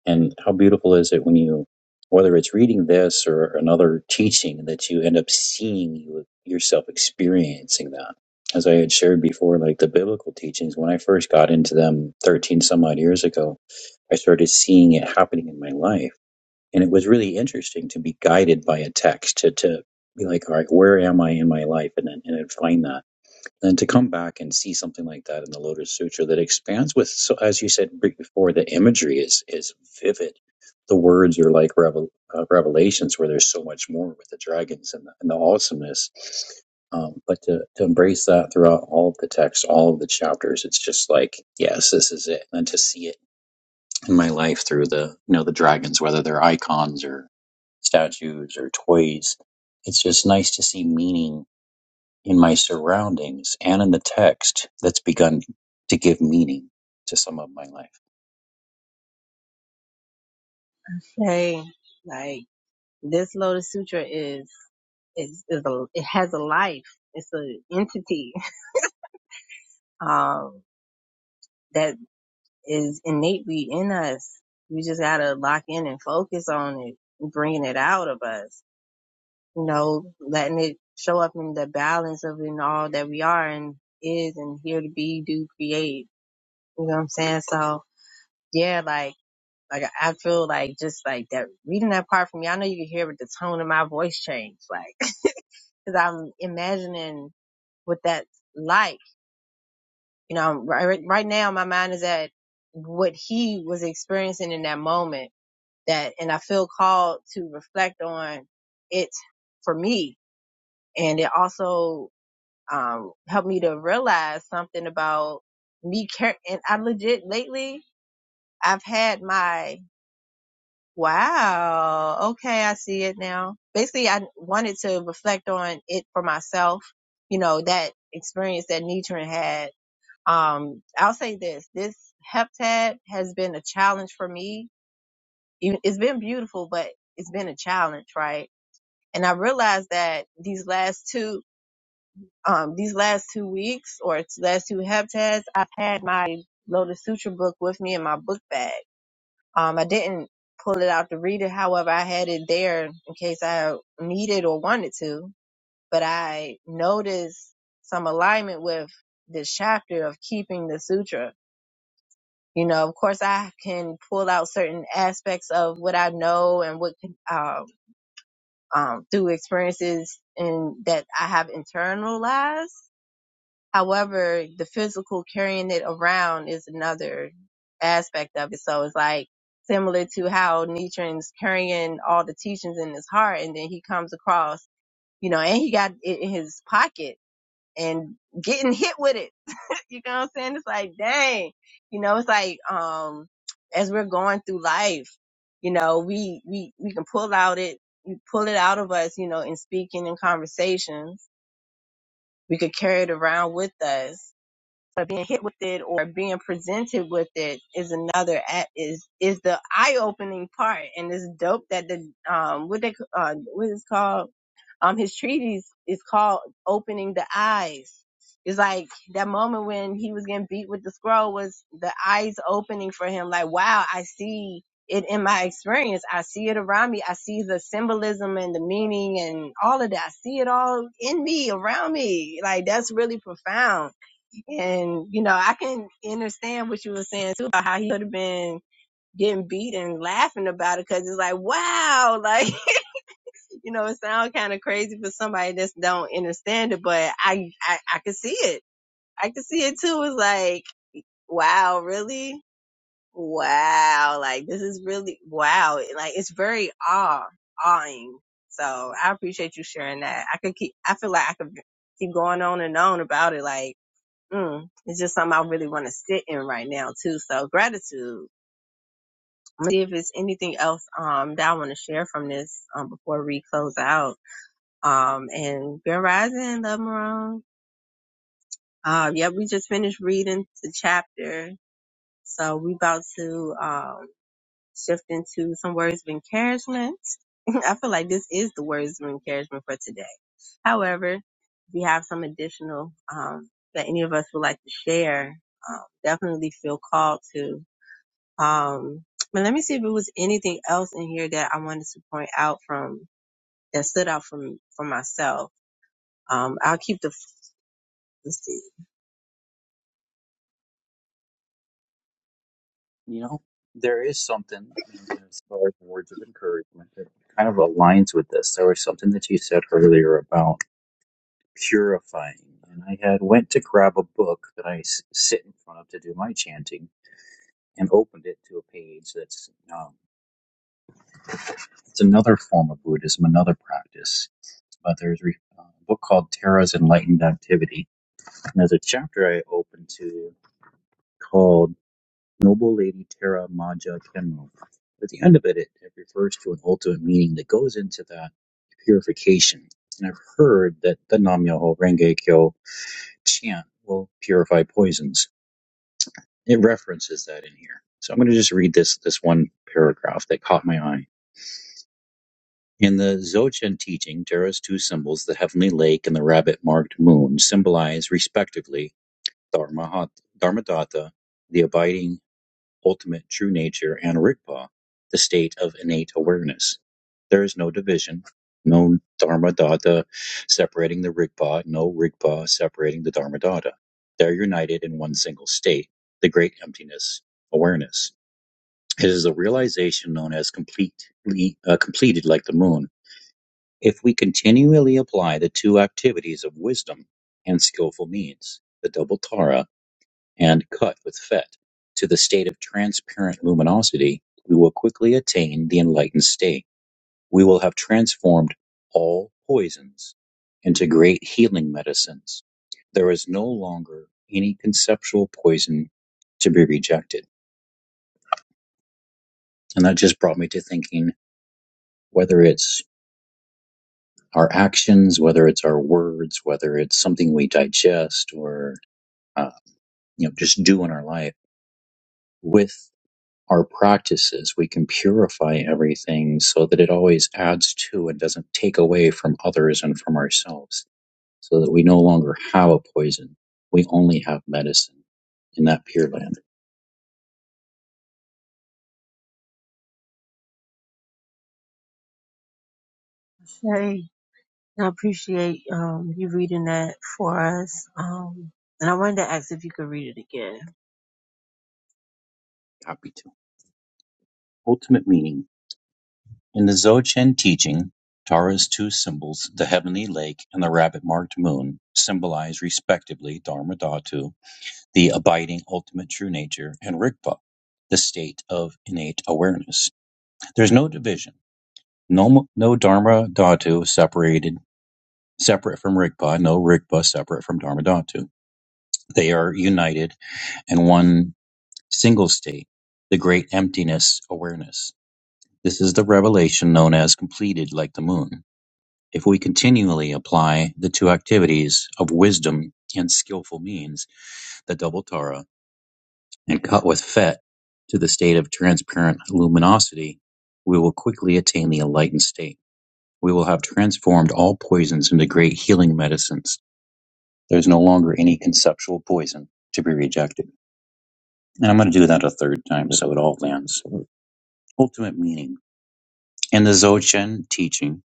C: And how beautiful is it when you, whether it's reading this or another teaching, that you end up seeing you, yourself experiencing that. As I had shared before, like the biblical teachings, when I first got into them 13 some odd years ago, I started seeing it happening in my life. And it was really interesting to be guided by a text, to, to be like, all right, where am I in my life? And then, and then find that. And to come back and see something like that in the Lotus Sutra that expands with, so as you said before, the imagery is is vivid. The words are like revel, uh, revelations where there's so much more with the dragons and the, and the awesomeness. Um, but to, to embrace that throughout all of the text, all of the chapters, it's just like, yes, this is it. And to see it in my life through the, you know, the dragons, whether they're icons or statues or toys, it's just nice to see meaning in my surroundings and in the text that's begun to give meaning to some of my life.
A: Hey, like this Lotus Sutra is, is, is a, it has a life. It's an entity. Um, that is innately in us. We just gotta lock in and focus on it, bringing it out of us, you know, letting it show up in the balance of in all that we are and is and here to be, do, create. You know what I'm saying? So yeah, like, like I feel like just like that reading that part from you, I know you can hear with the tone of my voice change, like, cause I'm imagining what that's like. You know, right, right now my mind is at what he was experiencing in that moment that, and I feel called to reflect on it for me. And it also, um, helped me to realize something about me care. And I legit lately, I've had my, wow, okay, I see it now. Basically, I wanted to reflect on it for myself, you know, that experience that Nitrin had. Um, I'll say this, this heptad has been a challenge for me. Even- It's been beautiful, but it's been a challenge, right? And I realized that these last two, um, these last two weeks or last two heptads, I've had my Lotus Sutra book with me in my book bag. Um, I didn't pull it out to read it. However, I had it there in case I needed or wanted to, but I noticed some alignment with this chapter of keeping the sutra. You know, of course I can pull out certain aspects of what I know and what, um, um, through experiences and that I have internalized. However, the physical carrying it around is another aspect of it. So it's like similar to how Nietzsche's carrying all the teachings in his heart and then he comes across, you know, and he got it in his pocket and getting hit with it you know what I'm saying? It's like, dang, you know, it's like, um, as we're going through life, you know, we, we, we can pull out it, we pull it out of us, you know, in speaking and conversations. We could carry it around with us but being hit with it or being presented with it is another a- is is the eye opening part and it's dope that the um what they uh what is called um his treatise is called opening the eyes it's like that moment when he was getting beat with the scroll was the eyes opening for him like wow i see it in my experience i see it around me i see the symbolism and the meaning and all of that i see it all in me around me like that's really profound and, you know, I can understand what you were saying too about how he could have been getting beat and laughing about it because it's like, wow, like, you know, it sounds kind of crazy for somebody that don't understand it, but I, I, I can see it. I can see it too. It's like, wow, really? Wow. Like, this is really, wow. Like, it's very awe, awing. So I appreciate you sharing that. I could keep, I feel like I could keep going on and on about it. Like, Mm, it's just something I really want to sit in right now too. So gratitude. I'm gonna See if there's anything else um that I want to share from this um before we close out. Um and Grand Rising, Love Marone. Uh yeah, we just finished reading the chapter. So we about to um shift into some words of encouragement. I feel like this is the words of encouragement for today. However, if you have some additional um that any of us would like to share, um, definitely feel called to Um, but let me see if it was anything else in here that I wanted to point out from that stood out from for myself. Um, I'll keep the let's see.
C: You know, There is something in as far as words of encouragement that kind of aligns with this. There was something that you said earlier about purifying, and I had went to grab a book that I s- sit in front of to do my chanting, and opened it to a page that's um, it's another form of Buddhism, another practice. But there's re- uh, a book called Tara's Enlightened Activity, And there's a chapter I opened to called Noble Lady Terra Maja Kenmo. At the end of it, it, it refers to an ultimate meaning that goes into that purification. And I've heard that the Nam Myoho Renge Kyo chant will purify poisons. It references that in here. So I'm going to just read this this one paragraph that caught my eye. In the Dzogchen teaching, Terra's two symbols, the heavenly lake and the rabbit-marked moon, symbolize respectively Dharmahat- Dharmadatta the abiding ultimate true nature and Rigpa, the state of innate awareness. There is no division, no Dharmadada separating the Rigpa, no Rigpa separating the Dharmadada. They're united in one single state, the great emptiness awareness. It is a realization known as completely uh, completed like the moon. If we continually apply the two activities of wisdom and skillful means, the double Tara and cut with fet to the state of transparent luminosity, we will quickly attain the enlightened state. We will have transformed all poisons into great healing medicines. There is no longer any conceptual poison to be rejected. And that just brought me to thinking whether it's our actions, whether it's our words, whether it's something we digest or uh, you know just do in our life. with. our practices, we can purify everything so that it always adds to and doesn't take away from others and from ourselves, so that we no longer have a poison. We only have medicine in that pure land.
A: Hey, I appreciate um you reading that for us. Um, and I wanted to ask if you could read it again.
C: Copy two. Ultimate meaning. In the Dzogchen teaching, Tara's two symbols, the heavenly lake and the rabbit marked moon, symbolize respectively Dharma Dhatu, the abiding ultimate true nature, and Rigpa, the state of innate awareness. There's no division No no Dharma Dhatu separated, separate from Rigpa, no Rigpa separate from Dharma Dhatu. They are united in one single state, the great emptiness awareness. This is the revelation known as completed like the moon. If we continually apply the two activities of wisdom and skillful means, the double Tara, and cut with Fet to the state of transparent luminosity, we will quickly attain the enlightened state. We will have transformed all poisons into great healing medicines. There's no longer any conceptual poison to be rejected. And I'm going to do that a third time so it all lands. Ultimate meaning. In the Dzogchen teaching,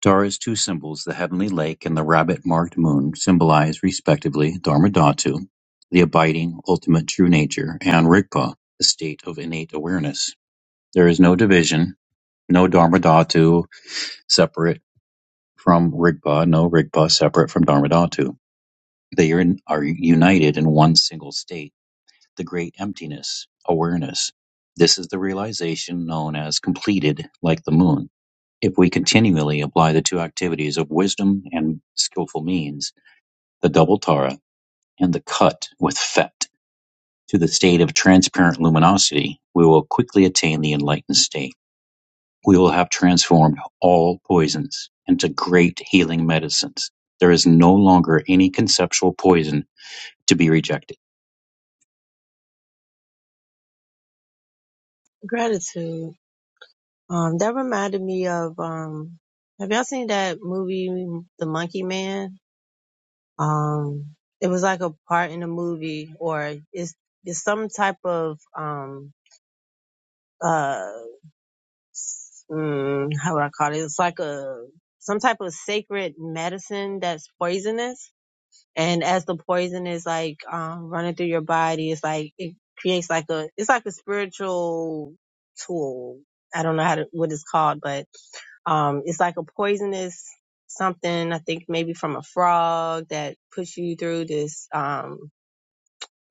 C: Dara's two symbols, the heavenly lake and the rabbit marked moon, symbolize respectively Dharma Dhatu, the abiding ultimate true nature, and Rigpa, the state of innate awareness. There is no division, no Dharma Dhatu separate from Rigpa, no Rigpa separate from Dharma Dhatu. They are in, are united in one single state, the great emptiness, awareness. This is the realization known as completed, like the moon. If we continually apply the two activities of wisdom and skillful means, the double Tara and the cut with Fet, to the state of transparent luminosity, we will quickly attain the enlightened state. We will have transformed all poisons into great healing medicines. There is no longer any conceptual poison to be rejected.
A: Gratitude. Um, that reminded me of um. Have y'all seen that movie, The Monkey Man? Um, it was like a part in a movie, or it's it's some type of um uh mm, how would I call it? It's like a some type of sacred medicine that's poisonous, and as the poison is like um, running through your body, it's like it creates like a it's like a spiritual tool. I don't know how to, what it's called, but um, it's like a poisonous something. I think maybe from a frog that puts you through this um,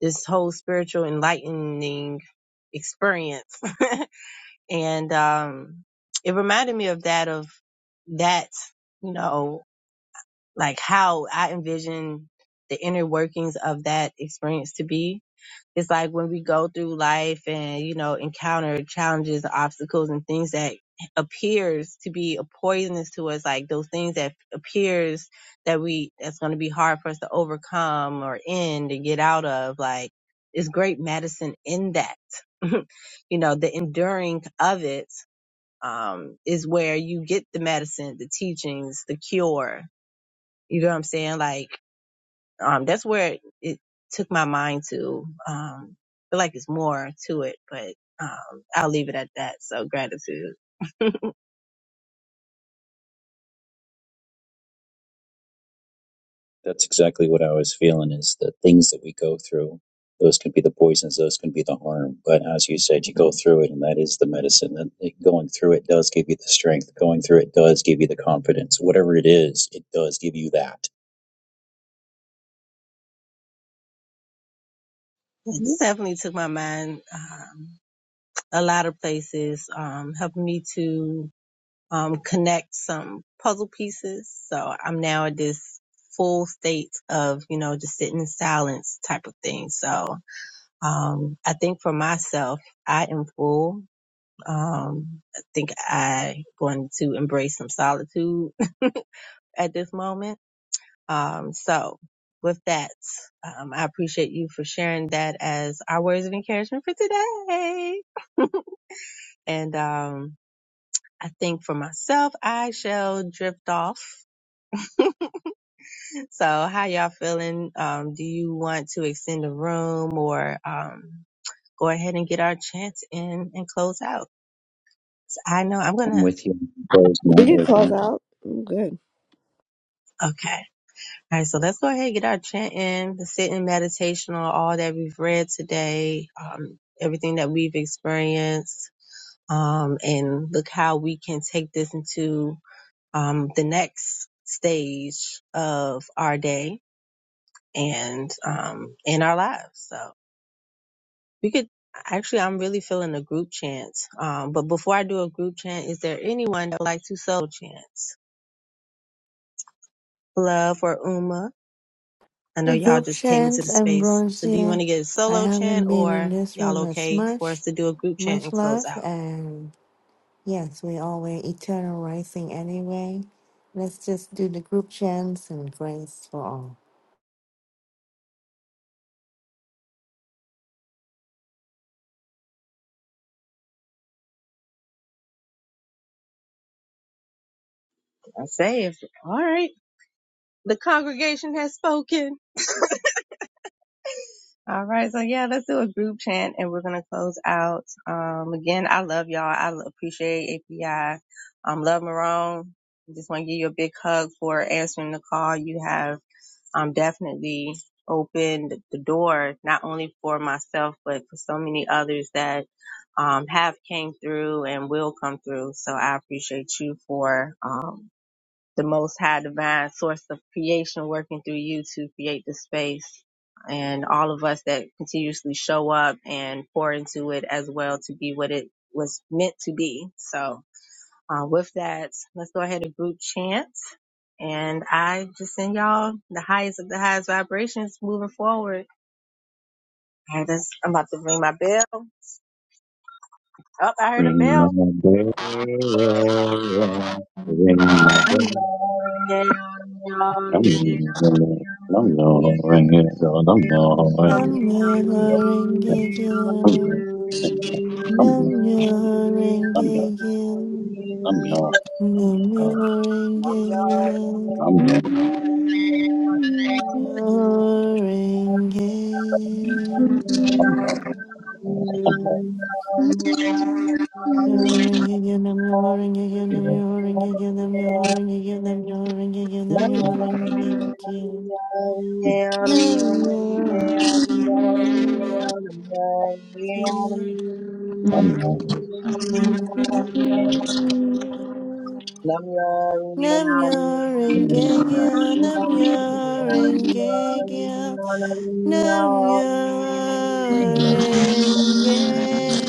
A: this whole spiritual enlightening experience. And, um, it reminded me of that, of that, you know, like how I envision the inner workings of that experience to be. It's like when we go through life and, you know, encounter challenges, obstacles and things that appears to be a poisonous to us, like those things that appears that we that's going to be hard for us to overcome or end and get out of like is great medicine in that you know the enduring of it um, is where you get the medicine, the teachings, the cure. You know what I'm saying? Like, um, that's where it it took my mind to. Um, I feel like it's more to it, but um, I'll leave it at that. So gratitude.
C: That's exactly what I was feeling is the things that we go through. Those can be the poisons, those can be the harm. But as you said, you go through it, and that is the medicine. That that going through it does give you the strength. Going through it does give you the confidence. Whatever it is, it does give you that.
A: This definitely took my mind um, a lot of places, um, helping me to um, connect some puzzle pieces. So I'm now at this full state of, you know, just sitting in silence type of thing. So Um, I think for myself, I am full. Um, I think I going to embrace some solitude at this moment. Um, so with that, um, I appreciate you for sharing that as our words of encouragement for today. And, um, I think for myself, I shall drift off. So how y'all feeling? Um, do you want to extend the room or, um, go ahead and get our chance in and close out? I know I'm going
C: I'm
A: to
C: with you. Bro's
F: We
C: not
F: get
C: with
F: called
C: you.
F: out. I'm good.
A: Okay. All right. So let's go ahead and get our chant in, the sitting meditation on all that we've read today, um, everything that we've experienced, um, and look how we can take this into um, the next stage of our day and um, in our lives. So we could actually, I'm really feeling a group chant. Um, but before I do a group chant, is there anyone that would like to solo chant? Love or Uma? I know y'all
G: Regroup
A: just came into the space. So do you
G: Ambrosia.
A: want to get a
G: I
A: solo chant
G: haven't been in
A: or
G: this
A: y'all
G: room as
A: okay for us
G: much.
A: to do a group chant and
G: Much
A: close
G: love,
A: out?
G: and yes, we all were eternal rising anyway. Let's just do the group chants and grace for all.
A: I say if all right. The congregation has spoken. All right, so yeah, let's do a group chant and we're gonna close out. Um again, I love y'all. I lo- appreciate API. Um love Marone. Just wanna give you a big hug for answering the call. You have um, definitely opened the door not only for myself but for so many others that um, have came through and will come through. So I appreciate you for um, the Most High Divine Source of Creation working through you to create the space. And all of us that continuously show up and pour into it as well to be what it was meant to be. So, uh, with that, let's go ahead and group chant. And I just send y'all the highest of the highest vibrations moving forward. All right, that's, I'm about to ring my bell. Oh, I heard a
C: Ring my bell. Ring my bell. I'm ringing it. I'm gonna ring it. girl. I'm gonna ring it.
G: Namyo
C: girl. I'm gonna
G: Horenge
C: ring
G: Kyo.
C: it. I'm gonna ring
G: Namyo
C: it.
G: Horenge Kyo.
C: I'm young.
G: Namyo
C: and
G: Horenge Kyo.
C: I'm young.
G: Namyo Horenge Kyo.
C: I'm young. and I'm young.
G: Namyo
C: and I'm
A: bell.
C: young. I'm young.
A: Namya